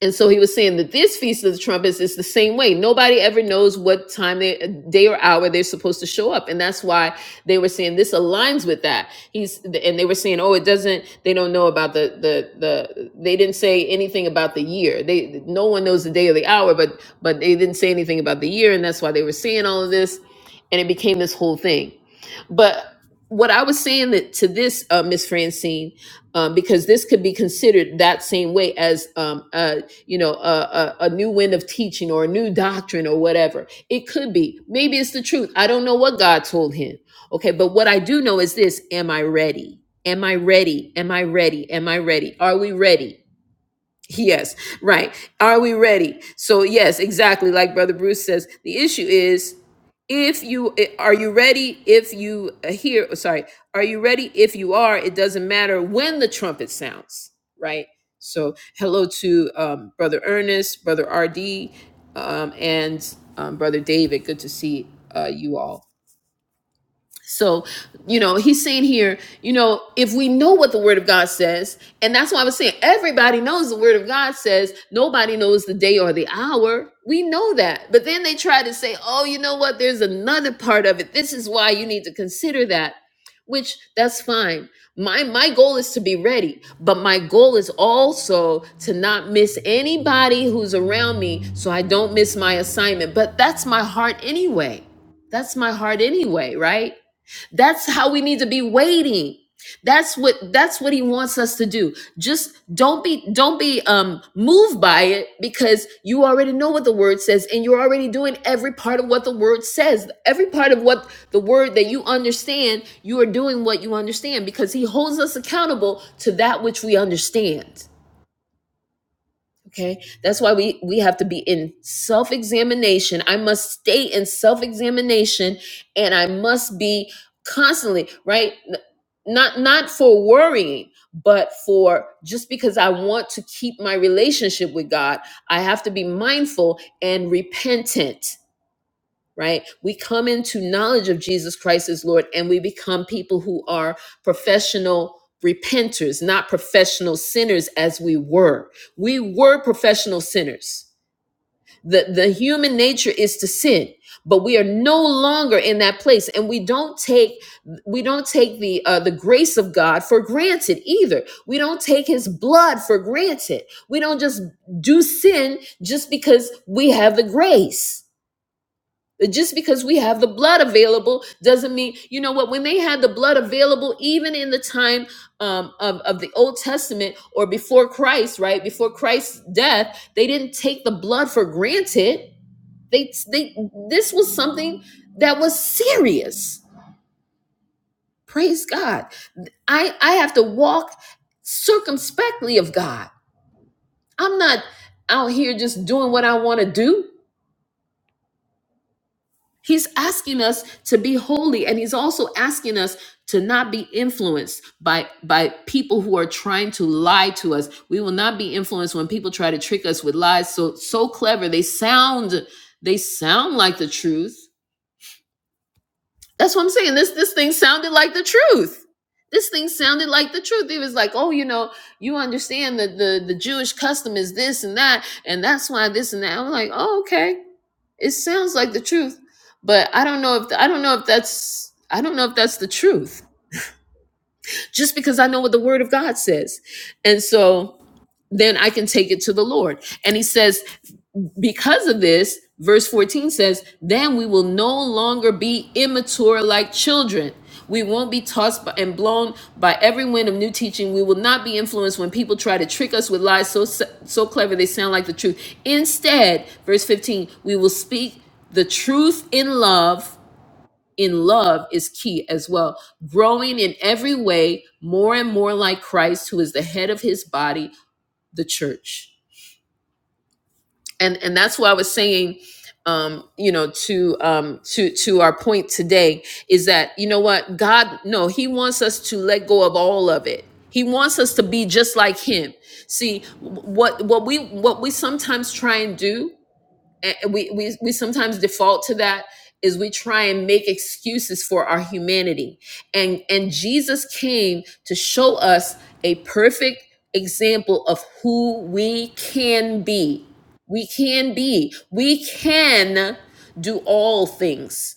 and so he was saying that this Feast of the Trumpets is the same way. Nobody ever knows what time they day or hour they're supposed to show up. And that's why they were saying this aligns with that. He's and they were saying, oh, it doesn't, they don't know about the the the they didn't say anything about the year. They no one knows the day or the hour, but but they didn't say anything about the year, and that's why they were saying all of this, and it became this whole thing. But what I was saying that to this uh, Miss Francine um, because this could be considered that same way as um, uh you know, a, a, a new wind of teaching or a new doctrine or whatever. It could be. Maybe it's the truth. I don't know what God told him. Okay, but what I do know is this Am I ready? Am I ready? Am I ready? Am I ready? Are we ready? Yes, right. Are we ready? So yes, exactly like brother Bruce says, the issue is if you i- are you ready if you uh, hear oh, sorry, are you ready if you are, it doesn't matter when the trumpet sounds, right? So hello to um, brother Ernest, brother RD, um, and um, brother David. Good to see uh, you all. So, you know, he's saying here, you know, if we know what the word of God says, and that's why I was saying everybody knows the word of God says, nobody knows the day or the hour. We know that. But then they try to say, oh, you know what? There's another part of it. This is why you need to consider that, which that's fine. My my goal is to be ready, but my goal is also to not miss anybody who's around me so I don't miss my assignment. But that's my heart anyway. That's my heart anyway, right? That's how we need to be waiting. That's what that's what he wants us to do. Just don't be don't be um moved by it because you already know what the word says and you're already doing every part of what the word says. Every part of what the word that you understand, you are doing what you understand because he holds us accountable to that which we understand. Okay. That's why we, we have to be in self examination. I must stay in self examination and I must be constantly, right? N- Not, not for worrying, but for just because I want to keep my relationship with God, I have to be mindful and repentant right? We come into knowledge of Jesus Christ as Lord and we become people who are professional repenters, not professional sinners as we were. We were professional sinners. The, the human nature is to sin but we are no longer in that place and we don't take we don't take the uh, the grace of god for granted either we don't take his blood for granted we don't just do sin just because we have the grace just because we have the blood available doesn't mean, you know what, when they had the blood available, even in the time um, of, of the Old Testament or before Christ, right? Before Christ's death, they didn't take the blood for granted. They, they, this was something that was serious. Praise God. I, I have to walk circumspectly of God. I'm not out here just doing what I want to do. He's asking us to be holy and he's also asking us to not be influenced by by people who are trying to lie to us. We will not be influenced when people try to trick us with lies so so clever. They sound they sound like the truth. That's what I'm saying. This this thing sounded like the truth. This thing sounded like the truth. He was like, "Oh, you know, you understand that the the Jewish custom is this and that, and that's why this and that." I'm like, "Oh, okay." It sounds like the truth, but I don't know if I don't know if that's I don't know if that's the truth. Just because I know what the word of God says. And so then I can take it to the Lord. And he says because of this, verse 14 says, Then we will no longer be immature like children. We won't be tossed by, and blown by every wind of new teaching. We will not be influenced when people try to trick us with lies so so so clever they sound like the truth. Instead, verse 15, we will speak the truth in love. In love is key as well. Growing in every way more and more like Christ, who is the head of his body, the church and and that's why I was saying, um, you know, to um, to to our point today is that you know what God, no, He wants us to let go of all of it. He wants us to be just like Him. See what what we what we sometimes try and do and we, we we sometimes default to that is we try and make excuses for our humanity and and jesus came to show us a perfect example of who we can be we can be we can do all things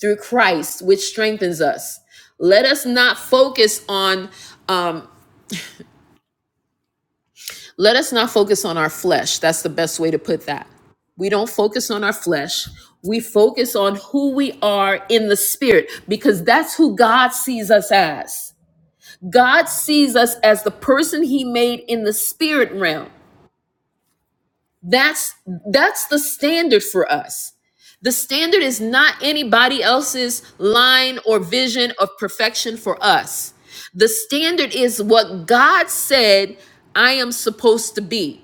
through christ which strengthens us let us not focus on um, Let us not focus on our flesh. That's the best way to put that. We don't focus on our flesh. We focus on who we are in the spirit because that's who God sees us as. God sees us as the person he made in the spirit realm. That's that's the standard for us. The standard is not anybody else's line or vision of perfection for us. The standard is what God said I am supposed to be.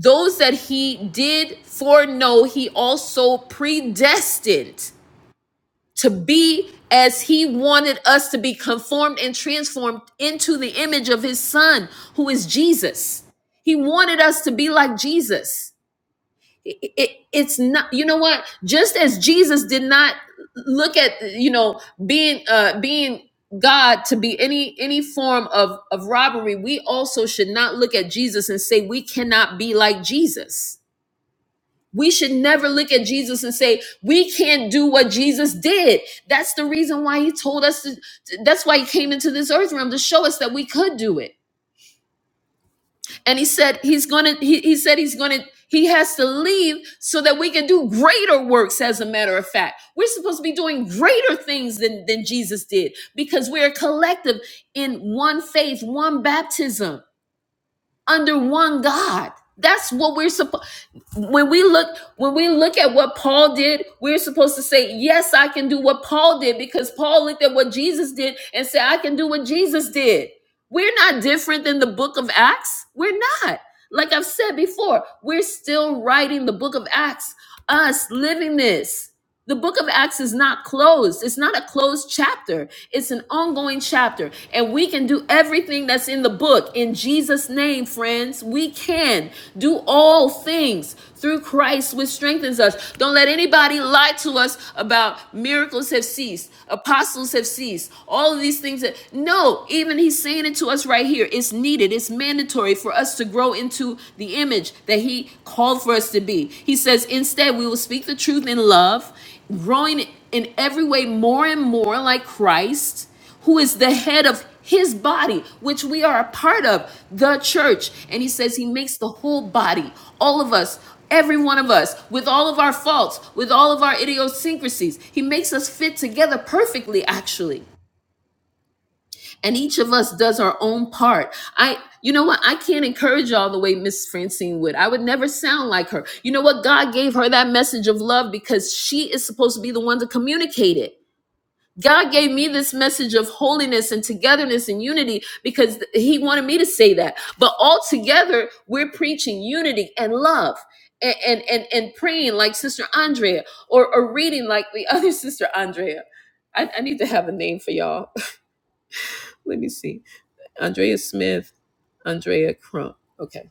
Those that he did foreknow, he also predestined to be as he wanted us to be conformed and transformed into the image of his son, who is Jesus. He wanted us to be like Jesus. It- it- it's not, you know what? Just as Jesus did not look at, you know, being uh being God to be any any form of of robbery, we also should not look at Jesus and say we cannot be like Jesus. We should never look at Jesus and say, we can't do what Jesus did. That's the reason why he told us, to, that's why he came into this earth realm to show us that we could do it. And he said, he's going to, he, he said, he's going to, he has to leave so that we can do greater works. As a matter of fact, we're supposed to be doing greater things than, than Jesus did because we're a collective in one faith, one baptism under one God. That's what we're supposed when we look when we look at what Paul did, we're supposed to say, "Yes, I can do what Paul did" because Paul looked at what Jesus did and said, "I can do what Jesus did." We're not different than the book of Acts. We're not. Like I've said before, we're still writing the book of Acts, us living this. The book of Acts is not closed. It's not a closed chapter. It's an ongoing chapter. And we can do everything that's in the book in Jesus' name, friends. We can do all things through Christ, which strengthens us. Don't let anybody lie to us about miracles have ceased, apostles have ceased, all of these things that no, even he's saying it to us right here. It's needed, it's mandatory for us to grow grow into the image that He called for us to be. He says, instead, we will speak the truth in love, growing in every way more and more like Christ, who is the head of His body, which we are a part of, the church. And He says, He makes the whole body, all of us, every one of us, with all of our faults, with all of our idiosyncrasies. He makes us fit together perfectly, actually and each of us does our own part i you know what i can't encourage y'all the way miss francine would i would never sound like her you know what god gave her that message of love because she is supposed to be the one to communicate it god gave me this message of holiness and togetherness and unity because he wanted me to say that but all together we're preaching unity and love and and and, and praying like sister andrea or, or reading like the other sister andrea I, I need to have a name for y'all let me see Andrea Smith, Andrea Crump. Okay.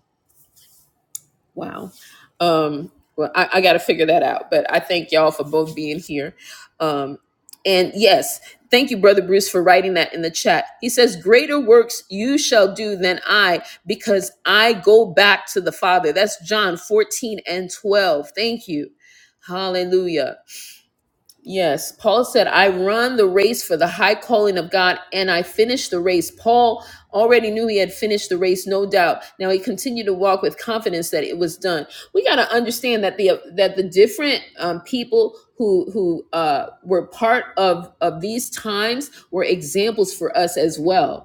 Wow. Um, well, I, I got to figure that out. But I thank y'all for both being here. Um, and yes, thank you, Brother Bruce, for writing that in the chat. He says, Greater works you shall do than I, because I go back to the Father. That's John 14 and 12. Thank you. Hallelujah. Yes, Paul said, I run the race for the high calling of God and I finish the race. Paul already knew he had finished the race, no doubt. Now he continued to walk with confidence that it was done. We got to understand that the that the different um, people who who uh, were part of of these times were examples for us as well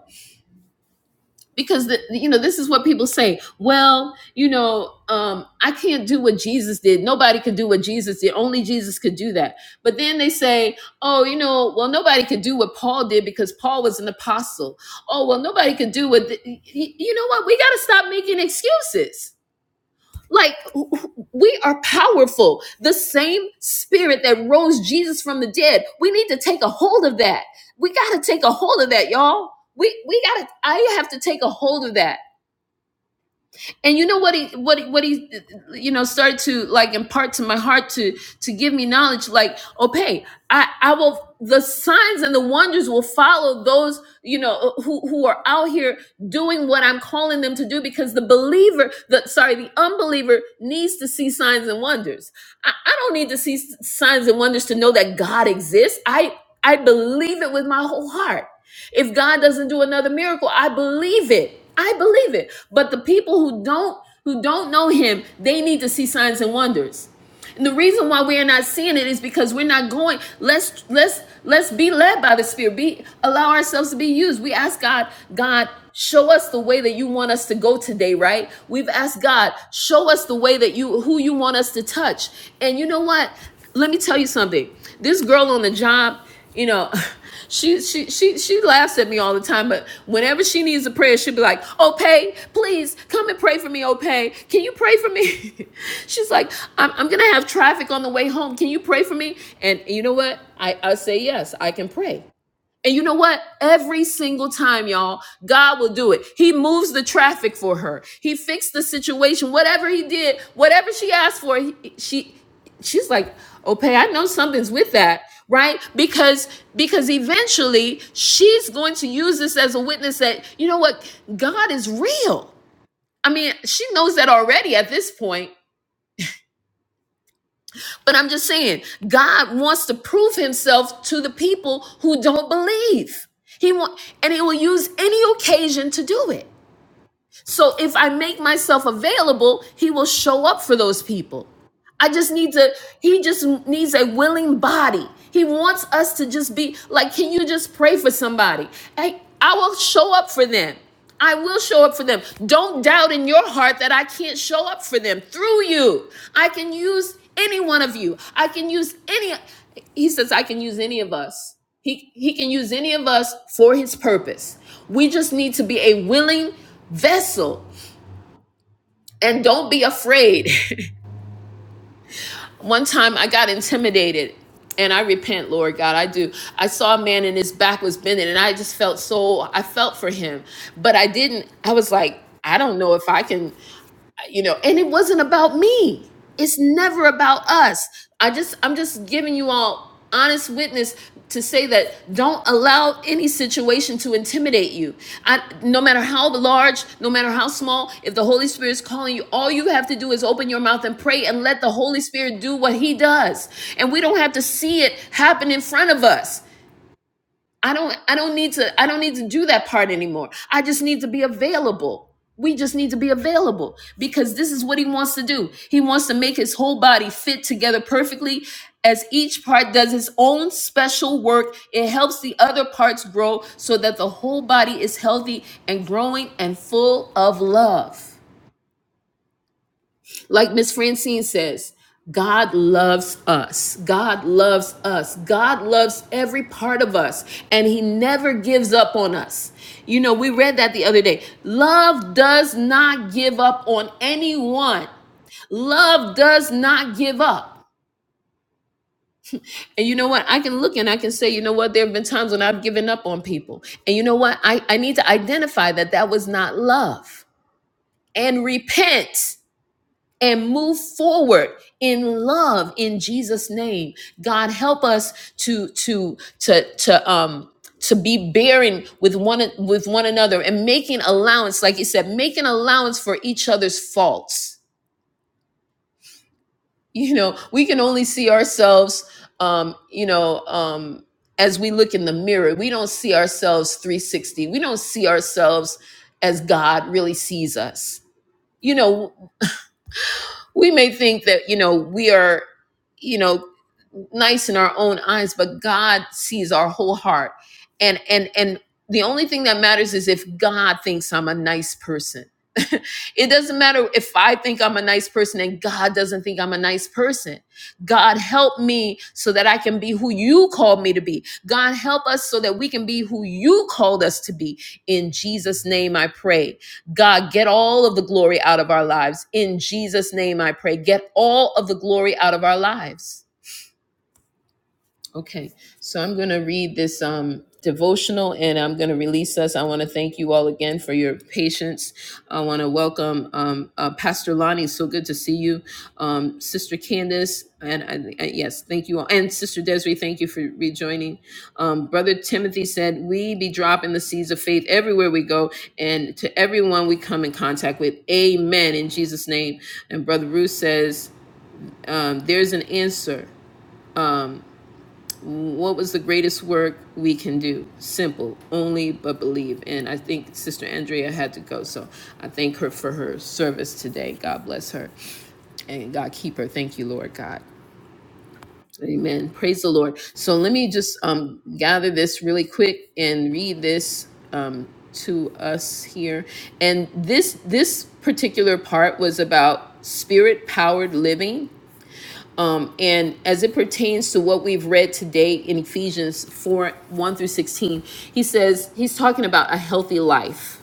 because the, you know this is what people say well you know um, i can't do what jesus did nobody could do what jesus did only jesus could do that but then they say oh you know well nobody could do what paul did because paul was an apostle oh well nobody could do what the, you know what we got to stop making excuses like we are powerful. The same spirit that rose Jesus from the dead. We need to take a hold of that. We got to take a hold of that, y'all. We we got to I have to take a hold of that and you know what he what he, what he you know started to like impart to my heart to to give me knowledge like okay i i will the signs and the wonders will follow those you know who who are out here doing what i'm calling them to do because the believer the sorry the unbeliever needs to see signs and wonders i, I don't need to see s- signs and wonders to know that god exists i i believe it with my whole heart if God doesn't do another miracle, I believe it. I believe it. But the people who don't who don't know him, they need to see signs and wonders. And the reason why we are not seeing it is because we're not going. Let's let's let's be led by the Spirit. Be allow ourselves to be used. We ask God, God, show us the way that you want us to go today, right? We've asked God, show us the way that you who you want us to touch. And you know what? Let me tell you something. This girl on the job, you know, she she she she laughs at me all the time, but whenever she needs a prayer, she'll be like, "Opay, please come and pray for me, Opay. Can you pray for me?" She's like, "I'm I'm gonna have traffic on the way home. Can you pray for me?" And you know what? I I say yes, I can pray. And you know what? Every single time, y'all, God will do it. He moves the traffic for her. He fixed the situation. Whatever he did, whatever she asked for, he, she she's like, "Okay, I know something's with that." Right? Because because eventually she's going to use this as a witness that, you know what? God is real. I mean, she knows that already at this point. But I'm just saying, God wants to prove himself to the people who don't believe. He want and he will use any occasion to do it. So if I make myself available, he will show up for those people. I just need to, he just needs a willing body. He wants us to just be like, can you just pray for somebody? Hey, I will show up for them. I will show up for them. Don't doubt in your heart that I can't show up for them through you. I can use any one of you. I can use any, he says, I can use any of us. He, he can use any of us for his purpose. We just need to be a willing vessel and don't be afraid. One time I got intimidated and I repent, Lord God. I do. I saw a man and his back was bending and I just felt so I felt for him, but I didn't I was like I don't know if I can you know and it wasn't about me it's never about us i just i'm just giving you all honest witness to say that don't allow any situation to intimidate you I, no matter how large no matter how small if the holy spirit is calling you all you have to do is open your mouth and pray and let the holy spirit do what he does and we don't have to see it happen in front of us I don't I don't need to I don't need to do that part anymore. I just need to be available. We just need to be available because this is what he wants to do. He wants to make his whole body fit together perfectly as each part does its own special work. It helps the other parts grow so that the whole body is healthy and growing and full of love. Like Miss Francine says, God loves us. God loves us. God loves every part of us, and He never gives up on us. You know, we read that the other day. Love does not give up on anyone, love does not give up. And you know what? I can look and I can say, you know what? There have been times when I've given up on people. And you know what? I, I need to identify that that was not love and repent and move forward in love in Jesus name. God help us to to to to um to be bearing with one with one another and making allowance like you said making allowance for each other's faults. You know, we can only see ourselves um you know um as we look in the mirror. We don't see ourselves 360. We don't see ourselves as God really sees us. You know, we may think that you know we are you know nice in our own eyes but god sees our whole heart and and and the only thing that matters is if god thinks i'm a nice person it doesn't matter if i think i'm a nice person and god doesn't think i'm a nice person god help me so that i can be who you called me to be god help us so that we can be who you called us to be in jesus name i pray God, get all of the glory out of our lives. In Jesus' name, I pray. Get all of the glory out of our lives. Okay, so I'm going to read this um, devotional and I'm going to release us. I want to thank you all again for your patience. I want to welcome um, uh, Pastor Lonnie. So good to see you. Um, Sister Candace, and I, I, yes, thank you all. And Sister Desiree, thank you for rejoining. Um, Brother Timothy said, We be dropping the seeds of faith everywhere we go and to everyone we come in contact with. Amen in Jesus' name. And Brother Ruth says, um, There's an answer. What was the greatest work we can do? Simple, only but believe. And I think Sister Andrea had to go. So I thank her for her service today. God bless her. And God keep her. Thank you, Lord God. Amen. Praise the Lord. So let me just um, gather this really quick and read this um, to us here. And this this particular part was about spirit powered living um, and as it pertains to what we've read today in Ephesians 4 1 through 16, he says, he's talking about a healthy life.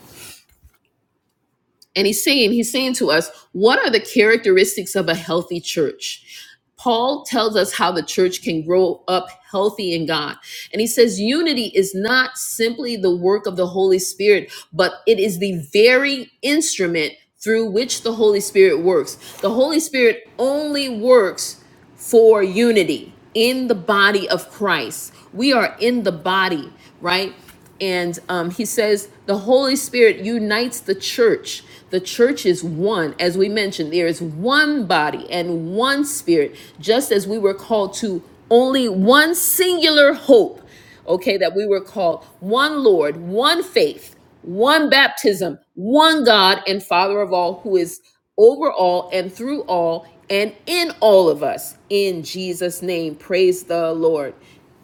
And he's saying, he's saying to us, what are the characteristics of a healthy church? Paul tells us how the church can grow up healthy in God. And he says, unity is not simply the work of the Holy Spirit, but it is the very instrument through which the Holy Spirit works. The Holy Spirit only works for unity in the body of Christ. We are in the body, right? And um, he says the Holy Spirit unites the church. The church is one. As we mentioned, there is one body and one spirit, just as we were called to only one singular hope okay, that we were called one Lord, one faith, one baptism, one God and Father of all, who is over all and through all and in all of us. In Jesus' name, praise the Lord.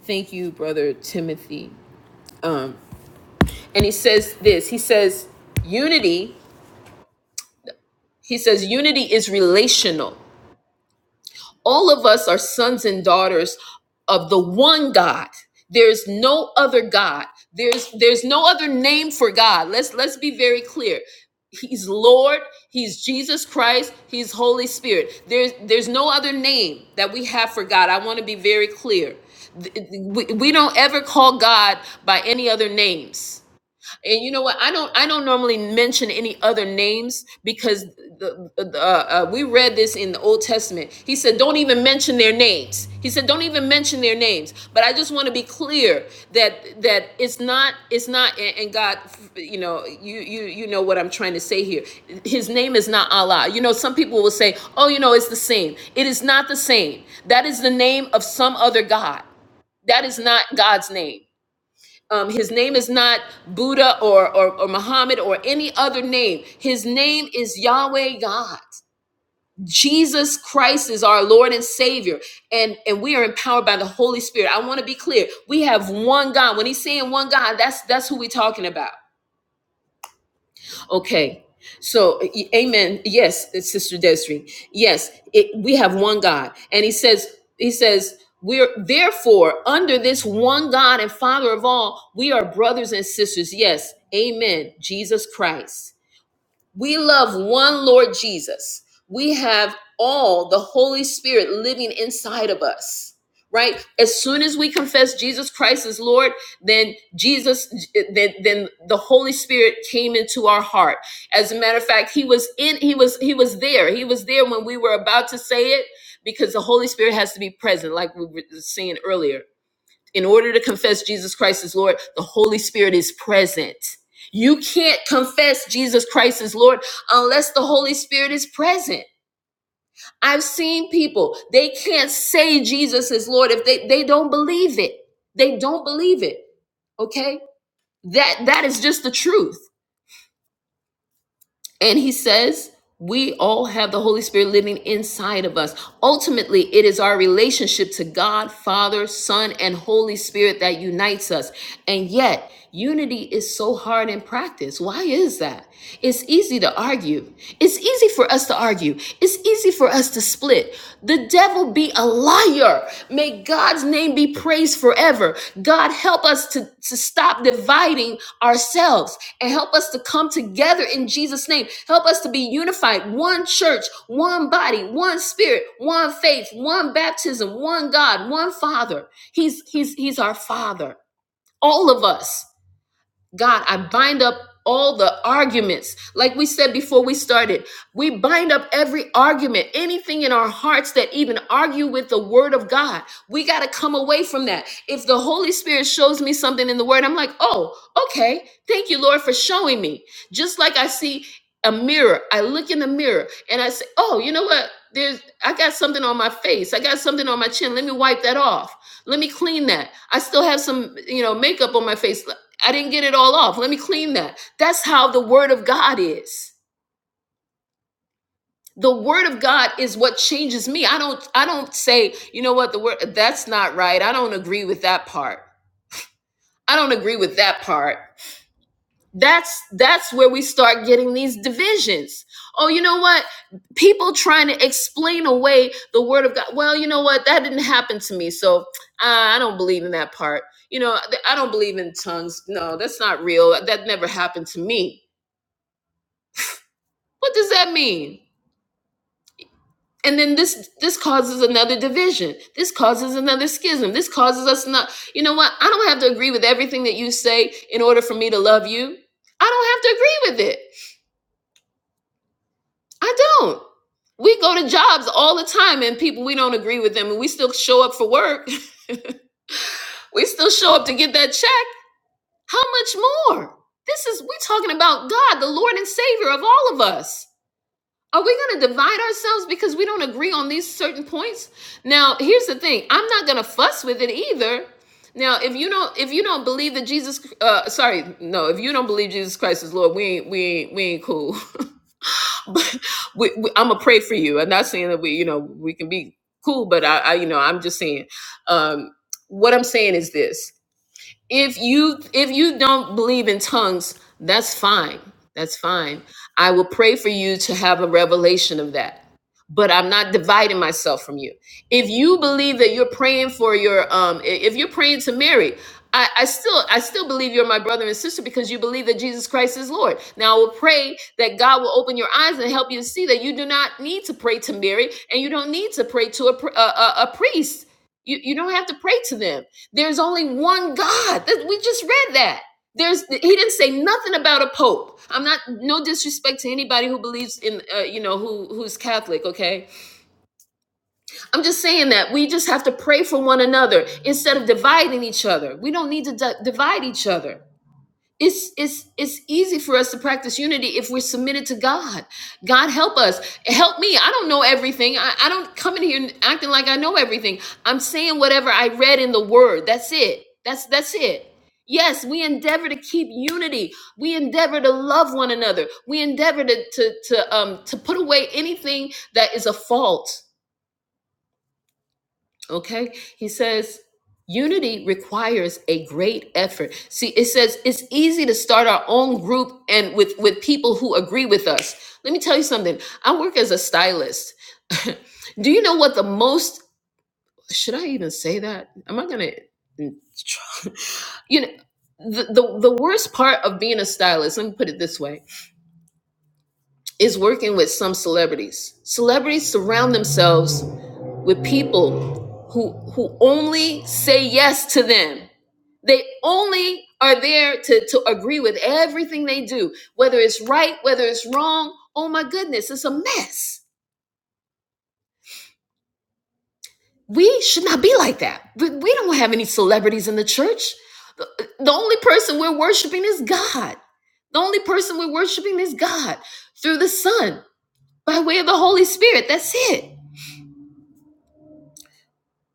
Thank you, Brother Timothy. Um, and he says this he says, unity, he says, unity is relational. All of us are sons and daughters of the one God. There's no other God. There's there's no other name for God. Let's let's be very clear. He's Lord, he's Jesus Christ, he's Holy Spirit. There's there's no other name that we have for God. I want to be very clear. Th- th- We, we don't ever call God by any other names and you know what i don't i don't normally mention any other names because the, the uh, uh, we read this in the old testament he said don't even mention their names he said don't even mention their names but i just want to be clear that that it's not it's not and and god you know you you you know what i'm trying to say here his name is not allah you know some people will say oh you know it's the same it is not the same that is the name of some other god that is not god's name um, his name is not Buddha or, or, or Muhammad or any other name. His name is Yahweh God. Jesus Christ is our Lord and Savior. And, and we are empowered by the Holy Spirit. I want to be clear. We have one God. When he's saying one God, that's that's who we're talking about. Okay. So, y- amen. Yes, it's Sister Desiree. Yes, it, we have one God. And he says, he says, we're therefore under this one God and Father of all, we are brothers and sisters. Yes, amen. Jesus Christ. We love one Lord Jesus. We have all the Holy Spirit living inside of us, right? As soon as we confess Jesus Christ as Lord, then Jesus, then, then the Holy Spirit came into our heart. As a matter of fact, He was in, He was, He was there. He was there when we were about to say it because the Holy Spirit has to be present, like we were seeing earlier in order to confess Jesus Christ as Lord, the Holy Spirit is present. You can't confess Jesus Christ as Lord unless the Holy Spirit is present. I've seen people, they can't say Jesus is Lord if they, they don't believe it. They don't believe it. Okay? That that is just the truth. And he says, we all have the Holy Spirit living inside of us. Ultimately, it is our relationship to God, Father, Son, and Holy Spirit that unites us. And yet, unity is so hard in practice. Why is that? It's easy to argue. It's easy for us to argue. It's easy for us to split. The devil be a liar. May God's name be praised forever. God, help us to, to stop dividing ourselves and help us to come together in Jesus' name. Help us to be unified, one church, one body, one spirit, one faith, one baptism, one God, one Father. He's He's He's our Father. All of us. God, I bind up all the arguments. Like we said before we started, we bind up every argument, anything in our hearts that even argue with the word of God. We got to come away from that. If the Holy Spirit shows me something in the word, I'm like, oh, okay. Thank you, Lord, for showing me. Just like I see a mirror, I look in the mirror and I say, oh, you know what? There's, I got something on my face. I got something on my chin. Let me wipe that off. Let me clean that. I still have some, you know, makeup on my face. I didn't get it all off. Let me clean that. That's how the word of God is. The word of God is what changes me. I don't I don't say, you know what, the word that's not right. I don't agree with that part. I don't agree with that part. That's that's where we start getting these divisions. Oh, you know what? People trying to explain away the word of God. Well, you know what? That didn't happen to me. So, uh, I don't believe in that part. You know, I don't believe in tongues. No, that's not real. That never happened to me What does that mean? And then this this causes another division. This causes another schism. This causes us not. You know what? I don't have to agree with everything that you say in order for me to love you. I don't have to agree with it. I don't. We go to jobs all the time and people we don't agree with them and we still show up for work. we still show up to get that check. How much more? This is we're talking about God, the Lord and Savior of all of us. Are we going to divide ourselves because we don't agree on these certain points? Now, here's the thing. I'm not going to fuss with it either. Now, if you don't if you don't believe that Jesus uh sorry, no, if you don't believe Jesus Christ is Lord, we ain't we ain't we ain't cool. but we, we, I'm gonna pray for you. I'm not saying that we, you know, we can be cool, but I, I you know, I'm just saying um what I'm saying is this if you if you don't believe in tongues that's fine that's fine i will pray for you to have a revelation of that but i'm not dividing myself from you if you believe that you're praying for your um i- if you're praying to mary I, I still I still believe you're my brother and sister because you believe that Jesus Christ is Lord. Now I will pray that God will open your eyes and help you to see that you do not need to pray to Mary and you don't need to pray to a pr- a, a, a priest. You you don't have to pray to them there's only one God. We just read that. There's he didn't say nothing about a pope. I'm not no disrespect to anybody who believes in uh, you know who who's Catholic, okay? I'm just saying that we just have to pray for one another instead of dividing each other. We don't need to di- divide each other it's it's it's easy for us to practice unity if we're submitted to god god help us help me i don't know everything i, I don't come in here acting like i know everything i'm saying whatever i read in the word that's it that's that's it yes we endeavor to keep unity we endeavor to love one another we endeavor to to to um to put away anything that is a fault Okay? He says, unity requires a great effort. See, it says it's easy to start our own group and with with people who agree with us. Let me tell you something. I work as a stylist. Do you know what the most should I even say that? Am I going to you know the, the the worst part of being a stylist, let me put it this way, is working with some celebrities. Celebrities surround themselves with people who who only say yes to them. They only are there to, to agree with everything they do, whether it's right, whether it's wrong. Oh my goodness, it's a mess. We should not be like that. We, we don't have any celebrities in the church. The, the only person we're worshiping is God. The only person we're worshiping is God through the Son by way of the Holy Spirit. That's it.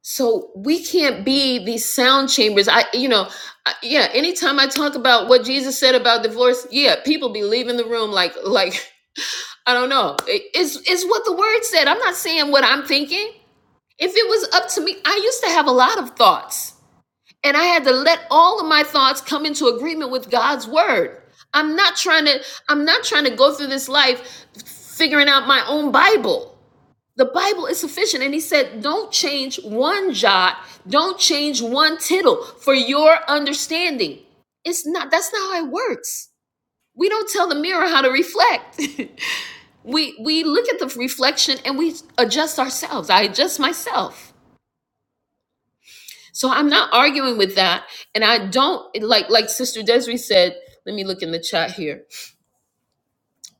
So we can't be these sound chambers. I, you know, I, yeah. Anytime I talk about what Jesus said about divorce, yeah, people be leaving the room like, like I don't know. It- it's it's what the word said. I'm not saying what I'm thinking. If it was up to me, I used to have a lot of thoughts, and I had to let all of my thoughts come into agreement with God's word. I'm not trying to. I'm not trying to go through this life figuring out my own Bible. The Bible is sufficient. And he said, don't change one jot, don't change one tittle for your understanding. It's not, that's not how it works. We don't tell the mirror how to reflect. we we look at the reflection and we adjust ourselves. I adjust myself. So I'm not arguing with that. And I don't like like Sister Desiree said, let me look in the chat here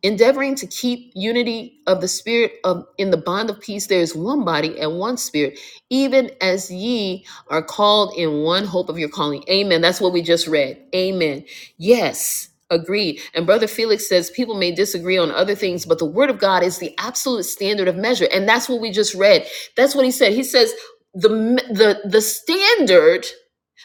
endeavoring to keep unity of the spirit of in the bond of peace there is one body and one spirit even as ye are called in one hope of your calling amen that's what we just read amen yes agreed and brother felix says people may disagree on other things but the word of god is the absolute standard of measure and that's what we just read that's what he said he says the the the standard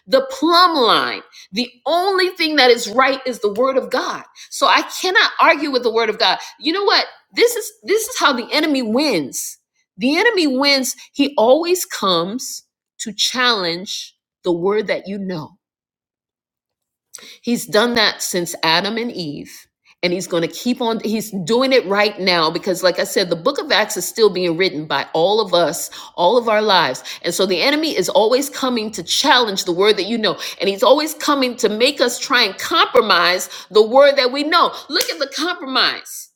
the plumb line. The only thing that is right is the word of God. So I cannot argue with the word of God. You know what? This is this is how the enemy wins. The enemy wins. He always comes to challenge the word that you know. He's done that since Adam and Eve. And he's going to keep on, he's doing it right now because, like I said, the book of Acts is still being written by all of us, all of our lives. And so the enemy is always coming to challenge the word that you know. And he's always coming to make us try and compromise the word that we know. Look at the compromise.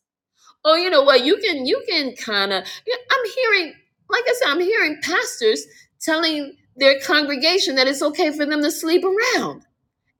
Oh, you know what? You can, you can kind of, I'm hearing, like I said, I'm hearing pastors telling their congregation that it's okay for them to sleep around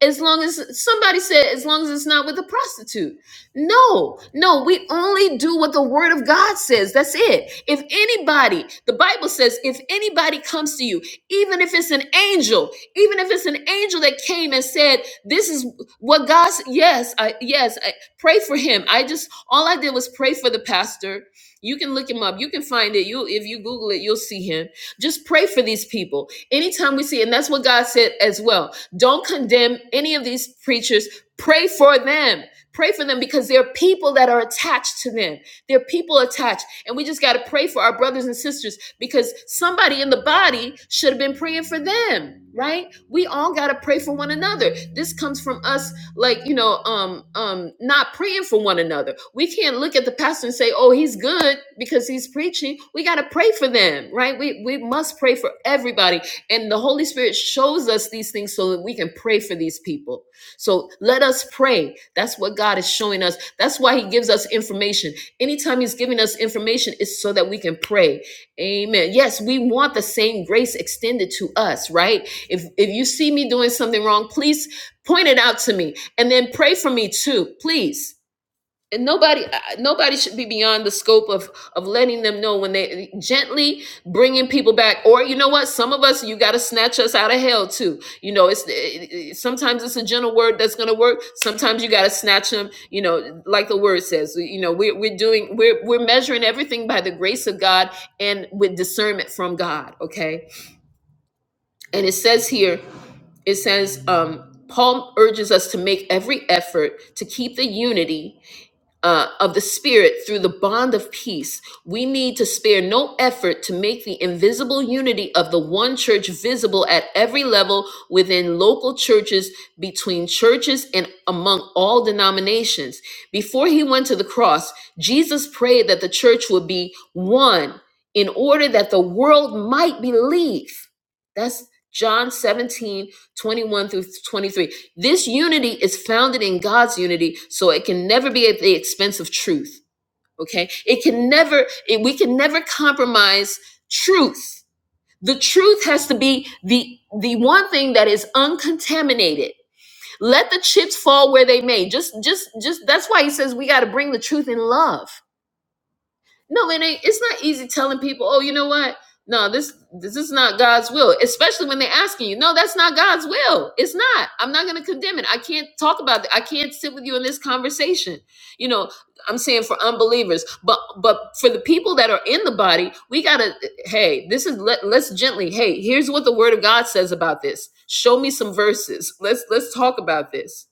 as long as somebody said as long as it's not with a prostitute no no we only do what the word of god says that's it if anybody the bible says if anybody comes to you even if it's an angel even if it's an angel that came and said this is what god s- yes i yes I, pray for him i just all i did was pray for the pastor you can look him up you can find it you if you google it you'll see him just pray for these people. Anytime we see, and that's what God said as well. Don't condemn any of these preachers. Pray for them. Pray for them because there are people that are attached to them. There are people attached. And we just got to pray for our brothers and sisters because somebody in the body should have been praying for them, right? We all got to pray for one another. This comes from us like you know um um not praying for one another we can't look at the pastor and say oh he's good because he's preaching we got to pray for them right we we must pray for everybody and the holy spirit shows us these things so that we can pray for these people so let us pray that's what god is showing us that's why he gives us information anytime he's giving us information it's so that we can pray amen yes we want the same grace extended to us right if if you see me doing something wrong please point it out to me and then pray for me too please and nobody uh, nobody should be beyond the scope of of letting them know when they gently bringing people back or you know what some of us you got to snatch us out of hell too you know it's it, it- sometimes it's a gentle word that's going to work sometimes you got to snatch them you know like the word says you know we're, we're doing we're we're measuring everything by the grace of god and with discernment from god okay and it says here it says um, Paul urges us to make every effort to keep the unity uh, of the Spirit through the bond of peace. We need to spare no effort to make the invisible unity of the one church visible at every level within local churches, between churches, and among all denominations. Before he went to the cross, Jesus prayed that the church would be one in order that the world might believe. That's John 17 21 through 23. This unity is founded in God's unity, so it can never be at the expense of truth. Okay? It can never, it, we can never compromise truth. The truth has to be the the one thing that is uncontaminated. Let the chips fall where they may. Just just just that's why he says we got to bring the truth in love. No, it ain't. It's not easy telling people, oh, you know what? No, this this is not God's will. Especially when they're asking you, no, that's not God's will. It's not. I'm not going to condemn it. I can't talk about it. I can't sit with you in this conversation. You know, I'm saying for unbelievers, but but for the people that are in the body, we gotta. Hey, this is let, let's gently. Hey, here's what the Word of God says about this. Show me some verses. Let's let's talk about this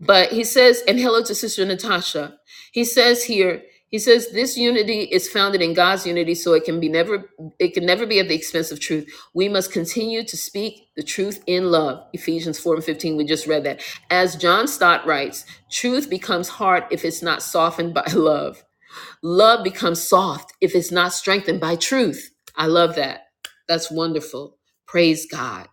but he says, and hello to Sister Natasha. He says here, he says this unity is founded in God's unity, so it can be never, it can never be at the expense of truth. We must continue to speak the truth in love. Ephesians 4 and 15, we just read that. As John Stott writes, truth becomes hard if it's not softened by love. Love becomes soft if it's not strengthened by truth. I love that. That's wonderful. Praise God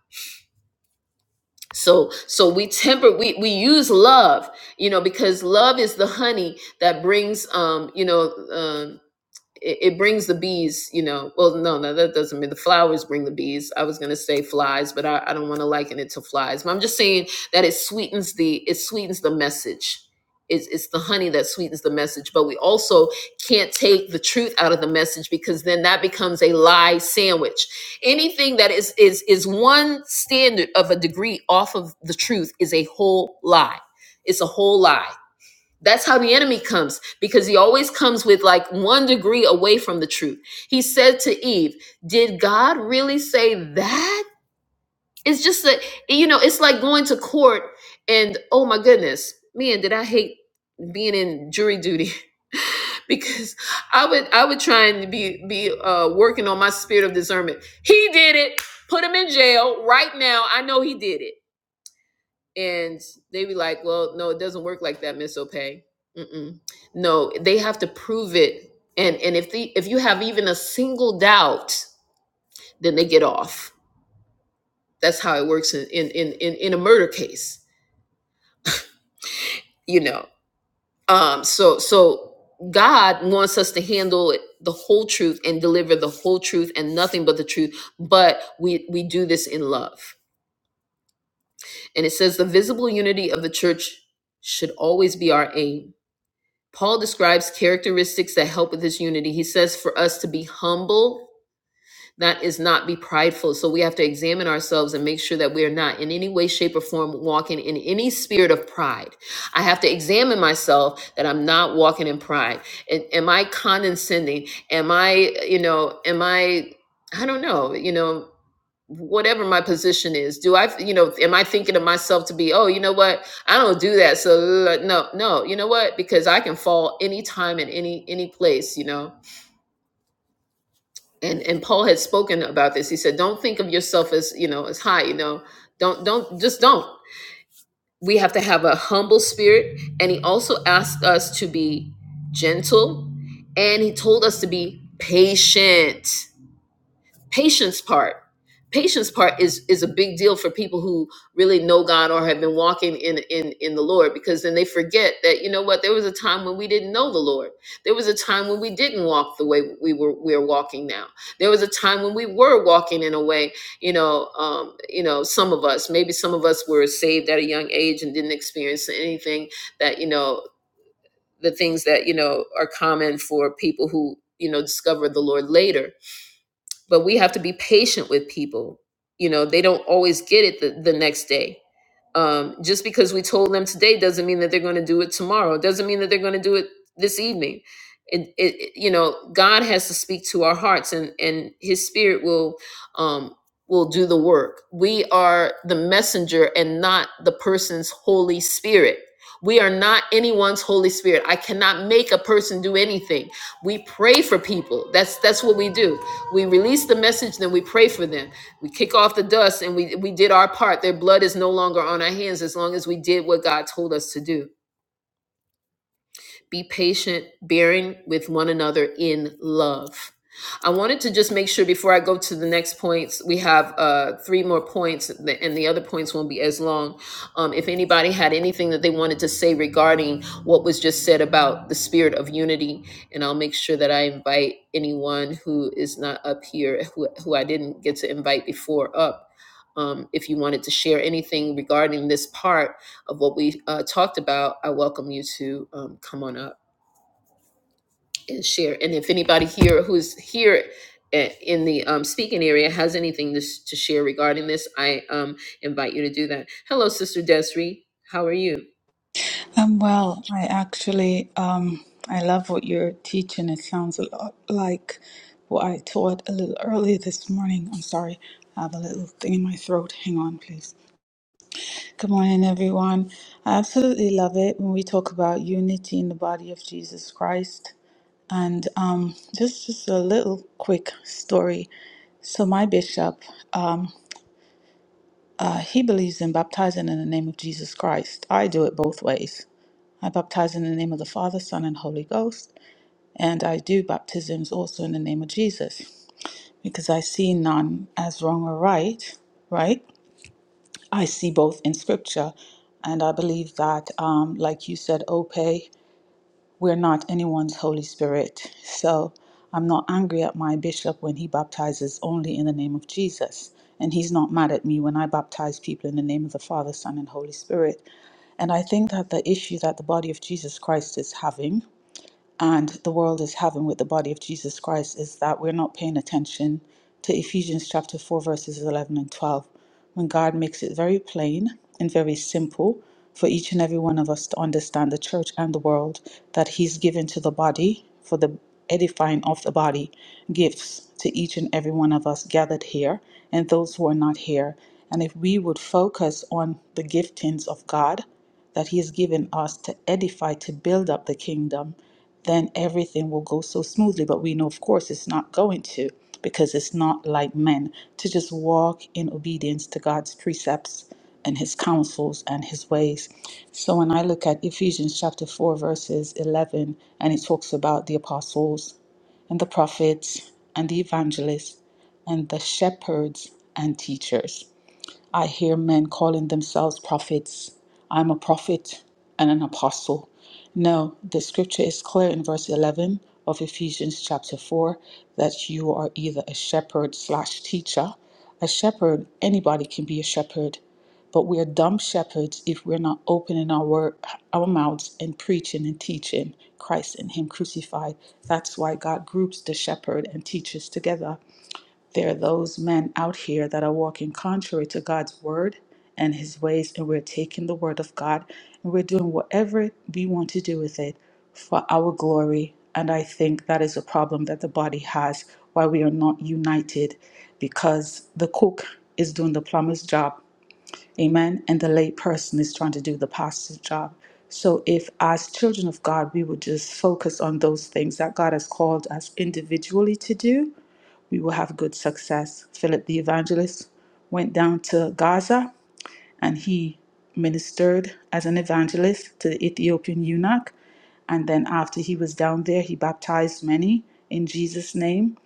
so so we temper we we use love you know because love is the honey that brings um you know um it, it brings the bees, you know. Well, no, no, that doesn't mean the flowers bring the bees. I was gonna say flies, but I, I don't want to liken it to flies. But I'm just saying that it sweetens the it sweetens the message. It's, it's the honey that sweetens the message, but we also can't take the truth out of the message because then that becomes a lie sandwich. Anything that is is is one standard of a degree off of the truth is a whole lie. It's a whole lie that's how the enemy comes because he always comes with like one degree away from the truth. He said to Eve, Did God really say that? It's just that, you know, it's like going to court and oh my goodness, man, did I hate being in jury duty? because I would I would try and be be uh, working on my spirit of discernment. He did it. Put him in jail right now. I know he did it and they be like, "Well, no, it doesn't work like that, Miss Opay. Mm-mm. No, they have to prove it, and and if the if you have even a single doubt, then they get off. That's how it works in in in in, in a murder case, you know. Um, so so God wants us to handle it, the whole truth and deliver the whole truth and nothing but the truth. But we we do this in love, and it says the visible unity of the church should always be our aim Paul describes characteristics that help with this unity. He says for us to be humble, that is not be prideful. So we have to examine ourselves and make sure that we are not in any way, shape, or form walking in any spirit of pride. I have to examine myself that I'm not walking in pride. And am I condescending? Am I, you know, am I, I don't know, you know, whatever my position is do i you know am i thinking of myself to be oh you know what i don't do that so uh, no no you know what because i can fall anytime in any any place you know and and paul had spoken about this he said don't think of yourself as you know as high you know don't don't just don't we have to have a humble spirit and he also asked us to be gentle and he told us to be patient patience part patience part is is a big deal for people who really know god or have been walking in in in the lord because then they forget that you know what there was a time when we didn't know the lord there was a time when we didn't walk the way we were we're walking now there was a time when we were walking in a way you know um you know some of us maybe some of us were saved at a young age and didn't experience anything that you know the things that you know are common for people who you know discover the lord later but we have to be patient with people you know they don't always get it the, the next day um, just because we told them today doesn't mean that they're going to do it tomorrow doesn't mean that they're going to do it this evening it, it, it- you know god has to speak to our hearts and and his spirit will um will do the work we are the messenger and not the person's holy spirit we are not anyone's holy spirit i cannot make a person do anything we pray for people that's that's what we do we release the message, then we pray for them. We kick off the dust and we, we did our part. Their blood is no longer on our hands as long as we did what God told us to do. Be patient, bearing with one another in love. I wanted to just make sure before I go to the next points, we have uh, three more points, and the other points won't be as long. Um, if anybody had anything that they wanted to say regarding what was just said about the spirit of unity, and I'll make sure that I invite anyone who is not up here, who, who I didn't get to invite before, up. Um, if you wanted to share anything regarding this part, of what we uh, talked about, I welcome you to um, come on up and share. And if anybody here who's here i- in the um, speaking area has anything to, s- to share regarding this, I um, invite you to do that. Hello, Sister Desiree. How are you? Um, well, I actually um, I love what you're teaching. It sounds a lot like what I taught a little earlier this morning. I'm sorry, I have a little thing in my throat. Hang on, please. Good morning, everyone. I absolutely love it when we talk about unity in the body of Jesus Christ. And um, just just a little quick story. So my bishop, um, uh, he believes in baptizing in the name of Jesus Christ. I do it both ways. I baptize in the name of the Father, Son, and Holy Ghost, and I do baptisms also in the name of Jesus, because I see none as wrong or right, right? I see both in Scripture, and I believe that, um, like you said, Ope, we're not anyone's Holy Spirit. So I'm not angry at my bishop when he baptizes only in the name of Jesus. And he's not mad at me when I baptize people in the name of the Father, Son, and Holy Spirit. And I think that the issue that the body of Jesus Christ is having and the world is having with the body of Jesus Christ is that we're not paying attention to Ephesians chapter 4, verses 11 and 12, when God makes it very plain and very simple for each and every one of us to understand the church and the world that He's given to the body for the edifying of the body, gifts to each and every one of us gathered here and those who are not here. And if we would focus on the giftings of God, that He has given us to edify, to build up the kingdom then everything will go so smoothly. But we know, of course, it's not going to because it's not like men to just walk in obedience to God's precepts and his counsels and his ways. So when I look at Ephesians chapter 4, verses 11, and it talks about the apostles and the prophets and the evangelists and the shepherds and teachers. I hear men calling themselves prophets. I'm a prophet and an apostle. No, the scripture is clear in verse 11 of Ephesians chapter 4 that you are either a shepherd slash teacher. A shepherd, anybody can be a shepherd, but we're dumb shepherds if we're not opening our, word, our mouths and preaching and teaching Christ and Him crucified. That's why God groups the shepherd and teachers together there are those men out here that are walking contrary to God's word and his ways, and we're taking the word of God and we're doing whatever we want to do with it for our glory. And I think that is a problem that the body has why we are not united because the cook is doing the plumber's job, amen, and the lay person is trying to do the pastor's job. So, if as children of God, we would just focus on those things that God has called us individually to do, we will have good success. Philip the evangelist went down to Gaza and he ministered as an evangelist to the Ethiopian eunuch. And then after he was down there, he baptized many in Jesus' name,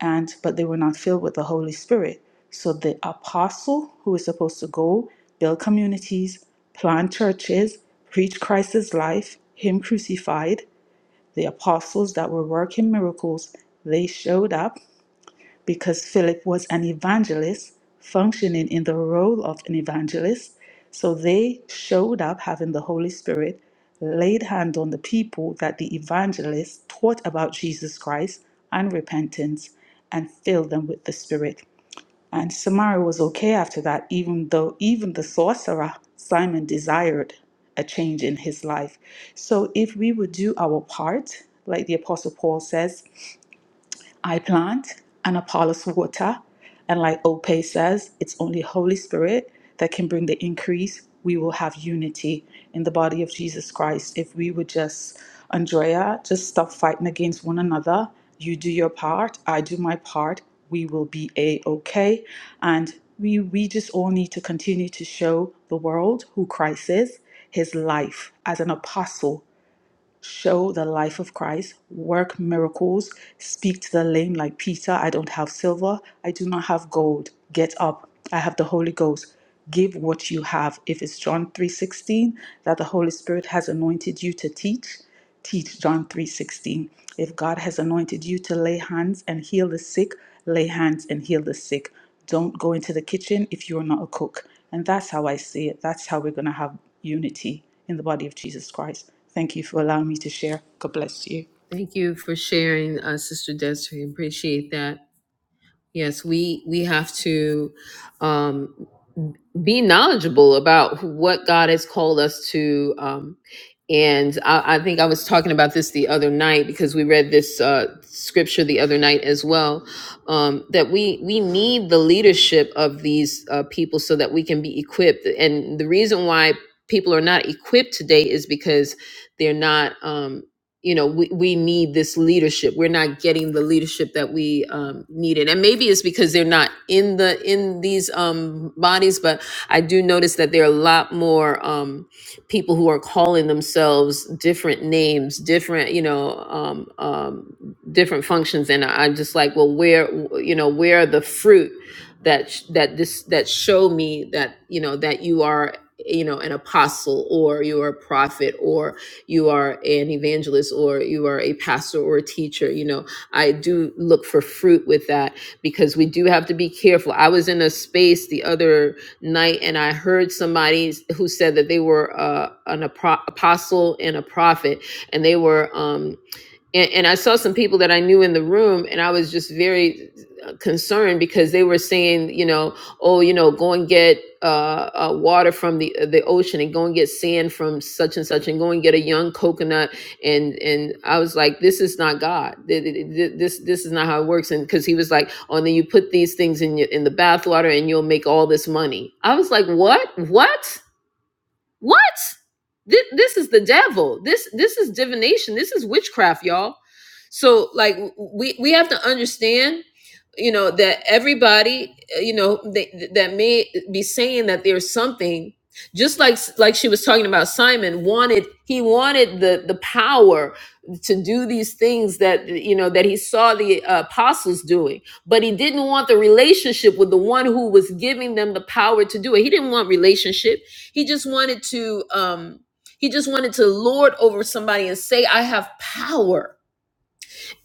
and but they were not filled with the Holy Spirit. So the apostle who is supposed to go build communities, plant churches, preach Christ's life, him crucified, the apostles that were working miracles, they showed up because Philip was an evangelist functioning in the role of an evangelist. So they showed up having the Holy Spirit, laid hand on the people that the evangelist taught about Jesus Christ and repentance, and filled them with the Spirit. And Samaria was okay after that, even though even the sorcerer Simon desired a change in his life. So if we would do our part, like the Apostle Paul says, I plant and Apollos water. And like Ope says, it's only Holy Spirit that can bring the increase. We will have unity in the body of Jesus Christ. If we would just, Andrea, just stop fighting against one another. You do your part, I do my part. We will be a okay. And we, we just all need to continue to show the world who Christ is, his life as an apostle show the life of Christ, work miracles, speak to the lame like Peter. I don't have silver, I do not have gold. Get up. I have the Holy Ghost. Give what you have. If it's John 3:16 that the Holy Spirit has anointed you to teach, teach John 3:16. If God has anointed you to lay hands and heal the sick, lay hands and heal the sick. Don't go into the kitchen if you're not a cook. And that's how I see it. That's how we're going to have unity in the body of Jesus Christ. Thank you for allowing me to share. God bless you. Thank you for sharing, uh, Sister Desiree. Appreciate that. Yes, we we have to um, be knowledgeable about what God has called us to. Um, and I, I think I was talking about this the other night because we read this uh, scripture the other night as well. Um, that we we need the leadership of these uh, people so that we can be equipped. And the reason why people are not equipped today is because they're not. Um, you know we, we need this leadership we're not getting the leadership that we um, needed and maybe it's because they're not in the in these um, bodies but i do notice that there are a lot more um, people who are calling themselves different names different you know um, um, different functions and I- i'm just like well where you know where are the fruit that sh- that this that show me that you know that you are you know an apostle or you're a prophet or you are an evangelist or you are a pastor or a teacher. You know, I do look for fruit with that because we do have to be careful. I was in a space the other night and I heard somebody who said that they were uh, an apo- apostle and a prophet and they were. Um, and, and I saw some people that I knew in the room, and I was just very uh, concerned because they were saying, you know, oh, you know, go and get uh, uh, water from the uh, the ocean, and go and get sand from such and such, and go and get a young coconut, and and I was like, this is not God. Th- th- th- This this is not how it works. And because he was like, oh, and then you put these things in your, in the bathwater, and you'll make all this money. I was like, what? What? What? This, this is the devil. This this is divination. This is witchcraft, y'all. So like we we have to understand, you know, that everybody, uh, you know, they, that may be saying that there's something just like like she was talking about Simon wanted he wanted the the power to do these things that you know that he saw the uh, apostles doing but he didn't want the relationship with the one who was giving them the power to do it he didn't want relationship he just wanted to um he just wanted to lord over somebody and say I have power.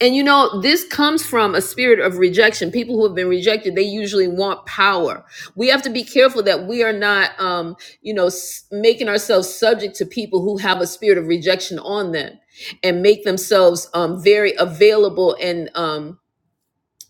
And you know, this comes from a spirit of rejection. People who have been rejected, they usually want power. We have to be careful that we are not um, you know, s- making ourselves subject to people who have a spirit of rejection on them and make themselves um very available and um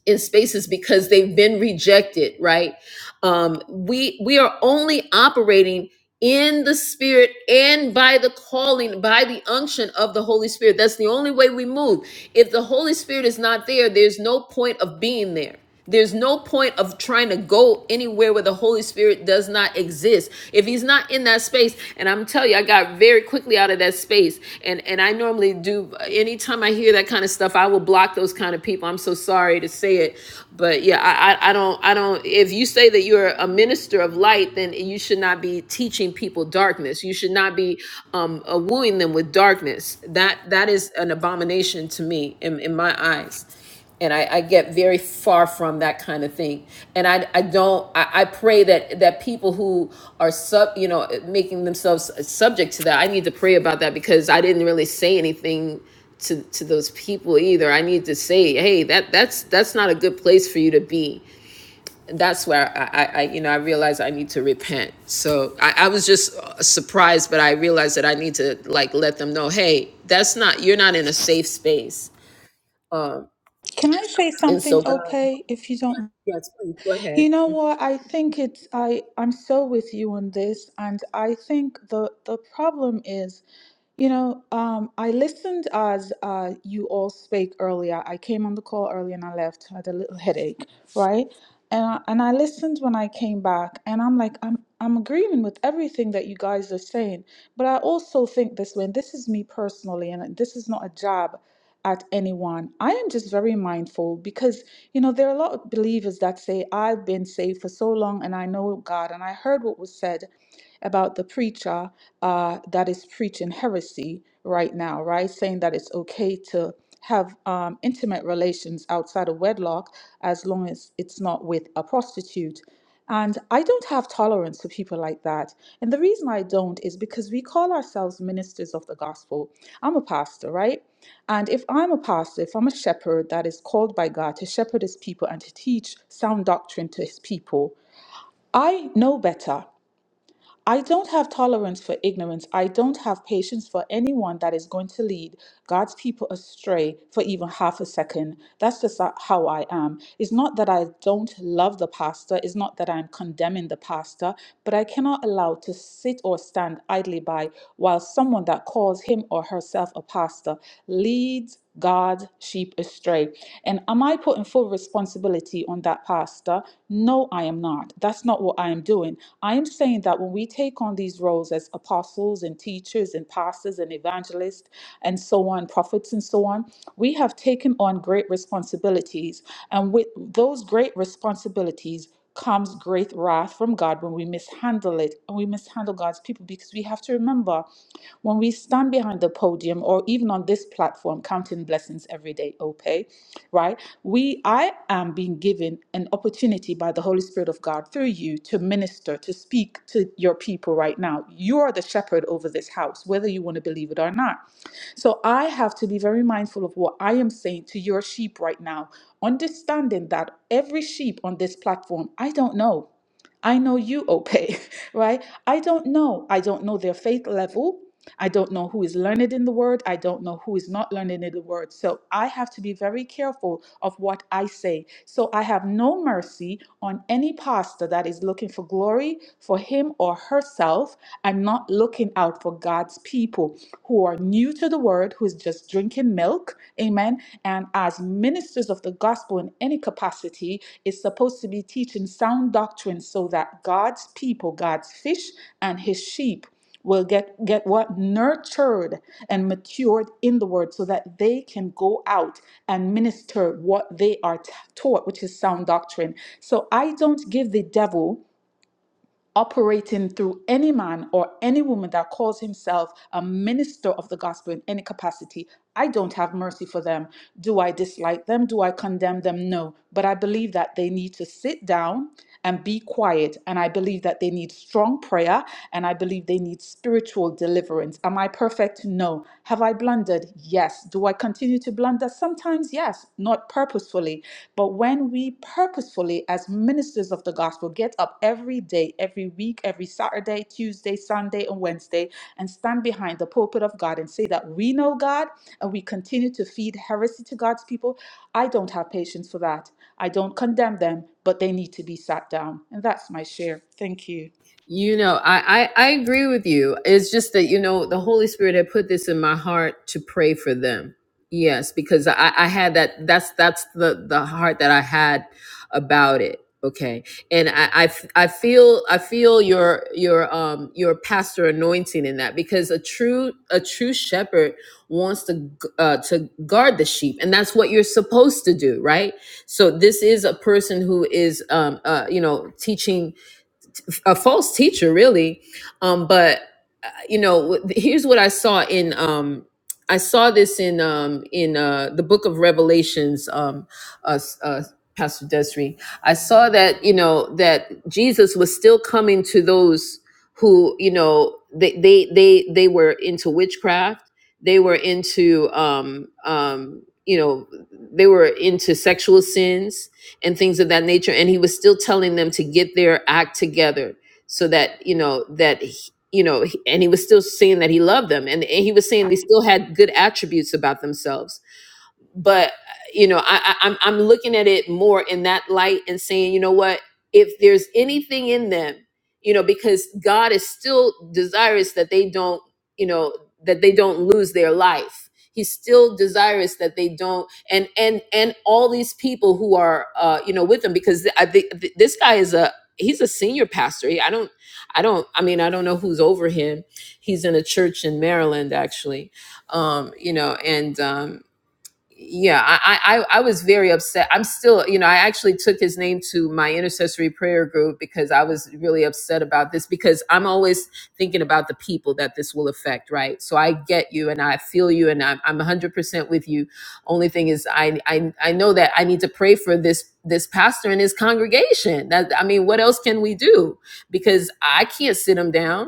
in spaces because they've been rejected, right? Um we we are only operating in the spirit and by the calling by the unction of the holy spirit that's the only way we move if the holy spirit is not there there's no point of being there there's no point of trying to go anywhere where the holy spirit does not exist if he's not in that space and i'm telling you i got very quickly out of that space and and i normally do anytime i hear that kind of stuff i will block those kind of people i'm so sorry to say it but yeah i i, I don't i don't if you say that you're a minister minister of light, then you should not be teaching people darkness. You should not be um, uh, wooing them with darkness. That that is an abomination to me in, in my eyes. And I, I get very far from that kind of thing. And I, I don't, I, I pray that, that people who are sub, you know, making themselves subject to that, I need to pray about that because I didn't really say anything to to those people either. I need to say, hey, that that's that's not a good place for you to be that's where I, I, you know i realized i need to repent so I, I was just uh, surprised but i realized that i need to like let them know hey that's not you're not in a safe space um Can I say and something, so god okay, if you don't? yes please go ahead You know what? I think it's I I'm so with you on this and I think the the problem is You know, um, I listened as uh, you all spoke earlier. I came on the call earlier and I left. I had a little headache, right? And I, and I listened when I came back, and I'm like, I'm I'm agreeing with everything that you guys are saying. But I also think this way, and this is me personally, and this is not a jab at anyone. I am just very mindful because you know there are a lot of believers that say I've been saved for so long and I know God, and I heard what was said, about the preacher uh, that is preaching heresy right now, right? Saying that it's okay to have um, intimate relations outside of wedlock as long as it's not with a prostitute. And I don't have tolerance for people like that. And the reason I don't is because we call ourselves ministers of the gospel. I'm a pastor, right? And if I'm a pastor, if I'm a shepherd that is called by God to shepherd his people and to teach sound doctrine to his people, I know better. I don't have tolerance for ignorance. I don't have patience for anyone that is going to lead God's people astray for even half a second. That's just ho- how I am. It's not that I don't love the pastor, it's not that I'm condemning the pastor, but I cannot allow to sit or stand idly by while someone that calls him or herself a pastor leads God's sheep astray. And am I putting full responsibility on that pastor? No, I am not. That's not what I am doing. I am saying that when we take on these roles as apostles and teachers and pastors and evangelists and so on, prophets and so on, we have taken on great responsibilities. And with those great responsibilities, comes great wrath from God when we mishandle it and we mishandle God's people because we have to remember when we stand behind the podium or even on this platform counting blessings every day, okay, right? We I am being given an opportunity by the Holy Spirit of God through you to minister, to speak to your people right now. You are the shepherd over this house, whether you want to believe it or not. So I have to be very mindful of what I am saying to your sheep right now, understanding that every sheep on this platform, I don't know. I know you, Ope, right? I don't know. I don't know their faith level. I don't know who is learned in the word. I don't know who is not learned in the word. So I have to be very careful of what I say. So I have no mercy on any pastor that is looking for glory for him or herself and not looking out for God's people who are new to the word, who is just drinking milk. Amen. And as ministers of the gospel in any capacity, is supposed to be teaching sound doctrine so that God's people, God's fish, and his sheep will get get what nurtured and matured in the word so that they can go out and minister what they are t- taught which is sound doctrine so i don't give the devil operating through any man or any woman that calls himself a minister of the gospel in any capacity i don't have mercy for them do i dislike them do i condemn them no but i believe that they need to sit down and be quiet and i believe that they need strong prayer and I believe they need spiritual deliverance. Am I perfect? No. Have I blundered? Yes. Do I continue to blunder? Sometimes, yes, not purposefully. But when we purposefully, as ministers of the gospel, get up every day, every week, every Saturday, Tuesday, Sunday, and Wednesday, and stand behind the pulpit of God and say that we know God and we continue to feed heresy to God's people, I don't have patience for that. I don't condemn them, but they need to be sat down. And that's my share. Thank you. You know, I, I I agree with you. It's just that you know the Holy Spirit had put this in my heart to pray for them. Yes, because I I had that. That's that's the the heart that I had about it. Okay, and I I, f- I feel I feel your your um your pastor anointing in that because a true a true shepherd wants to g- uh, to guard the sheep, and that's what you're supposed to do, right? So this is a person who is um uh you know teaching a false teacher, really. Um, but you know here's what i saw in um i saw this in um in uh the book of revelations um uh, uh pastor desri i saw that you know that jesus was still coming to those who you know they they they, they were into witchcraft they were into um um you know they were into sexual sins and things of that nature and he was still telling them to get their act together so that you know that you know, he- and he was still saying that he loved them and, and he was saying they still had good attributes about themselves but you know I, I i'm i'm looking at it more in that light and saying you know what if there's anything in them you know because god is still desirous that they don't you know that they don't lose their life he's still desirous that they don't and and and all these people who are uh you know with them because i think th- this guy is a he's a senior pastor He- i don't i don't i mean i don't know who's over him he's in a church in maryland actually um you know and um yeah, I, I I was very upset. I'm still, you know, I actually took his name to my intercessory prayer group because I was really upset about this because I'm always thinking about the people that this will affect, right? So I get you and I feel you and I'm I'm 100% with you. Only thing is, I I I know that I need to pray for this this pastor and his congregation. That I mean, what else can we do? Because I can't sit him down.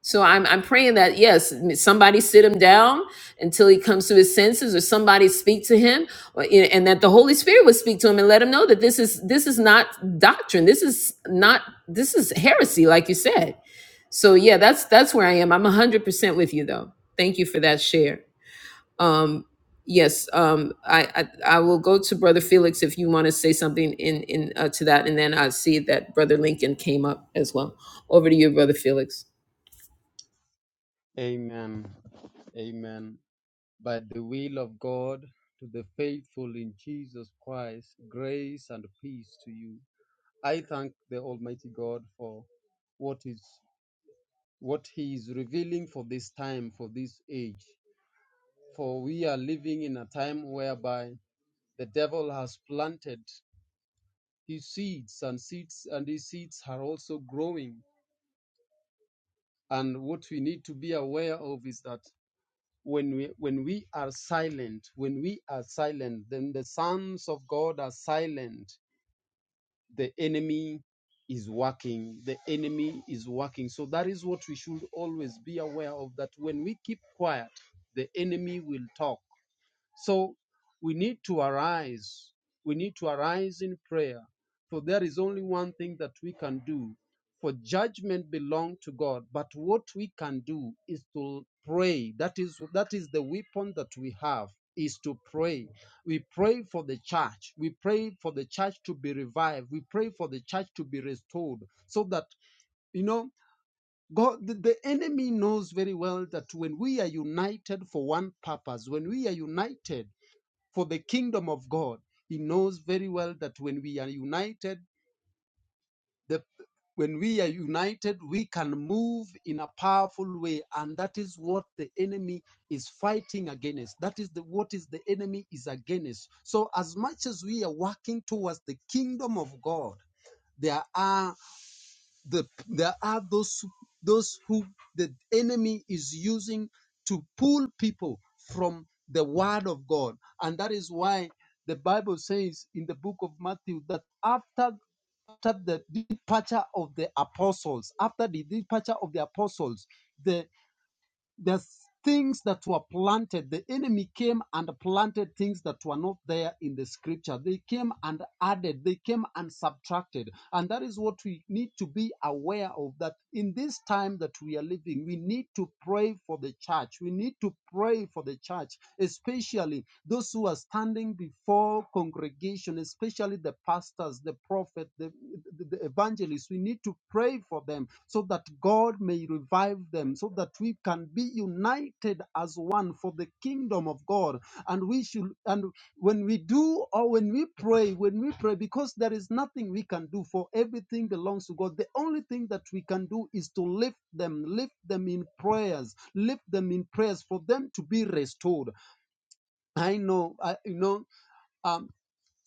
So I'm I'm praying that yes, somebody sit him down until he comes to his senses, or somebody speak to him, or, and that the Holy Spirit would speak to him and let him know that this is this is not doctrine. This is not this is heresy, like you said. So yeah, that's that's where I am. I'm hundred percent with you though. Thank you for that share. Um, yes, um, I, I I will go to Brother Felix if you want to say something in in uh, to that, and then I see that Brother Lincoln came up as well. Over to you, Brother Felix. Amen. Amen. By the will of God, to the faithful in Jesus Christ, grace and peace to you. I thank the Almighty God for what is what He is revealing for this time, for this age. For we are living in a time whereby the devil has planted his seeds and seeds and his seeds are also growing. And what we need to be aware of is that when we when we are silent, when we are silent, then the sons of God are silent the enemy is working the enemy is working so that is what we should always be aware of that when we keep quiet the enemy will talk so we need to arise. We need to arise in prayer. For there is only one thing that we can do. For judgment belongs to God. But what we can do is to pray. That is that is the weapon that we have is to pray. We pray for the church. We pray for the church to be revived. We pray for the church to be restored. So that you know God, the, the enemy knows very well that when we are united for one purpose, when we are united for the kingdom of God. He knows very well that when we are united, the when we are united, we can move in a powerful way, and that is what the enemy is fighting against. That is the what is the enemy is against. So as much as we are working towards the kingdom of God, there are the there are those those who the enemy is using to pull people from the word of God, and that is why the Bible says in the book of Matthew that after after the departure of the apostles, after the departure of the apostles, the the things that were planted the enemy came and planted things that were not there in the scripture they came and added they came and subtracted and that is what we need to be aware of that in this time that we are living we need to pray for the church we need to pray for the church church, especially those who are standing before congregation, especially the pastors, the prophet, the, the, the evangelists. We need to pray for them so that God may revive them, so that we can be united as one for the kingdom of God. And we should and when we do or when we pray, when we pray, because there is nothing we can do, for everything belongs to God. The only thing that we can do is to lift them, lift them in prayers, lift them in prayers for them to be restored. I know, I, you know, um,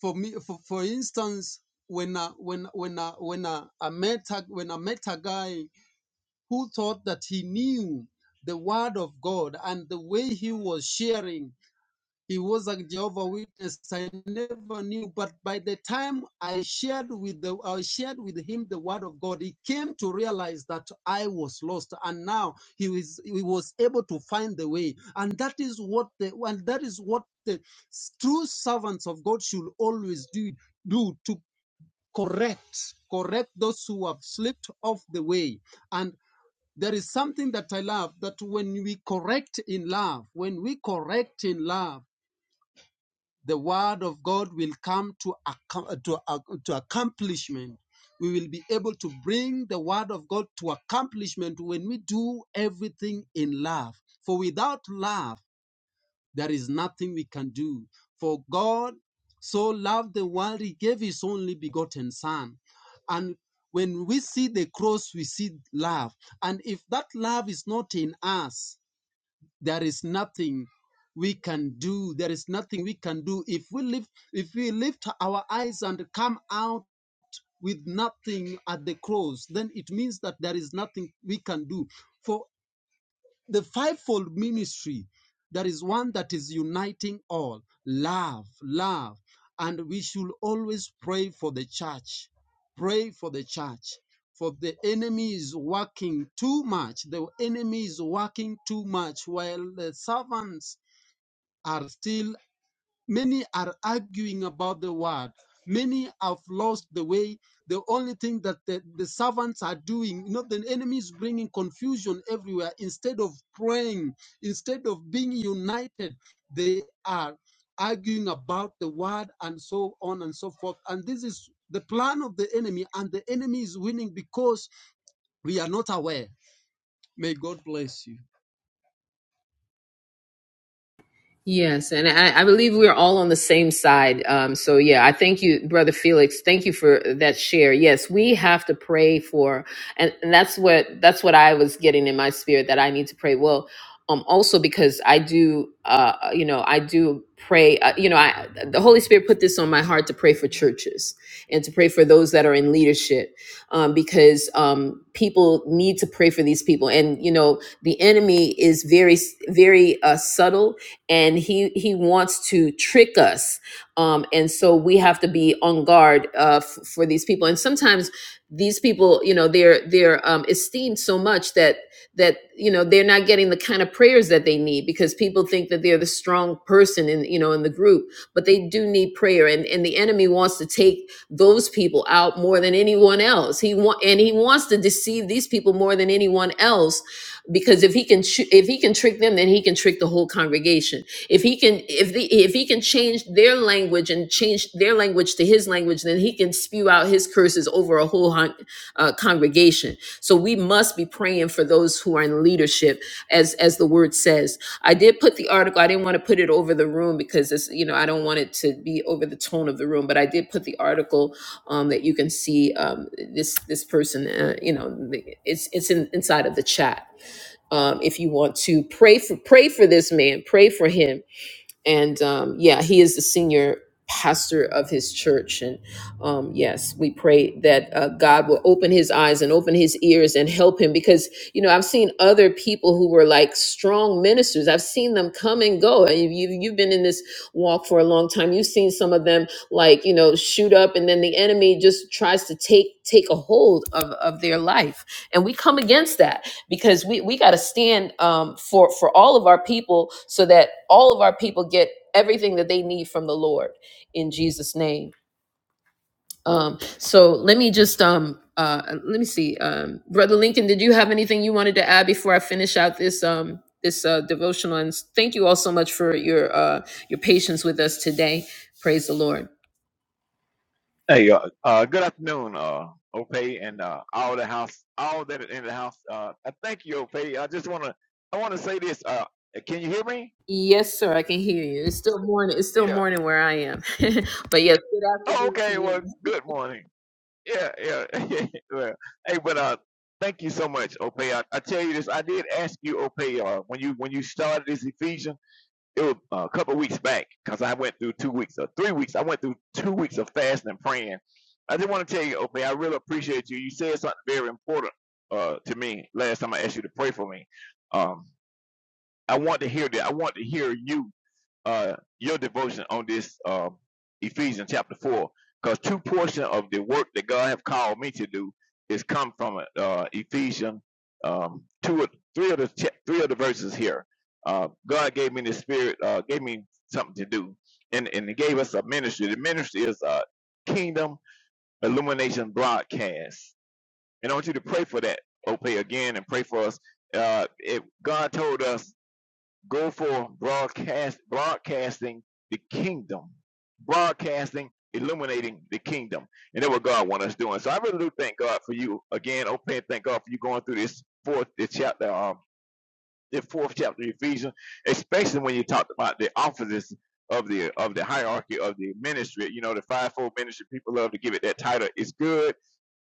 for me, for, for instance, when I, when when I, when I, I met a, when I met a guy who thought that he knew the word of God and the way he was sharing. He was a Jehovah Witness. I never knew, but by the time I shared with the, I shared with him the Word of God, he came to realize that I was lost, and now he was he was able to find the way. And that is what the and that is what the true servants of God should always do do to correct correct those who have slipped off the way. And there is something that I love that when we correct in love, when we correct in love the word of God will come to, to, to accomplishment. We will be able to bring the word of God to accomplishment when we do everything in love. For without love, there is nothing we can do. For God so loved the world, he gave his only begotten son. And when we see the cross, we see love. And if that love is not in us, there is nothing we can do there is nothing we can do if we lift if we lift our eyes and come out with nothing at the cross then it means that there is nothing we can do For. The fivefold ministry, there is one that is uniting all love, love. And we should always pray for the church. Pray for the church. For the enemy is working too much. The enemy is working too much while the servants are still. Many are arguing about the word. Many have lost the way. The only thing that the, the servants are doing, you know, the enemy is bringing confusion everywhere. Instead of praying, instead of being united, they are arguing about the word and so on and so forth. And this is the plan of the enemy, and the enemy is winning because we are not aware. May God bless you. Yes, and I, I believe we're all on the same side. Um, so yeah, I thank you, Brother Felix. Thank you for that share. Yes, we have to pray for, and, and that's what that's what I was getting in my spirit that I need to pray. Well, um, also because I do, uh, you know, I do pray. Uh, you know, I the Holy Spirit put this on my heart to pray for churches and to pray for those that are in leadership, um, because um, people need to pray for these people, and you know, the enemy is very very uh, subtle and he he wants to trick us um and so we have to be on guard uh f- for these people and sometimes these people you know they're they're um esteemed so much that that you know they're not getting the kind of prayers that they need because people think that they're the strong person in you know in the group but they do need prayer and and the enemy wants to take those people out more than anyone else he want and he wants to deceive these people more than anyone else because if he can ch- if he can trick them then he can trick the whole congregation if he can if the if he can change their language and change their language to his language then he can spew out his curses over a whole hun- uh, congregation so we must be praying for those who are in leadership as as the word says i did put the article i didn't want to put it over the room because it's you know i don't want it to be over the tone of the room but i did put the article um, that you can see um, this this person uh, you know it's it's in, inside of the chat um, if you want to pray for pray for this man, pray for him. And um, yeah, he is the senior pastor of his church. And um, yes, we pray that uh, God will open his eyes and open his ears and help him because you know I've seen other people who were like strong ministers. I've seen them come and go. And You, you- you've been in this walk for a long time. You've seen some of them like you know shoot up, and then the enemy just tries to take take a hold of of their life, and we come against that because we we got to stand um, for for all of our people so that all of our people get everything that they need from the Lord in Jesus' name. Um, so let me just um uh let me see um brother Lincoln, did you have anything you wanted to add before I finish out this um this uh, devotional? And thank you all so much for your uh your patience with us today. Praise the Lord. Hey, uh, uh, good afternoon, uh, Ope, and uh, all the house, all that are in the house. Uh, I thank you, Ope. I just wanna, I wanna say this. Uh, can you hear me? Yes, sir, I can hear you. It's still morning. It's still Yeah. morning where I am, but yes, good Oh, afternoon to okay. Well, you. good morning. Yeah, yeah. well, hey, but uh, thank you so much, Ope. I, I tell you this. I did ask you, Ope, uh, when you when you started this Ephesians. it was a couple of weeks back because I went through two weeks or three weeks. I went through two weeks of fasting and praying. I just want to tell you, Opie, I really appreciate you. You said something very important uh, to me last time I asked you to pray for me. Um, I want to hear that. I want to hear you uh your devotion on this um Ephesians chapter four, because two portion of the work that God have called me to do is come from uh Ephesians um two or three of the cha- three of the verses here. Uh God gave me the spirit, uh gave me something to do. And and he gave us a ministry. The ministry is uh Kingdom Illumination Broadcast. And I want you to pray for that, Ope, again and pray for us. Uh if God told us Go for broadcast, broadcasting the kingdom, broadcasting, illuminating the kingdom, and that's what God wants us doing. So I really do thank God for you again. Open, thank God for you going through this fourth this chapter, um, the fourth chapter of Ephesians, especially when you talked about the offices of the of the hierarchy of the ministry. You know, the fivefold ministry. People love to give it that title. It's good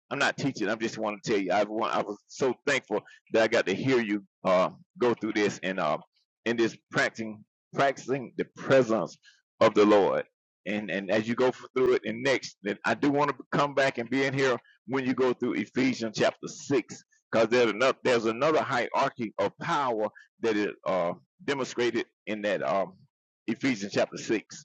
I'm not teaching. I am just want to tell you. I want. I was so thankful that I got to hear you uh, go through this and uh, in this practicing practicing the presence of the Lord. And and as you go through it, and next, that I do want to come back and be in here when you go through Ephesians chapter six, because there's another there's another hierarchy of power that is uh, demonstrated in that um, Ephesians chapter six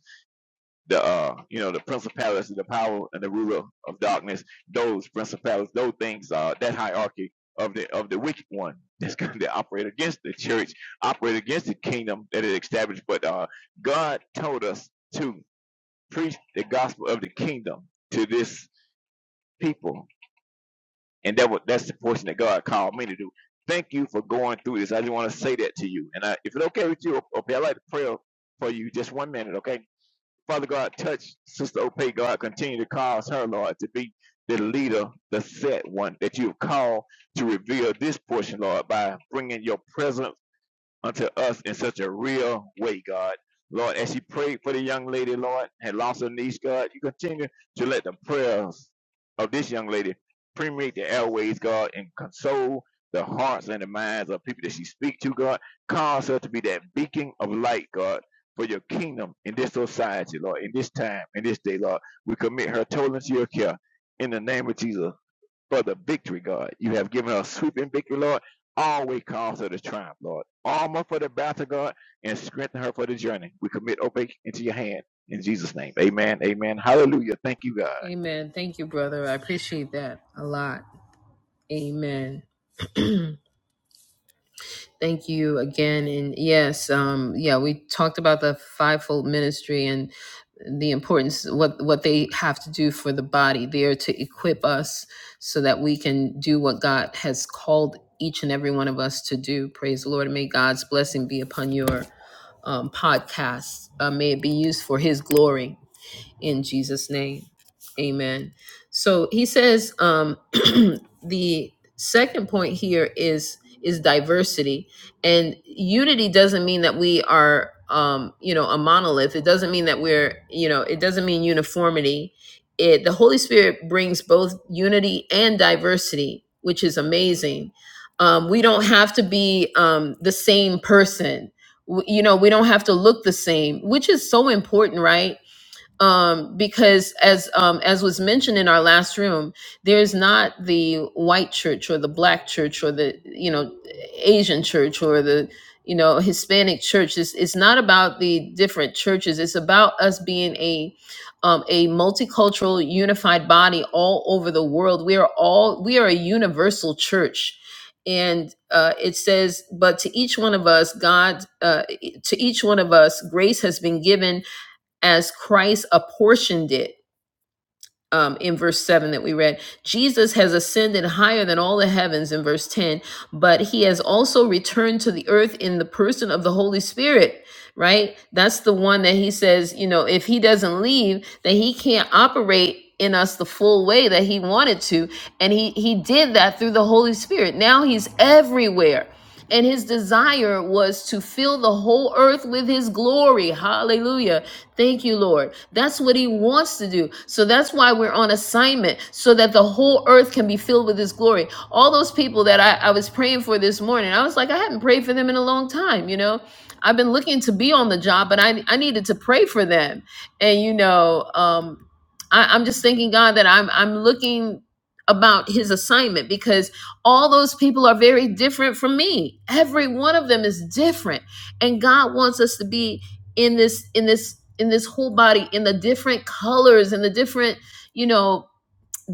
the uh you know the principalities the power and the ruler of darkness those principalities those things uh that hierarchy of the of the wicked one that's going to operate against the church operate against the kingdom that is established but uh god told us to preach the gospel of the kingdom to this people and that was that's the portion that god called me to do thank you for going through this i just want to say that to you and I, if it's okay with you okay i'd like to pray for you just one minute okay Father God, touch Sister Opay, God, continue to cause her, Lord, to be the leader, the set one that you have called to reveal this portion, Lord, by bringing your presence unto us in such a real way, God. Lord, as she prayed for the young lady, Lord, had lost her niece, God, you continue to let the prayers of this young lady permeate the airways, God, and console the hearts and the minds of people that she speaks to, God. Cause her to be that beacon of light, God, for your kingdom in this society, Lord, in this time, in this day, Lord. We commit her totally to your care. In the name of Jesus, for the victory, God. You have given us sweeping victory, Lord. Always cause her to triumph, Lord. Armor for the battle, God, and strengthen her for the journey. We commit Opec into your hand in Jesus' name. Amen. Amen. Hallelujah. Thank you, God. Amen. Thank you, brother. I appreciate that a lot. Amen. Thank you again. And yes, um, yeah, we talked about the fivefold ministry and the importance what what they have to do for the body. They are to equip us so that we can do what God has called each and every one of us to do. Praise the Lord. And may God's blessing be upon your um, podcast. Uh, may it be used for His glory in Jesus' name. Amen. So he says um, the second point here is is diversity and unity doesn't mean that we are um, you know a monolith. It doesn't mean that we're you know it doesn't mean uniformity. It the Holy Spirit brings both unity and diversity, which is amazing. Um, we don't have to be um, the same person. W- You know, we don't have to look the same, which is so important, right? um, because as um, as was mentioned in our last room, there is not the white church or the black church or the you know Asian church or the you know Hispanic church. It's, it's not about the different churches. It's about us being a um, a multicultural, unified body all over the world. We are all we are a universal church. And uh, it says, but to each one of us, God, uh, to each one of us, grace has been given as Christ apportioned it um, in verse 7 that we read. Jesus has ascended higher than all the heavens in verse 10, but he has also returned to the earth in the person of the Holy Spirit, right? That's the one that he says, you know, if he doesn't leave, that he can't operate in us the full way that he wanted to and he he did that through the holy spirit now he's everywhere and his desire was to fill the whole earth with his glory hallelujah Thank you, Lord. That's what He wants to do. So that's why we're on assignment, so that the whole earth can be filled with His glory. All those people that I, I was praying for this morning, I was like, I haven't prayed for them in a long time, you know? I've been looking to be on the job, but I, I needed to pray for them. And, you know, um, I, I'm just thanking God that I'm, I'm looking about His assignment because all those people are very different from me. Every one of them is different. And God wants us to be in this in this in this whole body in the different colors and the different you know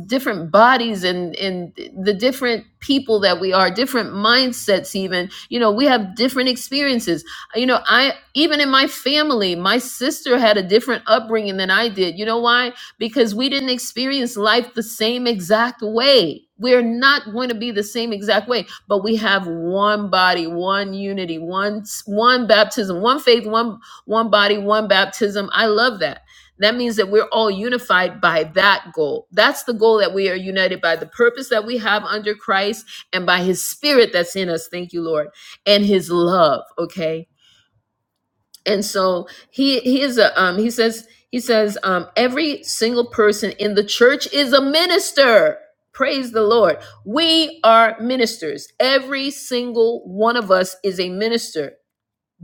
different bodies and and the different people that we are different mindsets even you know we have different experiences you know i even in my family my sister had a different upbringing than i did you know why because we didn't experience life the same exact way we're not going to be the same exact way but we have one body one unity one one baptism one faith one one body one baptism i love that that means that we're all unified by that goal. That's the goal that we are united by the purpose that we have under Christ and by his spirit that's in us. Thank you, Lord. And his love, okay? And so he he is a um he says he says um every single person in the church is a minister. Praise the Lord. We are ministers. Every single one of us is a minister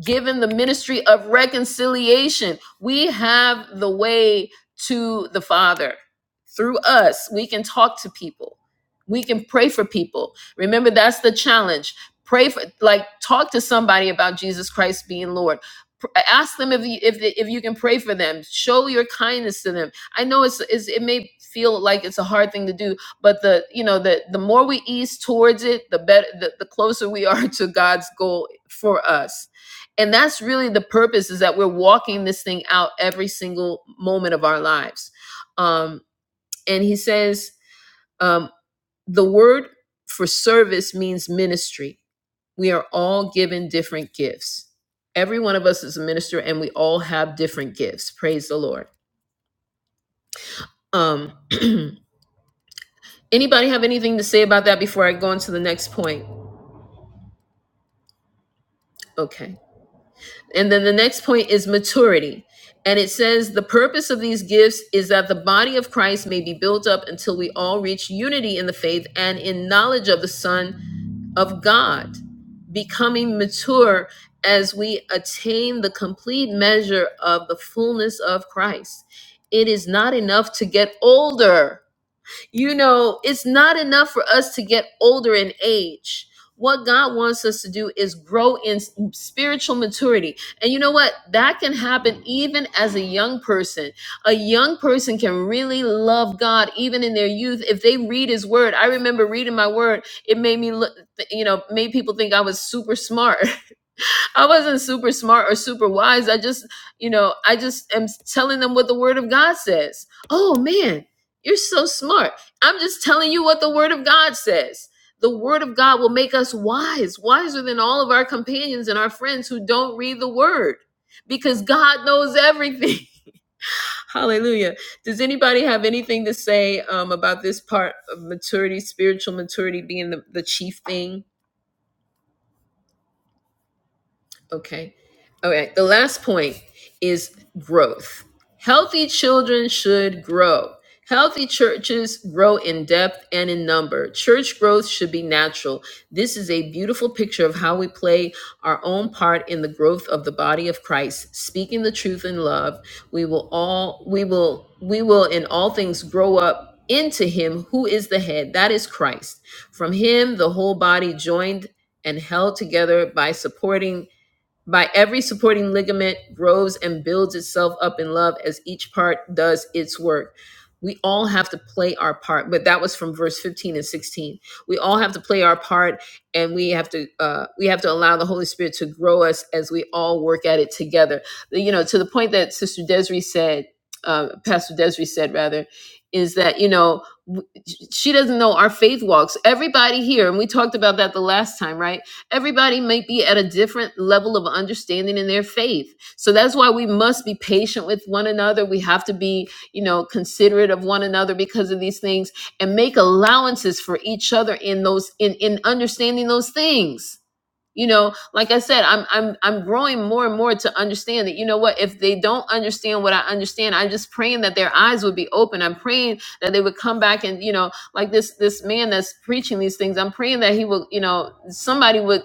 given the ministry of reconciliation. We have the way to the Father. Through us, we can talk to people. We can pray for people. Remember, that's the challenge. Pray for, like, talk to somebody about Jesus Christ being Lord. Ask them if you, if, if you can pray for them. Show your kindness to them. I know it's, it's it may feel like it's a hard thing to do, but the you know the the more we ease towards it, the better the, the closer we are to God's goal for us and that's really the purpose is that we're walking this thing out every single moment of our lives um, and he says um, the word for service means ministry we are all given different gifts every one of us is a minister and we all have different gifts praise the lord um, anybody have anything to say about that before i go into the next point okay And then the next point is maturity. And it says the purpose of these gifts is that the body of Christ may be built up until we all reach unity in the faith and in knowledge of the Son of God, becoming mature as we attain the complete measure of the fullness of Christ. It is not enough to get older you know, it's not enough for us to get older in age. What God wants us to do is grow in spiritual maturity. And you know what? That can happen even as a young person. A young person can really love God even in their youth if they read his word. I remember reading my word, it made me look, you know, made people think I was super smart. I wasn't super smart or super wise. I just, you know, I just am telling them what the word of God says. Oh man, you're so smart. I'm just telling you what the word of God says. The word of God will make us wise, wiser than all of our companions and our friends who don't read the word because God knows everything. Hallelujah. Does anybody have anything to say um, about this part of maturity, spiritual maturity being the, the chief thing? Okay. All right. The last point is growth. Healthy children should grow. Healthy churches grow in depth and in number. Church growth should be natural. This is a beautiful picture of how we play our own part in the growth of the body of Christ. Speaking the truth in love, we will all we will we will in all things grow up into him who is the head, that is Christ. From him the whole body joined and held together by supporting by every supporting ligament grows and builds itself up in love as each part does its work. We all have to play our part, but that was from verse 15 and 16. We all have to play our part and we have to uh, we have to allow the Holy Spirit to grow us as we all work at it together. You know, to the point that Sister Desiree said, uh, Pastor Desiree said rather, is that, you know, w- she doesn't know our faith walks. Everybody here, and we talked about that the last time, right? Everybody may be at a different level of understanding in their faith. So that's why we must be patient with one another. We have to be, you know, considerate of one another because of these things and make allowances for each other in those in in understanding those things. You know, like I said, I'm I'm I'm growing more and more to understand that you know what, if they don't understand what I understand, I'm just praying that their eyes would be open. I'm praying that they would come back and, you know, like this this man that's preaching these things i'm praying that he will you know somebody would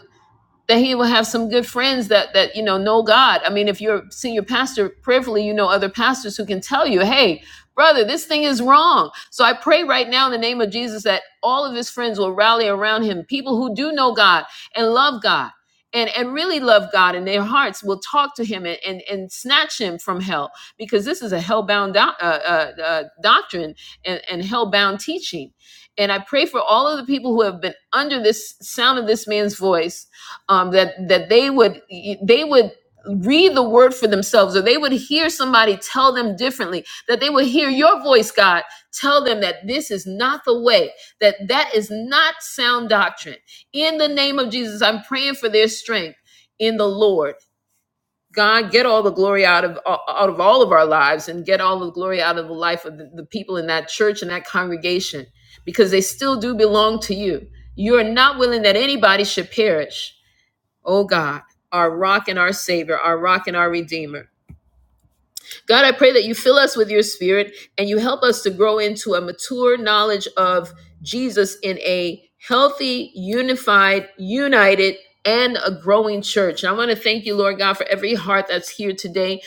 that he will have some good friends that that you know know God. I mean, if you're a senior pastor, prayerfully you know other pastors who can tell you, hey, brother, this thing is wrong. So I pray right now in the name of Jesus that all of his friends will rally around him, people who do know God and love God. And, and really love God in their hearts will talk to him and, and, and snatch him from hell because this is a hellbound doc, uh, uh, uh, doctrine and, and hell bound teaching. And I pray for all of the people who have been under this sound of this man's voice um, that that they would they would read the word for themselves or they would hear somebody tell them differently that they would hear your voice god tell them that this is not the way that that is not sound doctrine in the name of jesus i'm praying for their strength in the lord god get all the glory out of out of all of our lives and get all the glory out of the life of the, the people in that church and that congregation because they still do belong to you you are not willing that anybody should perish O God, our rock and our savior, our rock and our redeemer. God, I pray that you fill us with your spirit and you help us to grow into a mature knowledge of Jesus in a healthy, unified, united, and a growing church. And I want to thank you, Lord God, for every heart that's here today.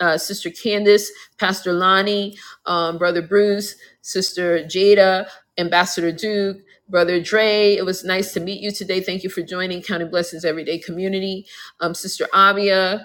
Uh, Sister Candace, Pastor Lonnie, um, Brother Bruce, Sister Jada, Ambassador Duke, Brother Dre. It was nice to meet you today. Thank you for joining County Blessings Everyday Community. Um, Sister Abia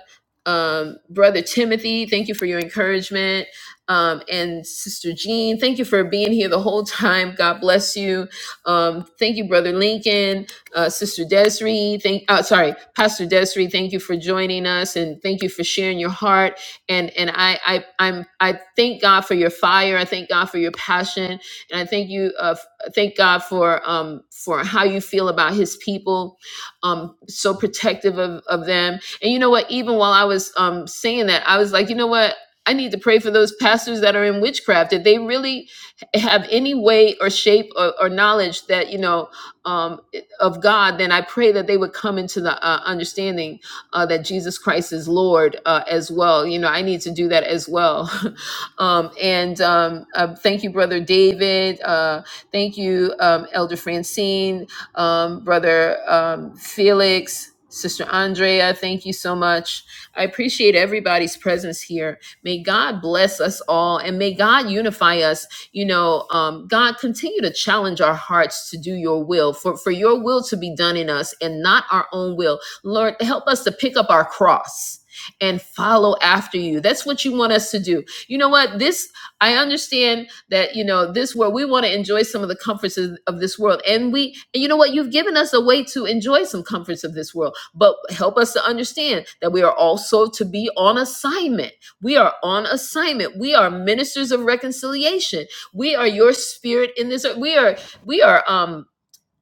um, Brother Timothy, thank you for your encouragement. Um, and Sister Jean, thank you for being here the whole time. God bless you. Um, thank you, Brother Lincoln, uh, Sister Desiree. Thank, uh, sorry, Pastor Desiree. Thank you for joining us, and thank you for sharing your heart. And and I I I'm I thank God for your fire. I thank God for your passion, and I thank you. Uh, f- thank God for um for how you feel about His people, um so protective of of them and you know what? Even while I was um, saying that, I was like, you know what? I need to pray for those pastors that are in witchcraft that they really have any way or shape or, or knowledge that you know um, of God. Then I pray that they would come into the uh, understanding uh, that Jesus Christ is Lord uh, as well. You know, I need to do that as well. um, and um, uh, thank you, brother David. Uh, thank you, um, Elder Francine um, Brother um, Felix, Sister Andrea, thank you so much. I appreciate everybody's presence here. May God bless us all and may God unify us. You know, um, God, continue to challenge our hearts to do your will, for, for your will to be done in us and not our own will. Lord, help us to pick up our cross and follow after you. That's what you want us to do. You know what? This, I understand that you know this where we want to enjoy some of the comforts of, of this world and we and you know what you've given us a way to enjoy some comforts of this world but help us to understand that we are also to be on assignment we are on assignment we are ministers of reconciliation we are your spirit in this earth. we are we are um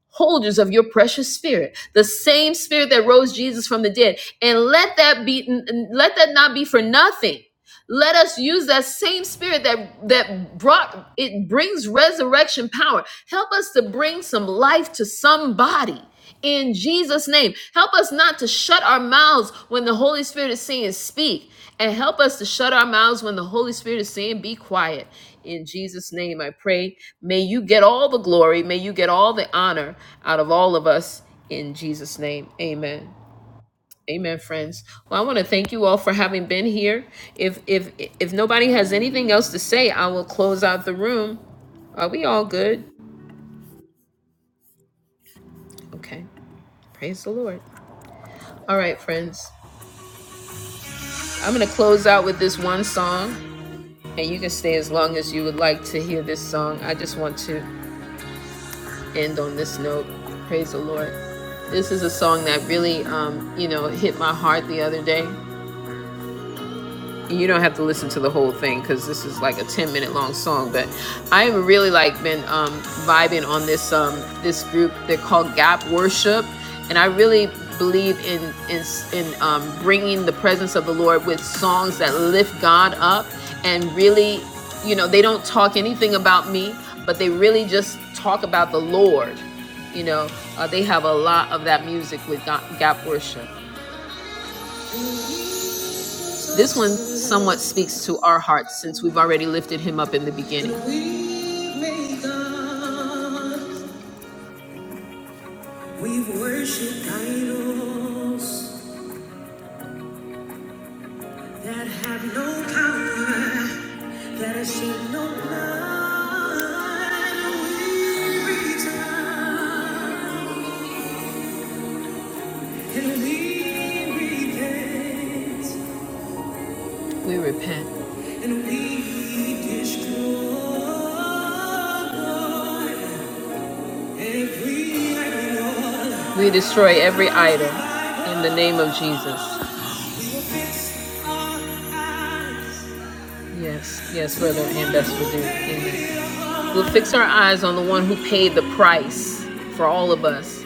holders of your precious spirit the same spirit that rose jesus from the dead and let that be n- let that not be for nothing let us use that same spirit that that brought it brings resurrection power Help us to bring some life to somebody in Jesus' name. Help us not to shut our mouths when the Holy Spirit is saying speak, and help us to shut our mouths when the Holy Spirit is saying be quiet. In Jesus' name, I pray. May you get all the glory. May you get all the honor out of all of us. In Jesus' name, amen. Amen, friends. Well, I want to thank you all for having been here. If if if nobody has anything else to say, I will close out the room. Are we all good? Okay. Praise the Lord. All right, friends. I'm going to close out with this one song, and you can stay as long as you would like to hear this song. I just want to end on this note. Praise the Lord. This is a song that really, um, you know, hit my heart the other day. you don't have to listen to the whole thing because this is like a 10 minute long song but i've really like been um, vibing on this um, this group they're called gap worship and i really believe in in, in um, bringing the presence of the lord with songs that lift god up and really you know they don't talk anything about me but they really just talk about the lord you know uh, they have a lot of that music with gap worship this one somewhat speaks to our hearts since we've already lifted him up in the beginning. We repent. we destroy We destroy every idol in the name of Jesus. Yes, yes, brother, and that's what we do. Amen. We'll fix our eyes on the one who paid the price for all of us.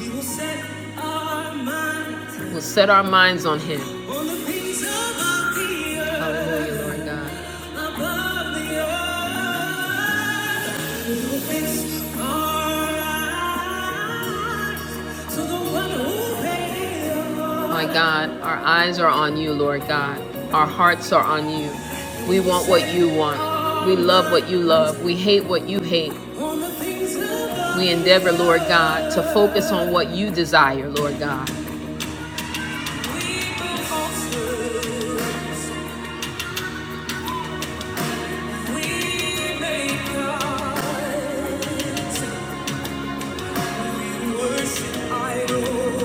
We will set our minds We'll set our minds on Him. on the things above the earth, Hallelujah, Lord God. above the earth. We will fix our eyes to the one who paid the price. My God, our eyes are on you, Lord God. Our hearts are on you. We want what you want. We love what you love. We hate what you hate. We endeavor, Lord God, to focus on what you desire, Lord God.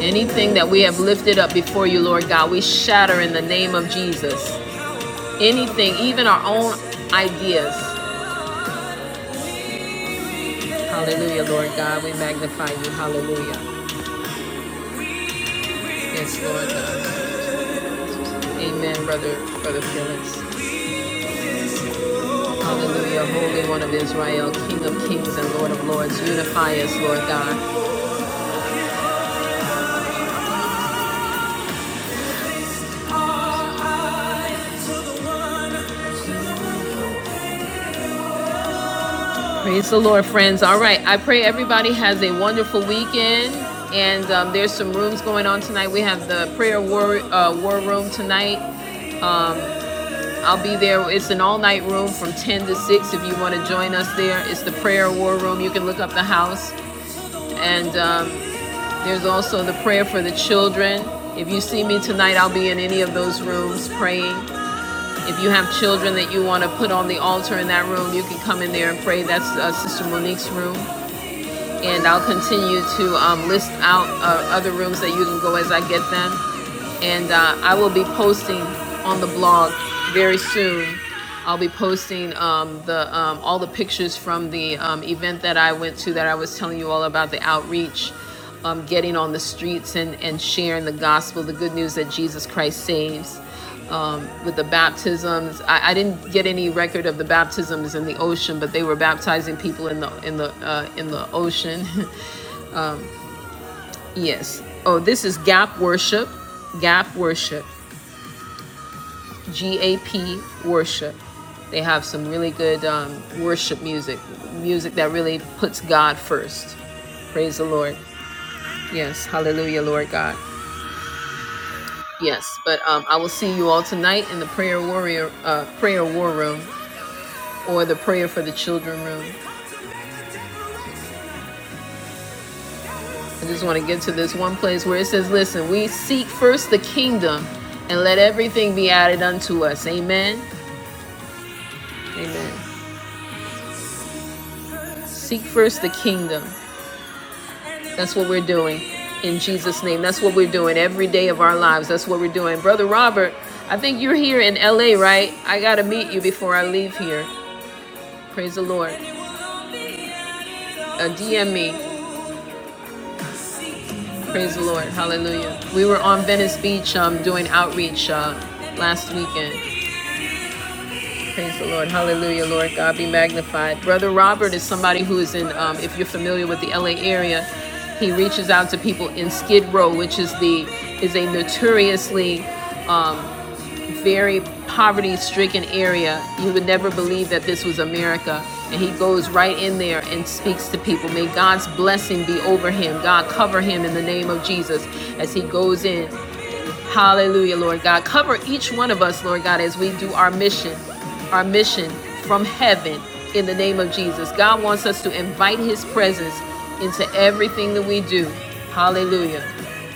Anything that we have lifted up before you, Lord God, we shatter in the name of Jesus. Anything, even our own ideas. Hallelujah, Lord God. We magnify you. Hallelujah. Yes, Lord God. Amen, brother, brother Felix. Hallelujah. Holy One of Israel, King of kings and Lord of lords. Unify us, Lord God. Praise the Lord, friends. All right. I pray everybody has a wonderful weekend. And um, there's some rooms going on tonight. We have the prayer war, uh, war room tonight. I'll be there. It's an all night room from 10 to 6 if you want to join us there. It's the prayer war room. You can look up the house. And um, there's also the prayer for the children. If you see me tonight, I'll be in any of those rooms praying. If you have children that you want to put on the altar in that room, you can come in there and pray. That's uh, Sister Monique's room. and I'll continue to um, list out uh, other rooms that you can go as I get them. And uh, I will be posting on the blog very soon. I'll be posting um, the um, all the pictures from the um, event that I went to that I was telling you all about the outreach, um, getting on the streets and, and sharing the gospel, the good news that Jesus Christ saves um, with the baptisms. I, I didn't get any record of the baptisms in the ocean, but they were baptizing people in the in the uh, in the ocean. yes. Oh, this is Gap Worship. Gap Worship. G A P Worship. They have some really good um, worship music, music that really puts God first. Praise the Lord. Yes. Hallelujah, Lord God. Yes, but um, I will see you all tonight in the prayer warrior uh, prayer war room. or the prayer for the children room. I just want to get to this one place where it says, Listen, we seek first the kingdom and let everything be added unto us. Amen. Amen. Seek first the kingdom. That's what we're doing in Jesus' name. That's what we're doing every day of our lives. That's what we're doing. Brother Robert, I think you're here in LA, right? I got to meet you before I leave here. Praise the Lord. Uh, DM me. Praise the Lord. Hallelujah. We were on Venice Beach um, doing outreach uh, last weekend. Praise the Lord. Hallelujah. Lord God be magnified. Brother Robert is somebody who is in, um, if you're familiar with the LA area, he reaches out to people in Skid Row, which is the is a notoriously very poverty-stricken area. You would never believe that this was America. And he goes right in there and speaks to people. May God's blessing be over him. God cover him in the name of Jesus as he goes in Hallelujah, Lord God. Cover each one of us, Lord God, as we do our mission, our mission from heaven in the name of Jesus. God wants us to invite his presence into everything that we do. Hallelujah.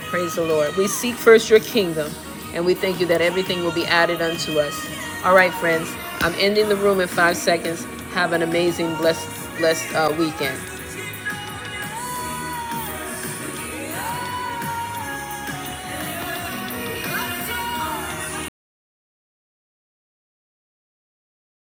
Praise the Lord. We seek first your kingdom, and we thank you that everything will be added unto us. All right, friends, I'm ending the room in five seconds. Have an amazing, blessed, blessed uh, weekend.